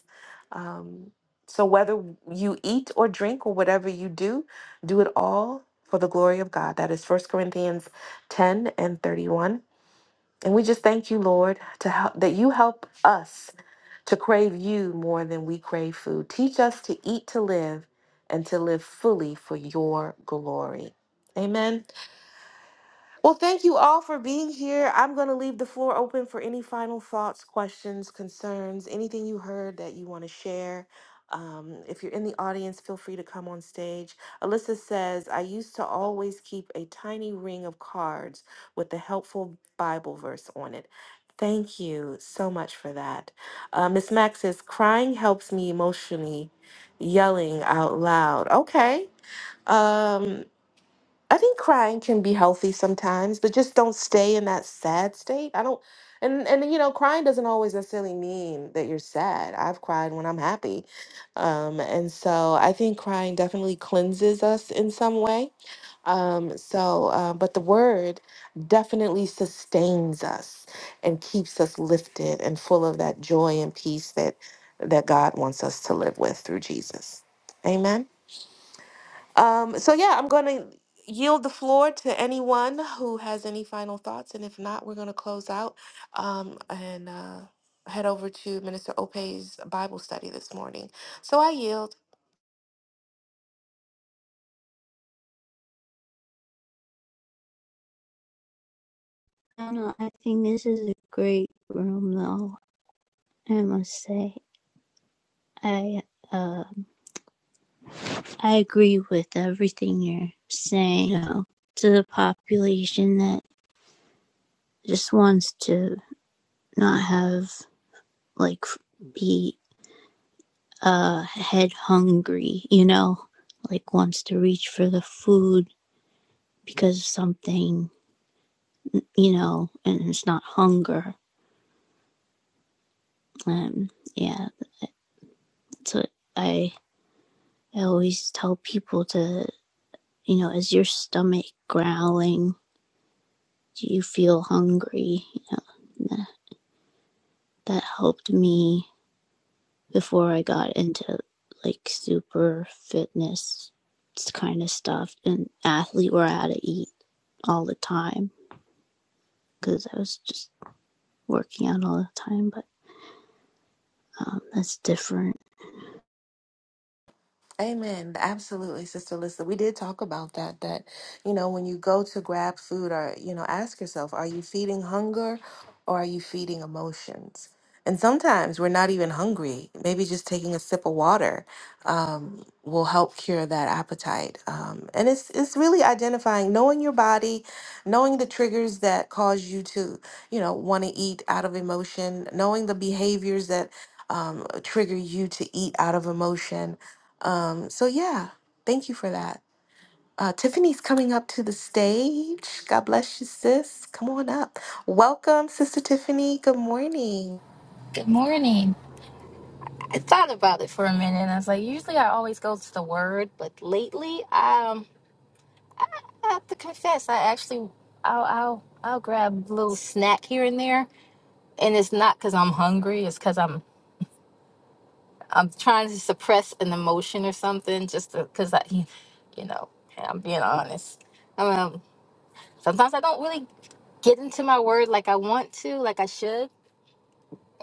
S1: Um, so, whether you eat or drink or whatever you do, do it all for the glory of God. That is First Corinthians 10 and 31. And we just thank you, Lord, to help, that you help us to crave you more than we crave food. Teach us to eat to live and to live fully for your glory. Amen. Well, thank you all for being here. I'm going to leave the floor open for any final thoughts, questions, concerns, anything you heard that you want to share. Um, if you're in the audience, feel free to come on stage. Alyssa says, I used to always keep a tiny ring of cards with the helpful Bible verse on it. Thank you so much for that. Uh, Miss Max says, crying helps me emotionally, yelling out loud. Okay. Um, I think crying can be healthy sometimes, but just don't stay in that sad state. I don't and and you know, crying doesn't always necessarily mean that you're sad. I've cried when I'm happy. Um and so I think crying definitely cleanses us in some way. Um so uh, but the word definitely sustains us and keeps us lifted and full of that joy and peace that that God wants us to live with through Jesus. Amen. Um, so yeah, I'm going to yield the floor to anyone who has any final thoughts, and if not, we're going to close out um, and uh, head over to Minister Opey's Bible study this morning. So I yield.
S5: I don't know. I think this is a great room, though. I must say, I uh, I agree with everything you're saying you know, to the population that just wants to not have like be uh head hungry, you know, like wants to reach for the food because of something, you know, and it's not hunger. Um, yeah, so I I always tell people to You know, is your stomach growling? Do you feel hungry? You know, that, helped me before I got into like super fitness kind of stuff and athlete where I had to eat all the time because I was just working out all the time. But um, that's different.
S1: Amen. Absolutely, Sister Lisa. We did talk about that. That, you know, when you go to grab food or, you know, ask yourself, are you feeding hunger or are you feeding emotions? And sometimes we're not even hungry. Maybe just taking a sip of water um, will help cure that appetite. Um, and it's it's really identifying, knowing your body, knowing the triggers that cause you to, you know, want to eat out of emotion, knowing the behaviors that um, trigger you to eat out of emotion um, so yeah, thank you for that. Uh, Tiffany's coming up to the stage. God bless you, sis. Come on up. Welcome, Sister Tiffany. Good morning.
S6: Good morning. I thought about it for a minute and I was like, usually I always go to the word, but lately um I have to confess I actually I'll I'll I'll grab a little snack here and there. And it's not because I'm hungry, it's because I'm I'm trying to suppress an emotion or something just because I you know, and I'm being honest. Um sometimes I don't really get into my word like I want to, like I should.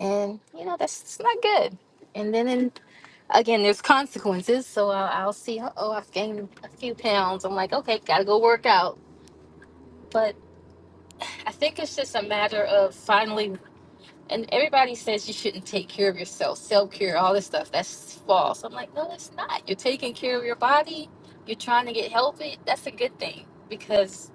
S6: And you know, that's it's not good. And then in again, there's consequences. So I'll, I'll see, oh, I've gained a few pounds. I'm like, okay, gotta go work out. But I think it's just a matter of finally, and everybody says you shouldn't take care of yourself, self care, all this stuff. That's false. I'm like, no, it's not. You're taking care of your body, you're trying to get healthy. That's a good thing because.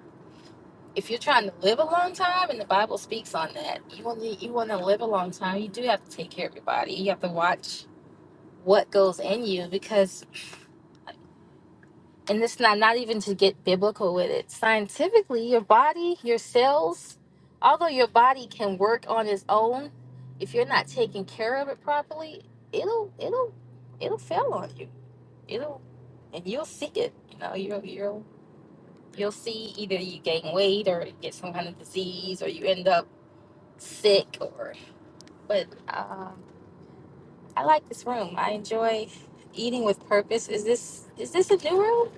S6: If you're trying to live a long time, and the Bible speaks on that, you want to you want to live a long time. You do have to take care of your body. You have to watch what goes in you because and it's not not even to get biblical with it scientifically your body your cells although your body can work on its own if you're not taking care of it properly it'll it'll it'll fail on you it'll and you'll see it you know you'll you'll you'll see either you gain weight or get some kind of disease or you end up sick or but um i like this room i enjoy eating with purpose is this is this a new room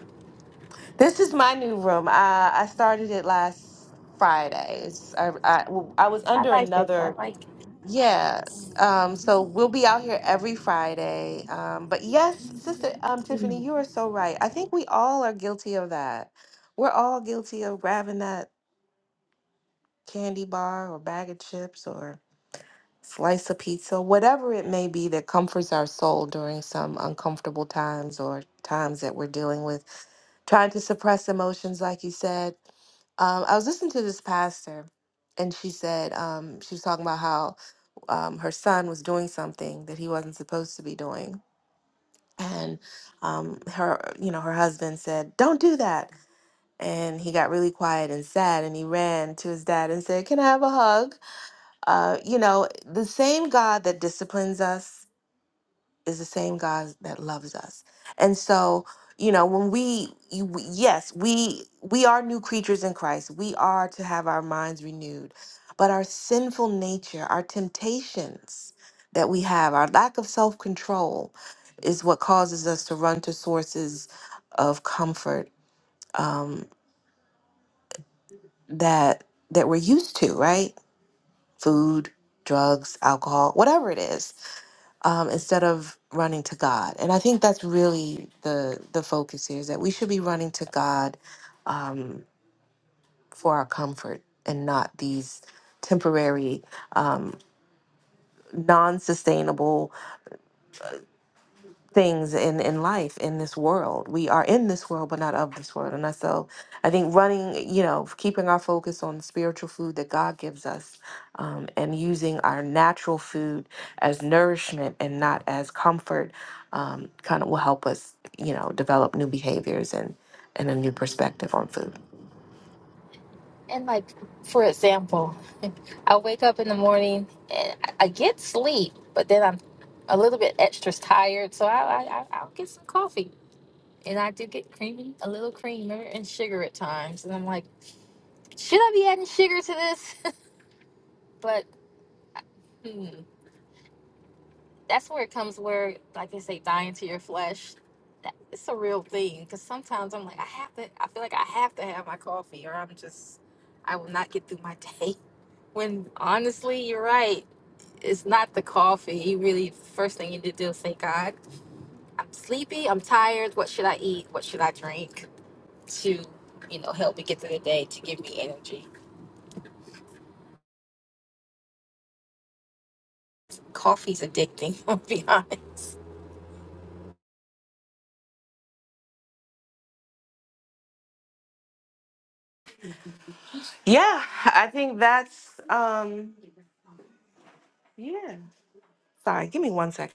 S1: This is my new room. I, I started it last Friday. It's- I, I, I was
S6: i
S1: under
S6: like it i
S1: another,
S6: like it
S1: yeah. Um, so we'll be out here every Friday. Um, but yes, Sister um, Tiffany, you are so right. I think we all are guilty of that. We're all guilty of grabbing that candy bar or bag of chips or slice of pizza, whatever it may be that comforts our soul during some uncomfortable times or times that we're dealing with, trying to suppress emotions, like you said. Um, I was listening to this pastor, and she said um, she was talking about how um, her son was doing something that he wasn't supposed to be doing, and um, her, you know, her husband said, "Don't do that." And he got really quiet and sad, and he ran to his dad and said, "Can I have a hug?" Uh, you know, the same God that disciplines us is the same God that loves us. And so, you know, when we, you, we- yes, we we are new creatures in Christ. We are to have our minds renewed, but our sinful nature, our temptations that we have, our lack of self control, is what causes us to run to sources of comfort um, that that we're used to, right? Food, drugs, alcohol, whatever it is um, instead of running to God. And I think that's really the the focus here is that we should be running to God um, for our comfort and not these temporary, um, non-sustainable things in in life in this world we are in this world but not of this world and I- so i think running you know keeping our focus on the spiritual food that god gives us um, and using our natural food as nourishment and not as comfort um, kind of will help us you know develop new behaviors and and a new perspective on food
S6: And like, for example, I wake up in the morning and I I get sleep, but then I'm a little bit extra tired, so I, I I- I'll get some coffee, and I do get creamy, a little creamer and sugar at times, and I'm like, should I be adding sugar to this? but hmm, that's where it comes where, like they say, dying to your flesh. That, it's a real thing because sometimes I'm like, I have to. I feel like I have to have my coffee, or I'm just, I will not get through my day. When honestly, you're right it's not the coffee. You really first thing you need to do is say, God, I'm sleepy, I'm tired, what should I eat? What should I drink to, you know, help me get through the day to give me energy. Coffee's addicting, I'll be honest.
S1: yeah i think that's um yeah sorry give me one second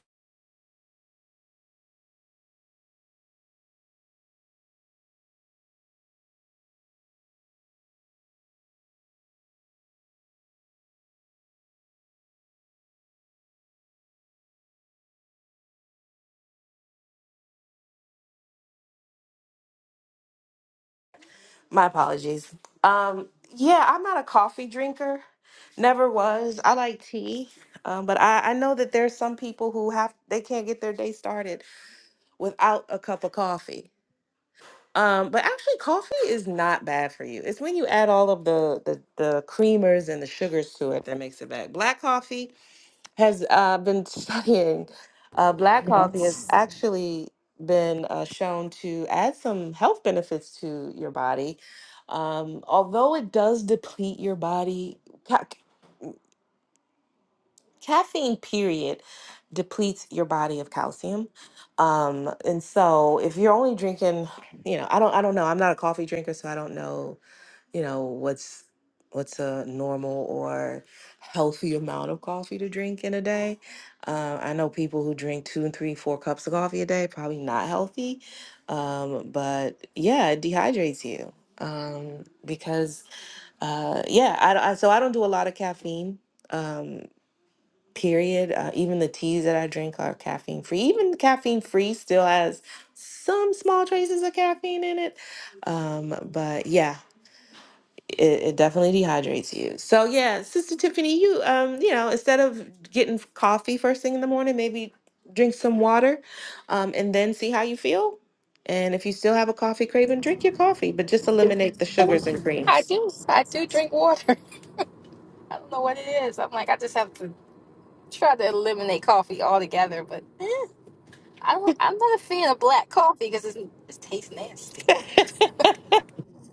S1: My apologies. Um, yeah, I'm not a coffee drinker. Never was. I like tea. Um, but I, I know that there's some people who have they can't get their day started without a cup of coffee. Um, but actually coffee is not bad for you. It's when you add all of the, the the creamers and the sugars to it that makes it bad. Black coffee has uh, been studying. Uh, black coffee has
S6: Yes.
S1: actually been uh, shown to add some health benefits to your body. Um, although it does deplete your body, ca- caffeine, period, depletes your body of calcium. Um, and so if you're only drinking, you know, I don't, I don't know. I'm not a coffee drinker, so I don't know you know what's what's a normal or healthy amount of coffee to drink in a day uh, i know people who drink two and three four cups of coffee a day probably not healthy um, but yeah it dehydrates you um, because uh, yeah I I so i don't do a lot of caffeine um, period uh, even the teas that i drink are caffeine free even caffeine free still has some small traces of caffeine in it um, but yeah it, it definitely dehydrates you. So yeah, Sister Tiffany, you um, you know, instead of getting coffee first thing in the morning, maybe drink some water, um, and then see how you feel. And if you still have a coffee craving, drink your coffee, but just
S6: And
S1: eliminate the
S6: I
S1: sugars and
S6: I
S1: creams.
S6: do I do drink water. I don't know what it is. I'm like I just have to try to eliminate coffee altogether, but eh, I don't I'm not a fan of black coffee because it's it tastes nasty.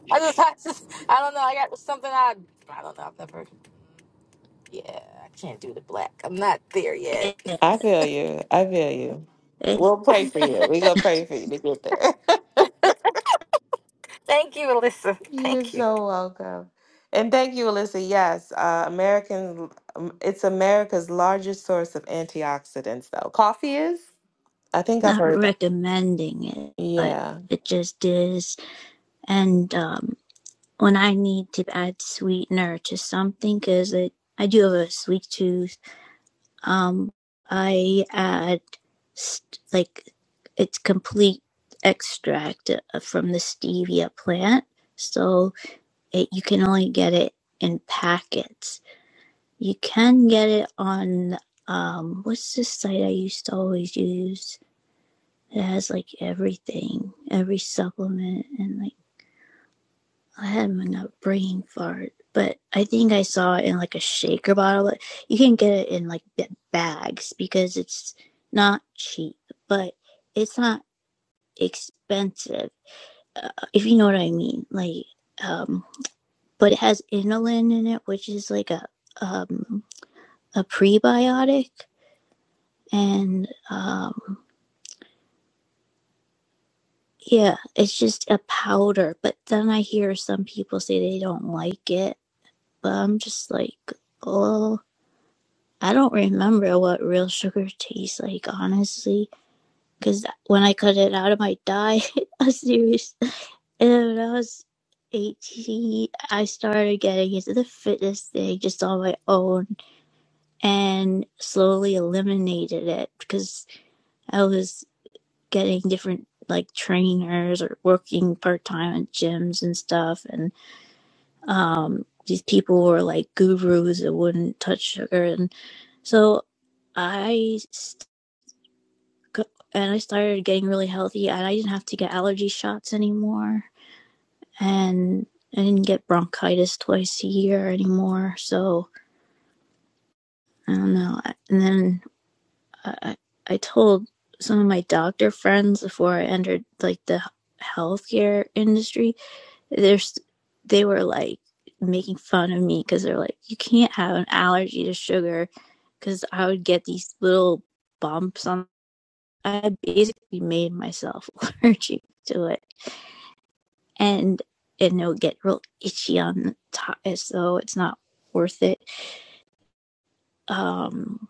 S6: I just, I just I don't know, I got something I I don't know, I've never Yeah, I can't do the black. I'm not there yet.
S1: I feel you. I feel you.
S5: It's
S1: We'll pray for you. We gonna pray for you to get there.
S6: Thank you, Alyssa.
S1: You're
S6: Thank you.
S1: so welcome. And thank you, Alyssa. Yes, uh, American, um, it's America's largest source of antioxidants, though. Coffee is? I think I've
S5: not
S1: heard that.
S5: recommending it, but
S1: Yeah.
S5: it just is. And um, when I need to add sweetener to something because it I do have a sweet tooth. Um, I add st- like it's complete extract uh, from the stevia plant, so it, you can only get it in packets. You can get it on um, what's the site I used to always use? It has like everything, every supplement, and like. I had an upbringing for it, but I think I saw it in like a shaker bottle. Like, You can get it in like bags because it's not cheap, but it's not expensive, uh, if you know what I mean. Like, um, but it has inulin in it, which is like a um a prebiotic, and um yeah, it's just a powder. But then I hear some people say they don't like it, but I'm just like, oh. I don't remember what real sugar tastes like, honestly, because when I cut it out of my diet, i was serious. And when I was 18, I started getting into the fitness thing just on my own and slowly eliminated it because I was getting different like trainers or working part time at gyms and stuff. And um, these people were like gurus that wouldn't touch sugar. And so I and I started getting really healthy, and I didn't have to get allergy shots anymore, and I didn't get bronchitis twice a year anymore. So I don't know. And then I I told some of my doctor friends before I entered like the healthcare industry. There's they were like making fun of me because they're like, you can't have an allergy to sugar because I would get these little bumps on. I basically made myself allergic to it and and it'll get real itchy on the top so it's not worth it um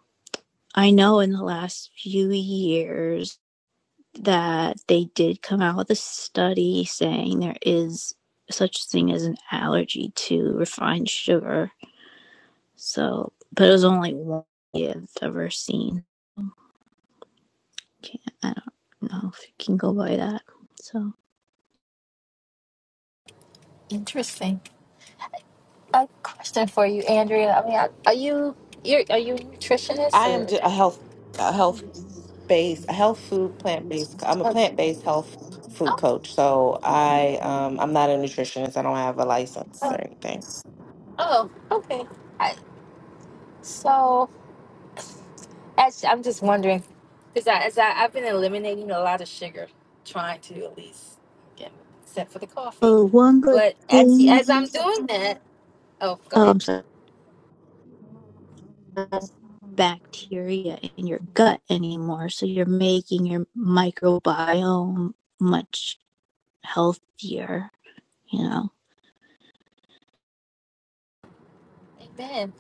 S5: i know in the last few years that they did come out with a study saying there is such thing as an allergy to refined sugar so but it was only one i've ever seen Can't, i don't know if you can go by that so
S6: Interesting. A question for you, Andrea. I mean, are are you you're, are you a nutritionist
S1: I am
S6: or?
S1: ju- a health a health based a health food plant based I'm a
S6: Oh,
S1: plant based health food coach. So I um I'm not a nutritionist. I don't have a license or anything.
S6: oh, okay. I, so, as, I'm just wondering, because I, as I, I've been eliminating a lot of sugar, trying to at least, again, except for the coffee.
S5: oh, one good
S6: But as,
S5: thing
S6: as I'm doing that, oh, go
S5: um
S6: ahead.
S5: bacteria in your gut anymore. So you're making your microbiome much healthier, you know.
S6: Amen.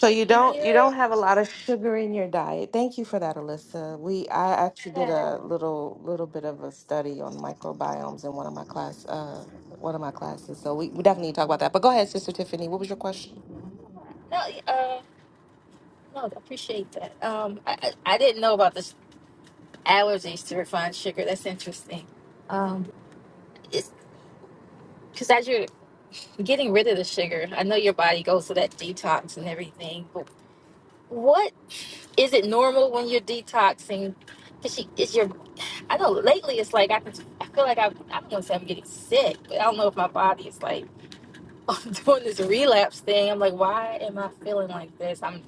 S1: So you
S6: When
S1: don't you
S6: you're,
S1: don't have a lot of sugar in your diet. Thank you for that, Alyssa. We I actually did
S6: yeah,
S1: a little little bit of a study on microbiomes in one of my class uh one of my classes. So we, we definitely need to talk about that. But go ahead, Sister Tiffany. What was your question?
S6: no, uh, No, I appreciate that. Um, I, I I didn't know about the allergies to refined sugar. That's interesting. Um, it's because as you're getting rid of the sugar, I know your body goes through that detox and everything. But what is it normal when you're detoxing? Cause she is your. I know lately it's like I can. I feel like I. I don't want to say I'm getting sick, but I don't know if my body is like. I'm doing this relapse thing. I'm like, why am I feeling like this? I'm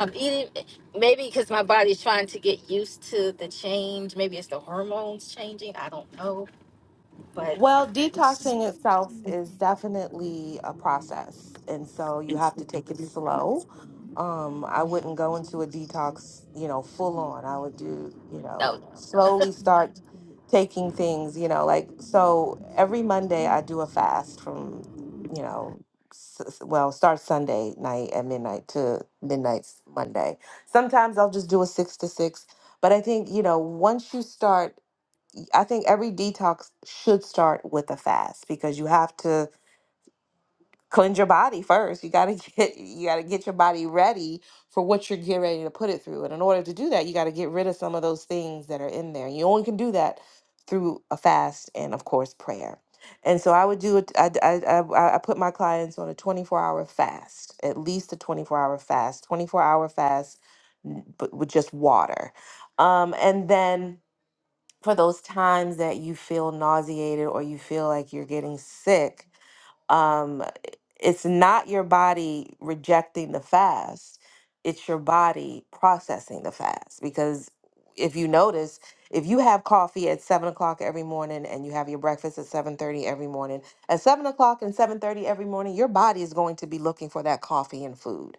S6: I'm eating maybe because my body's trying to get used to the change. Maybe it's the hormones changing. I don't know. But
S1: Well, detoxing itself is definitely a process, and so you have to take it slow. Um, I wouldn't go into a detox, you know, full on. I would do, you know,
S6: no,
S1: slowly start taking things, you know, like so every Monday I do a fast from, you know, s- s- well, start Sunday night at midnight to midnight Monday. Sometimes I'll just do a six to six, but I think, you know, once you start I think every detox should start with a fast because you have to cleanse your body first. You gotta get you gotta get your body ready for what you're getting ready to put it through. And in order to do that, you gotta get rid of some of those things that are in there. You only can do that through a fast and of course prayer. And so I would do it. I, I, I, I put my clients on a 24 hour fast, at least a 24 hour fast, 24 hour fast, n- but with just water. Um, and then for those times that you feel nauseated or you feel like you're getting sick, um, it's not your body rejecting the fast, it's your body processing the fast. Because if you notice, if you have coffee at seven o'clock every morning and you have your breakfast at seven thirty every morning, at seven o'clock and seven thirty every morning, your body is going to be looking for that coffee and food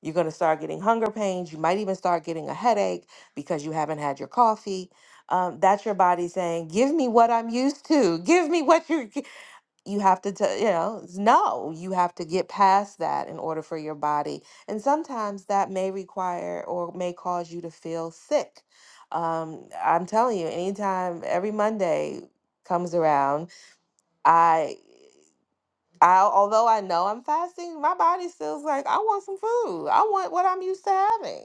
S1: you're going to start getting hunger pains. You might even start getting a headache because you haven't had your coffee. Um, that's your body saying, "Give me what I'm used to. Give me what you are you have to tell you know it's no. You have to get past that in order for your body. And sometimes that may require or may cause you to feel sick. Um, I'm telling you, anytime every Monday comes around, I, although I know I'm fasting, my body still's like, I want some food. I want what I'm used to having.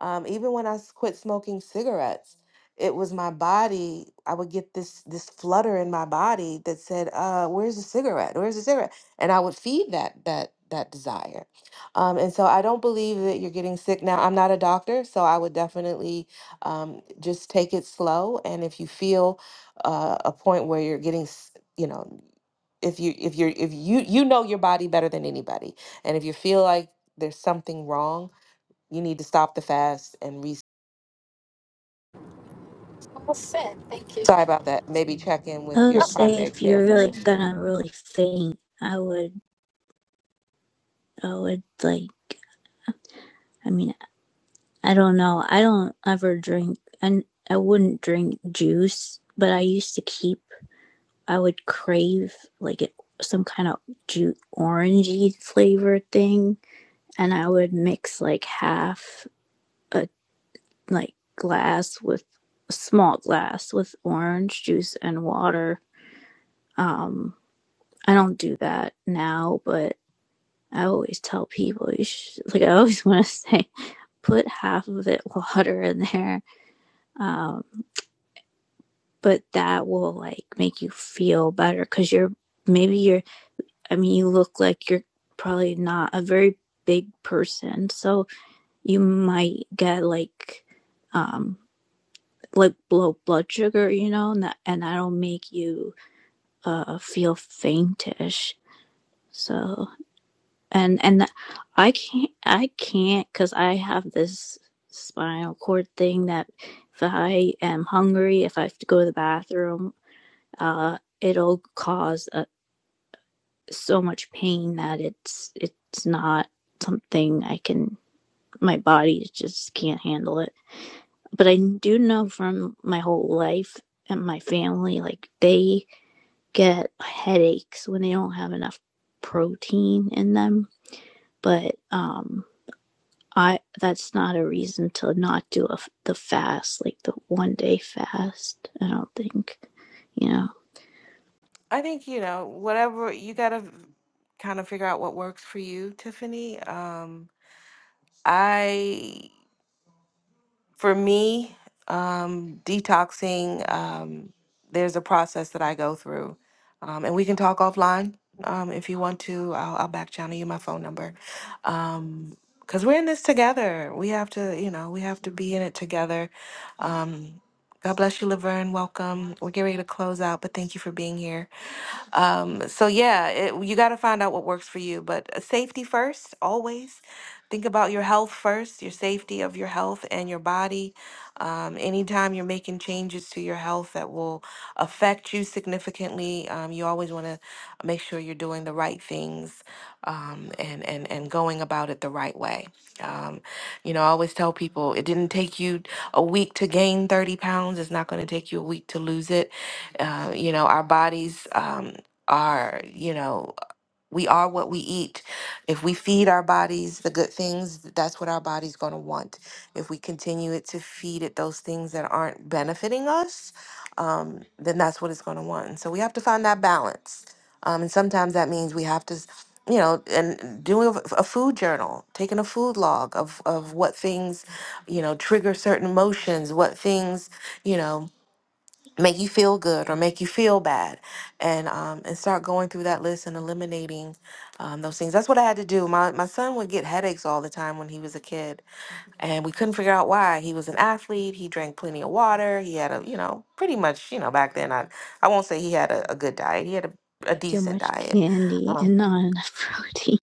S1: Um, even when I s- quit smoking cigarettes, it was my body. I would get this this flutter in my body that said, uh, "Where's the cigarette? Where's the cigarette?" And I would feed that that that desire. Um, and so I don't believe that you're getting sick now. I'm not a doctor, so I would definitely um, just take it slow. And if you feel uh, a point where you're getting, s- you know if you if you're if you you know your body better than anybody and if you feel like there's something wrong you need to stop the fast and re
S6: all set. Thank you.
S1: sorry about that maybe check in with
S5: I would
S1: your
S5: say
S1: primary
S5: if
S1: care
S5: you're really
S1: physician
S5: gonna really faint, I would I would like I mean, I don't know. I don't ever drink and I wouldn't drink juice, but I used to keep I would crave like it some kind of ju orangey flavor thing and I would mix like half a. like glass with a small glass with orange juice and water. Um, I don't do that now, but I always tell people you should, like I always want to say put half of it water in there. Um, but that will like make you feel better because you're maybe you're I mean you look like you're probably not a very big person, so you might get like um like low blood sugar, you know, and that, and that'll make you uh feel faintish. So and and I can't I can't because I have this spinal cord thing that if I am hungry, if I have to go to the bathroom, uh, it'll cause uh so much pain that it's it's not something I can my body just can't handle it. But I do know from my whole life and my family, like they get headaches when they don't have enough protein in them. But um, I that's not a reason to not do a, the fast, like the one day fast. I don't think you know
S1: i think you know whatever you gotta kind of figure out what works for you tiffany um i for me, um, detoxing, um, there's a process that I go through. Um, and we can talk offline um, if you want to. I'll, I'll back channel you my phone number. Um, Cause we're in this together. We have to, you know, we have to be in it together. Um, God bless you, Laverne. Welcome. We're getting ready to close out, but thank you for being here. Um, so yeah, it, you got to find out what works for you, but uh, safety first, always. Think about your health first, your safety of your health and your body. Um, anytime you're making changes to your health that will affect you significantly, um, you always want to make sure you're doing the right things um, and, and, and going about it the right way. Um, you know, I always tell people it didn't take you a week to gain 30 pounds. It's not going to take you a week to lose it. Uh, you know, our bodies. Um, are you know we are what we eat if we feed our bodies the good things that's what our body's going to want if we continue it to feed it those things that aren't benefiting us um, then that's what it's going to want and so we have to find that balance um, and sometimes that means we have to s- you know and doing a a food journal taking a food log of of what things you know trigger certain emotions what things you know make you feel good or make you feel bad and um and start going through that list and eliminating um, those things that's what i had to do my my son would get headaches all the time when he was a kid and we couldn't figure out why he was an athlete he drank plenty of water he had a you know pretty much you know back then i i won't say he had a, a good diet he had a a
S5: too
S1: decent
S5: much
S1: diet.
S5: candy
S1: Um,
S5: and not enough protein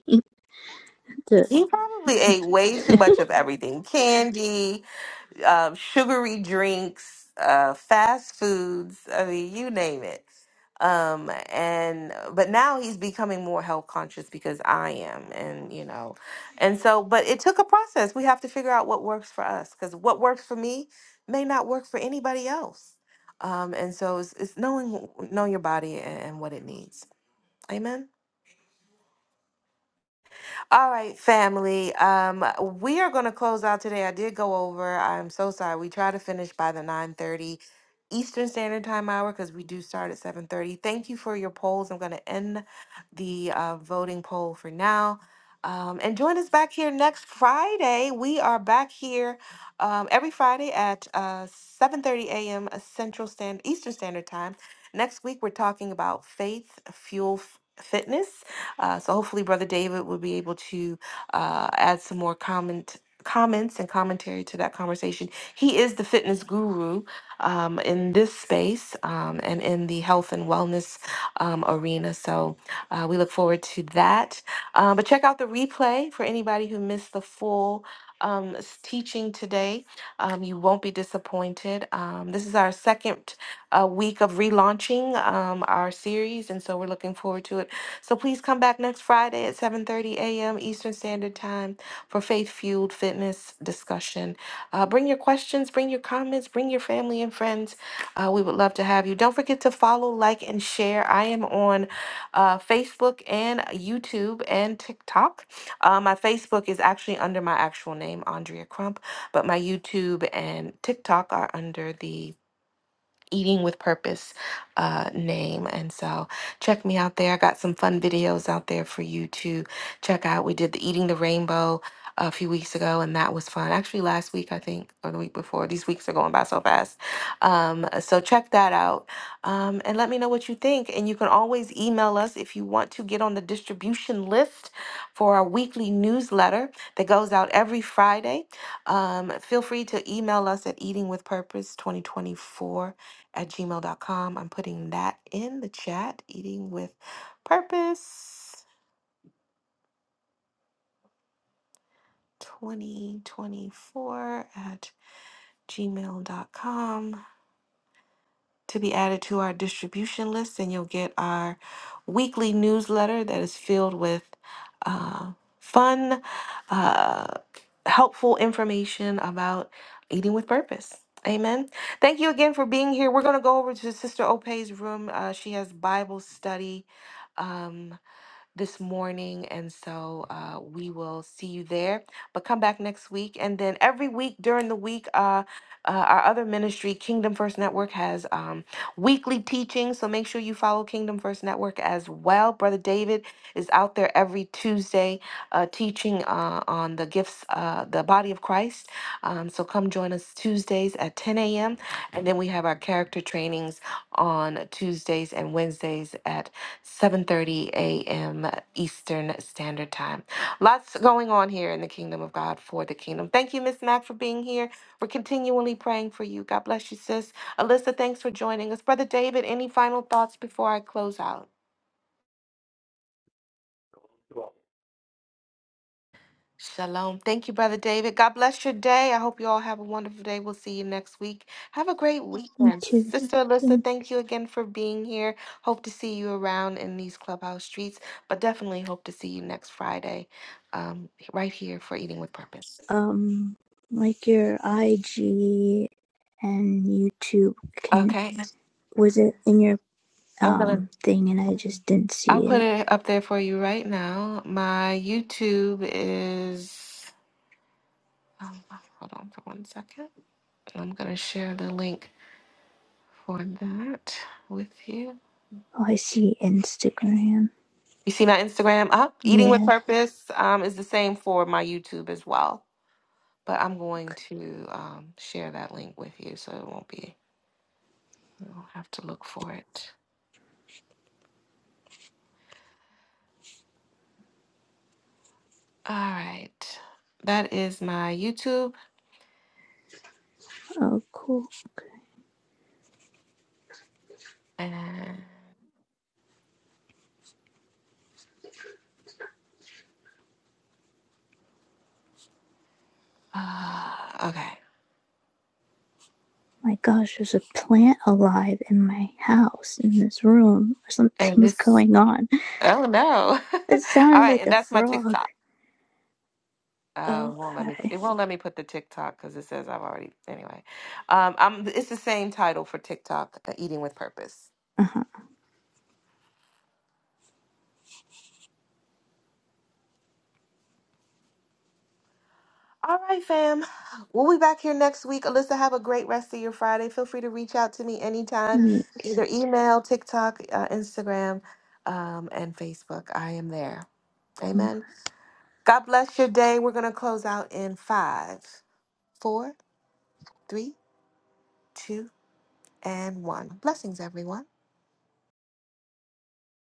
S5: to
S1: he probably ate way too much of everything: candy, um, sugary drinks, uh, fast foods. I mean, you name it um and but now he's becoming more health conscious because i am and you know and so but it took a process we have to figure out what works for us because what works for me may not work for anybody else um and so it's, it's knowing knowing your body and, and what it needs amen all right, family. Um, we are going to close out today. I did go over. I'm so sorry. We try to finish by the 9:30 Eastern Standard Time hour because we do start at 7:30. Thank you for your polls. I'm going to end the uh, voting poll for now. Um, and join us back here next Friday. We are back here um, every Friday at uh, 7:30 a.m. Central Stand Eastern Standard Time. Next week we're talking about faith fuel f- fitness uh, so hopefully, Brother David will be able to uh, add some more comment comments and commentary to that conversation. He is the fitness guru um, in this space um, and in the health and wellness um, arena. So uh, we look forward to that. Uh, but check out the replay for anybody who missed the full um, s- teaching today. Um, you won't be disappointed. Um, this is our second uh, week of relaunching um, our series, and so we're looking forward to it so please come back next Friday at 7:30 a.m. Eastern Standard Time for Faith Fueled Fitness discussion. Uh, bring your questions, bring your comments, bring your family and friends. Uh, we would love to have you. Don't forget to follow, like, and share. I am on uh, Facebook and YouTube and TikTok. Uh, my Facebook is actually under my actual name, Andrea Crump, but my YouTube and TikTok are under the Eating with Purpose uh, name. And so check me out there. I got some fun videos out there for you to check out. We did the Eating the Rainbow a few weeks ago, and that was fun. Actually, last week, I think, or the week before. These weeks are going by so fast. Um, so check that out um, and let me know what you think. And you can always email us if you want to get on the distribution list for our weekly newsletter that goes out every Friday. Um, feel free to email us at Eating with Purpose 2024 at gmail dot com, I'm putting that in the chat, eating with purpose 2024 at gmail dot com to be added to our distribution list. And you'll get our weekly newsletter that is filled with uh, fun, uh, helpful information about eating with purpose. Amen. Thank you again for being here. We're going to go over to Sister Ope's room. Uh, she has Bible study. Um, this morning. And so uh, we will see you there. But come back next week. And then every week during the week, uh, uh, our other ministry, Kingdom First Network, has um, weekly teaching. So make sure you follow Kingdom First Network as well. Brother David is out there every Tuesday uh, teaching uh, on the gifts, uh, the body of Christ. Um, so come join us Tuesdays at 10 a.m. And then we have our character trainings on Tuesdays and Wednesdays at 7:30 a.m. Eastern Standard Time. Lots going on here in the kingdom of God for the kingdom. Thank you, Miss Mac, for being here. We're continually praying for you. God bless you, sis. Alyssa, thanks for joining us. Brother David, any final thoughts before I close out? Shalom. Thank you, Brother David. God bless your day. I hope you all have a wonderful day. We'll see you next week. Have a great weekend. Sister
S5: to
S1: Alyssa, thank you again for being here. Hope to see you around in these clubhouse streets, but definitely hope to see you next Friday um, right here for Eating with Purpose.
S5: um like your IG and YouTube can
S1: Okay.
S5: was it in your
S1: I'm
S5: um
S1: going to,
S5: thing and I just didn't
S1: I'll
S5: see
S1: put
S5: it.
S1: it up there for you right now. My YouTube is, um, hold on for one second. I'm going to share the link for that with you.
S5: Oh, I see Instagram.
S1: You see my Instagram up? Eating with
S5: Yeah.
S1: Purpose um, is the same for my YouTube as well. But I'm going to um, share that link with you so it won't be, you don't have to look for it. All right. That is my YouTube.
S5: Oh, cool.
S1: And, uh, okay.
S5: My gosh, there's a plant alive in my house in this room. Or
S1: And
S5: something's
S1: this,
S5: going on.
S1: oh no.
S5: It
S1: All
S5: sounded
S1: right.
S5: like
S1: And
S5: a
S1: that's my
S5: frog.
S1: TikTok. Uh, won't let me.
S5: Okay.
S1: It won't let me put the TikTok because it says I've already. Anyway, um, I'm. It's the same title for TikTok, uh, Eating with Purpose.
S5: Uh
S1: All right, fam. We'll be back here next week. Alyssa, have a great rest of your Friday. Feel free to reach out to me anytime, either
S5: huh.
S1: email, TikTok, uh, Instagram, um, and Facebook. I am there. Amen. God bless your day. We're going to close out in five, four, three, two, and one. Blessings, everyone.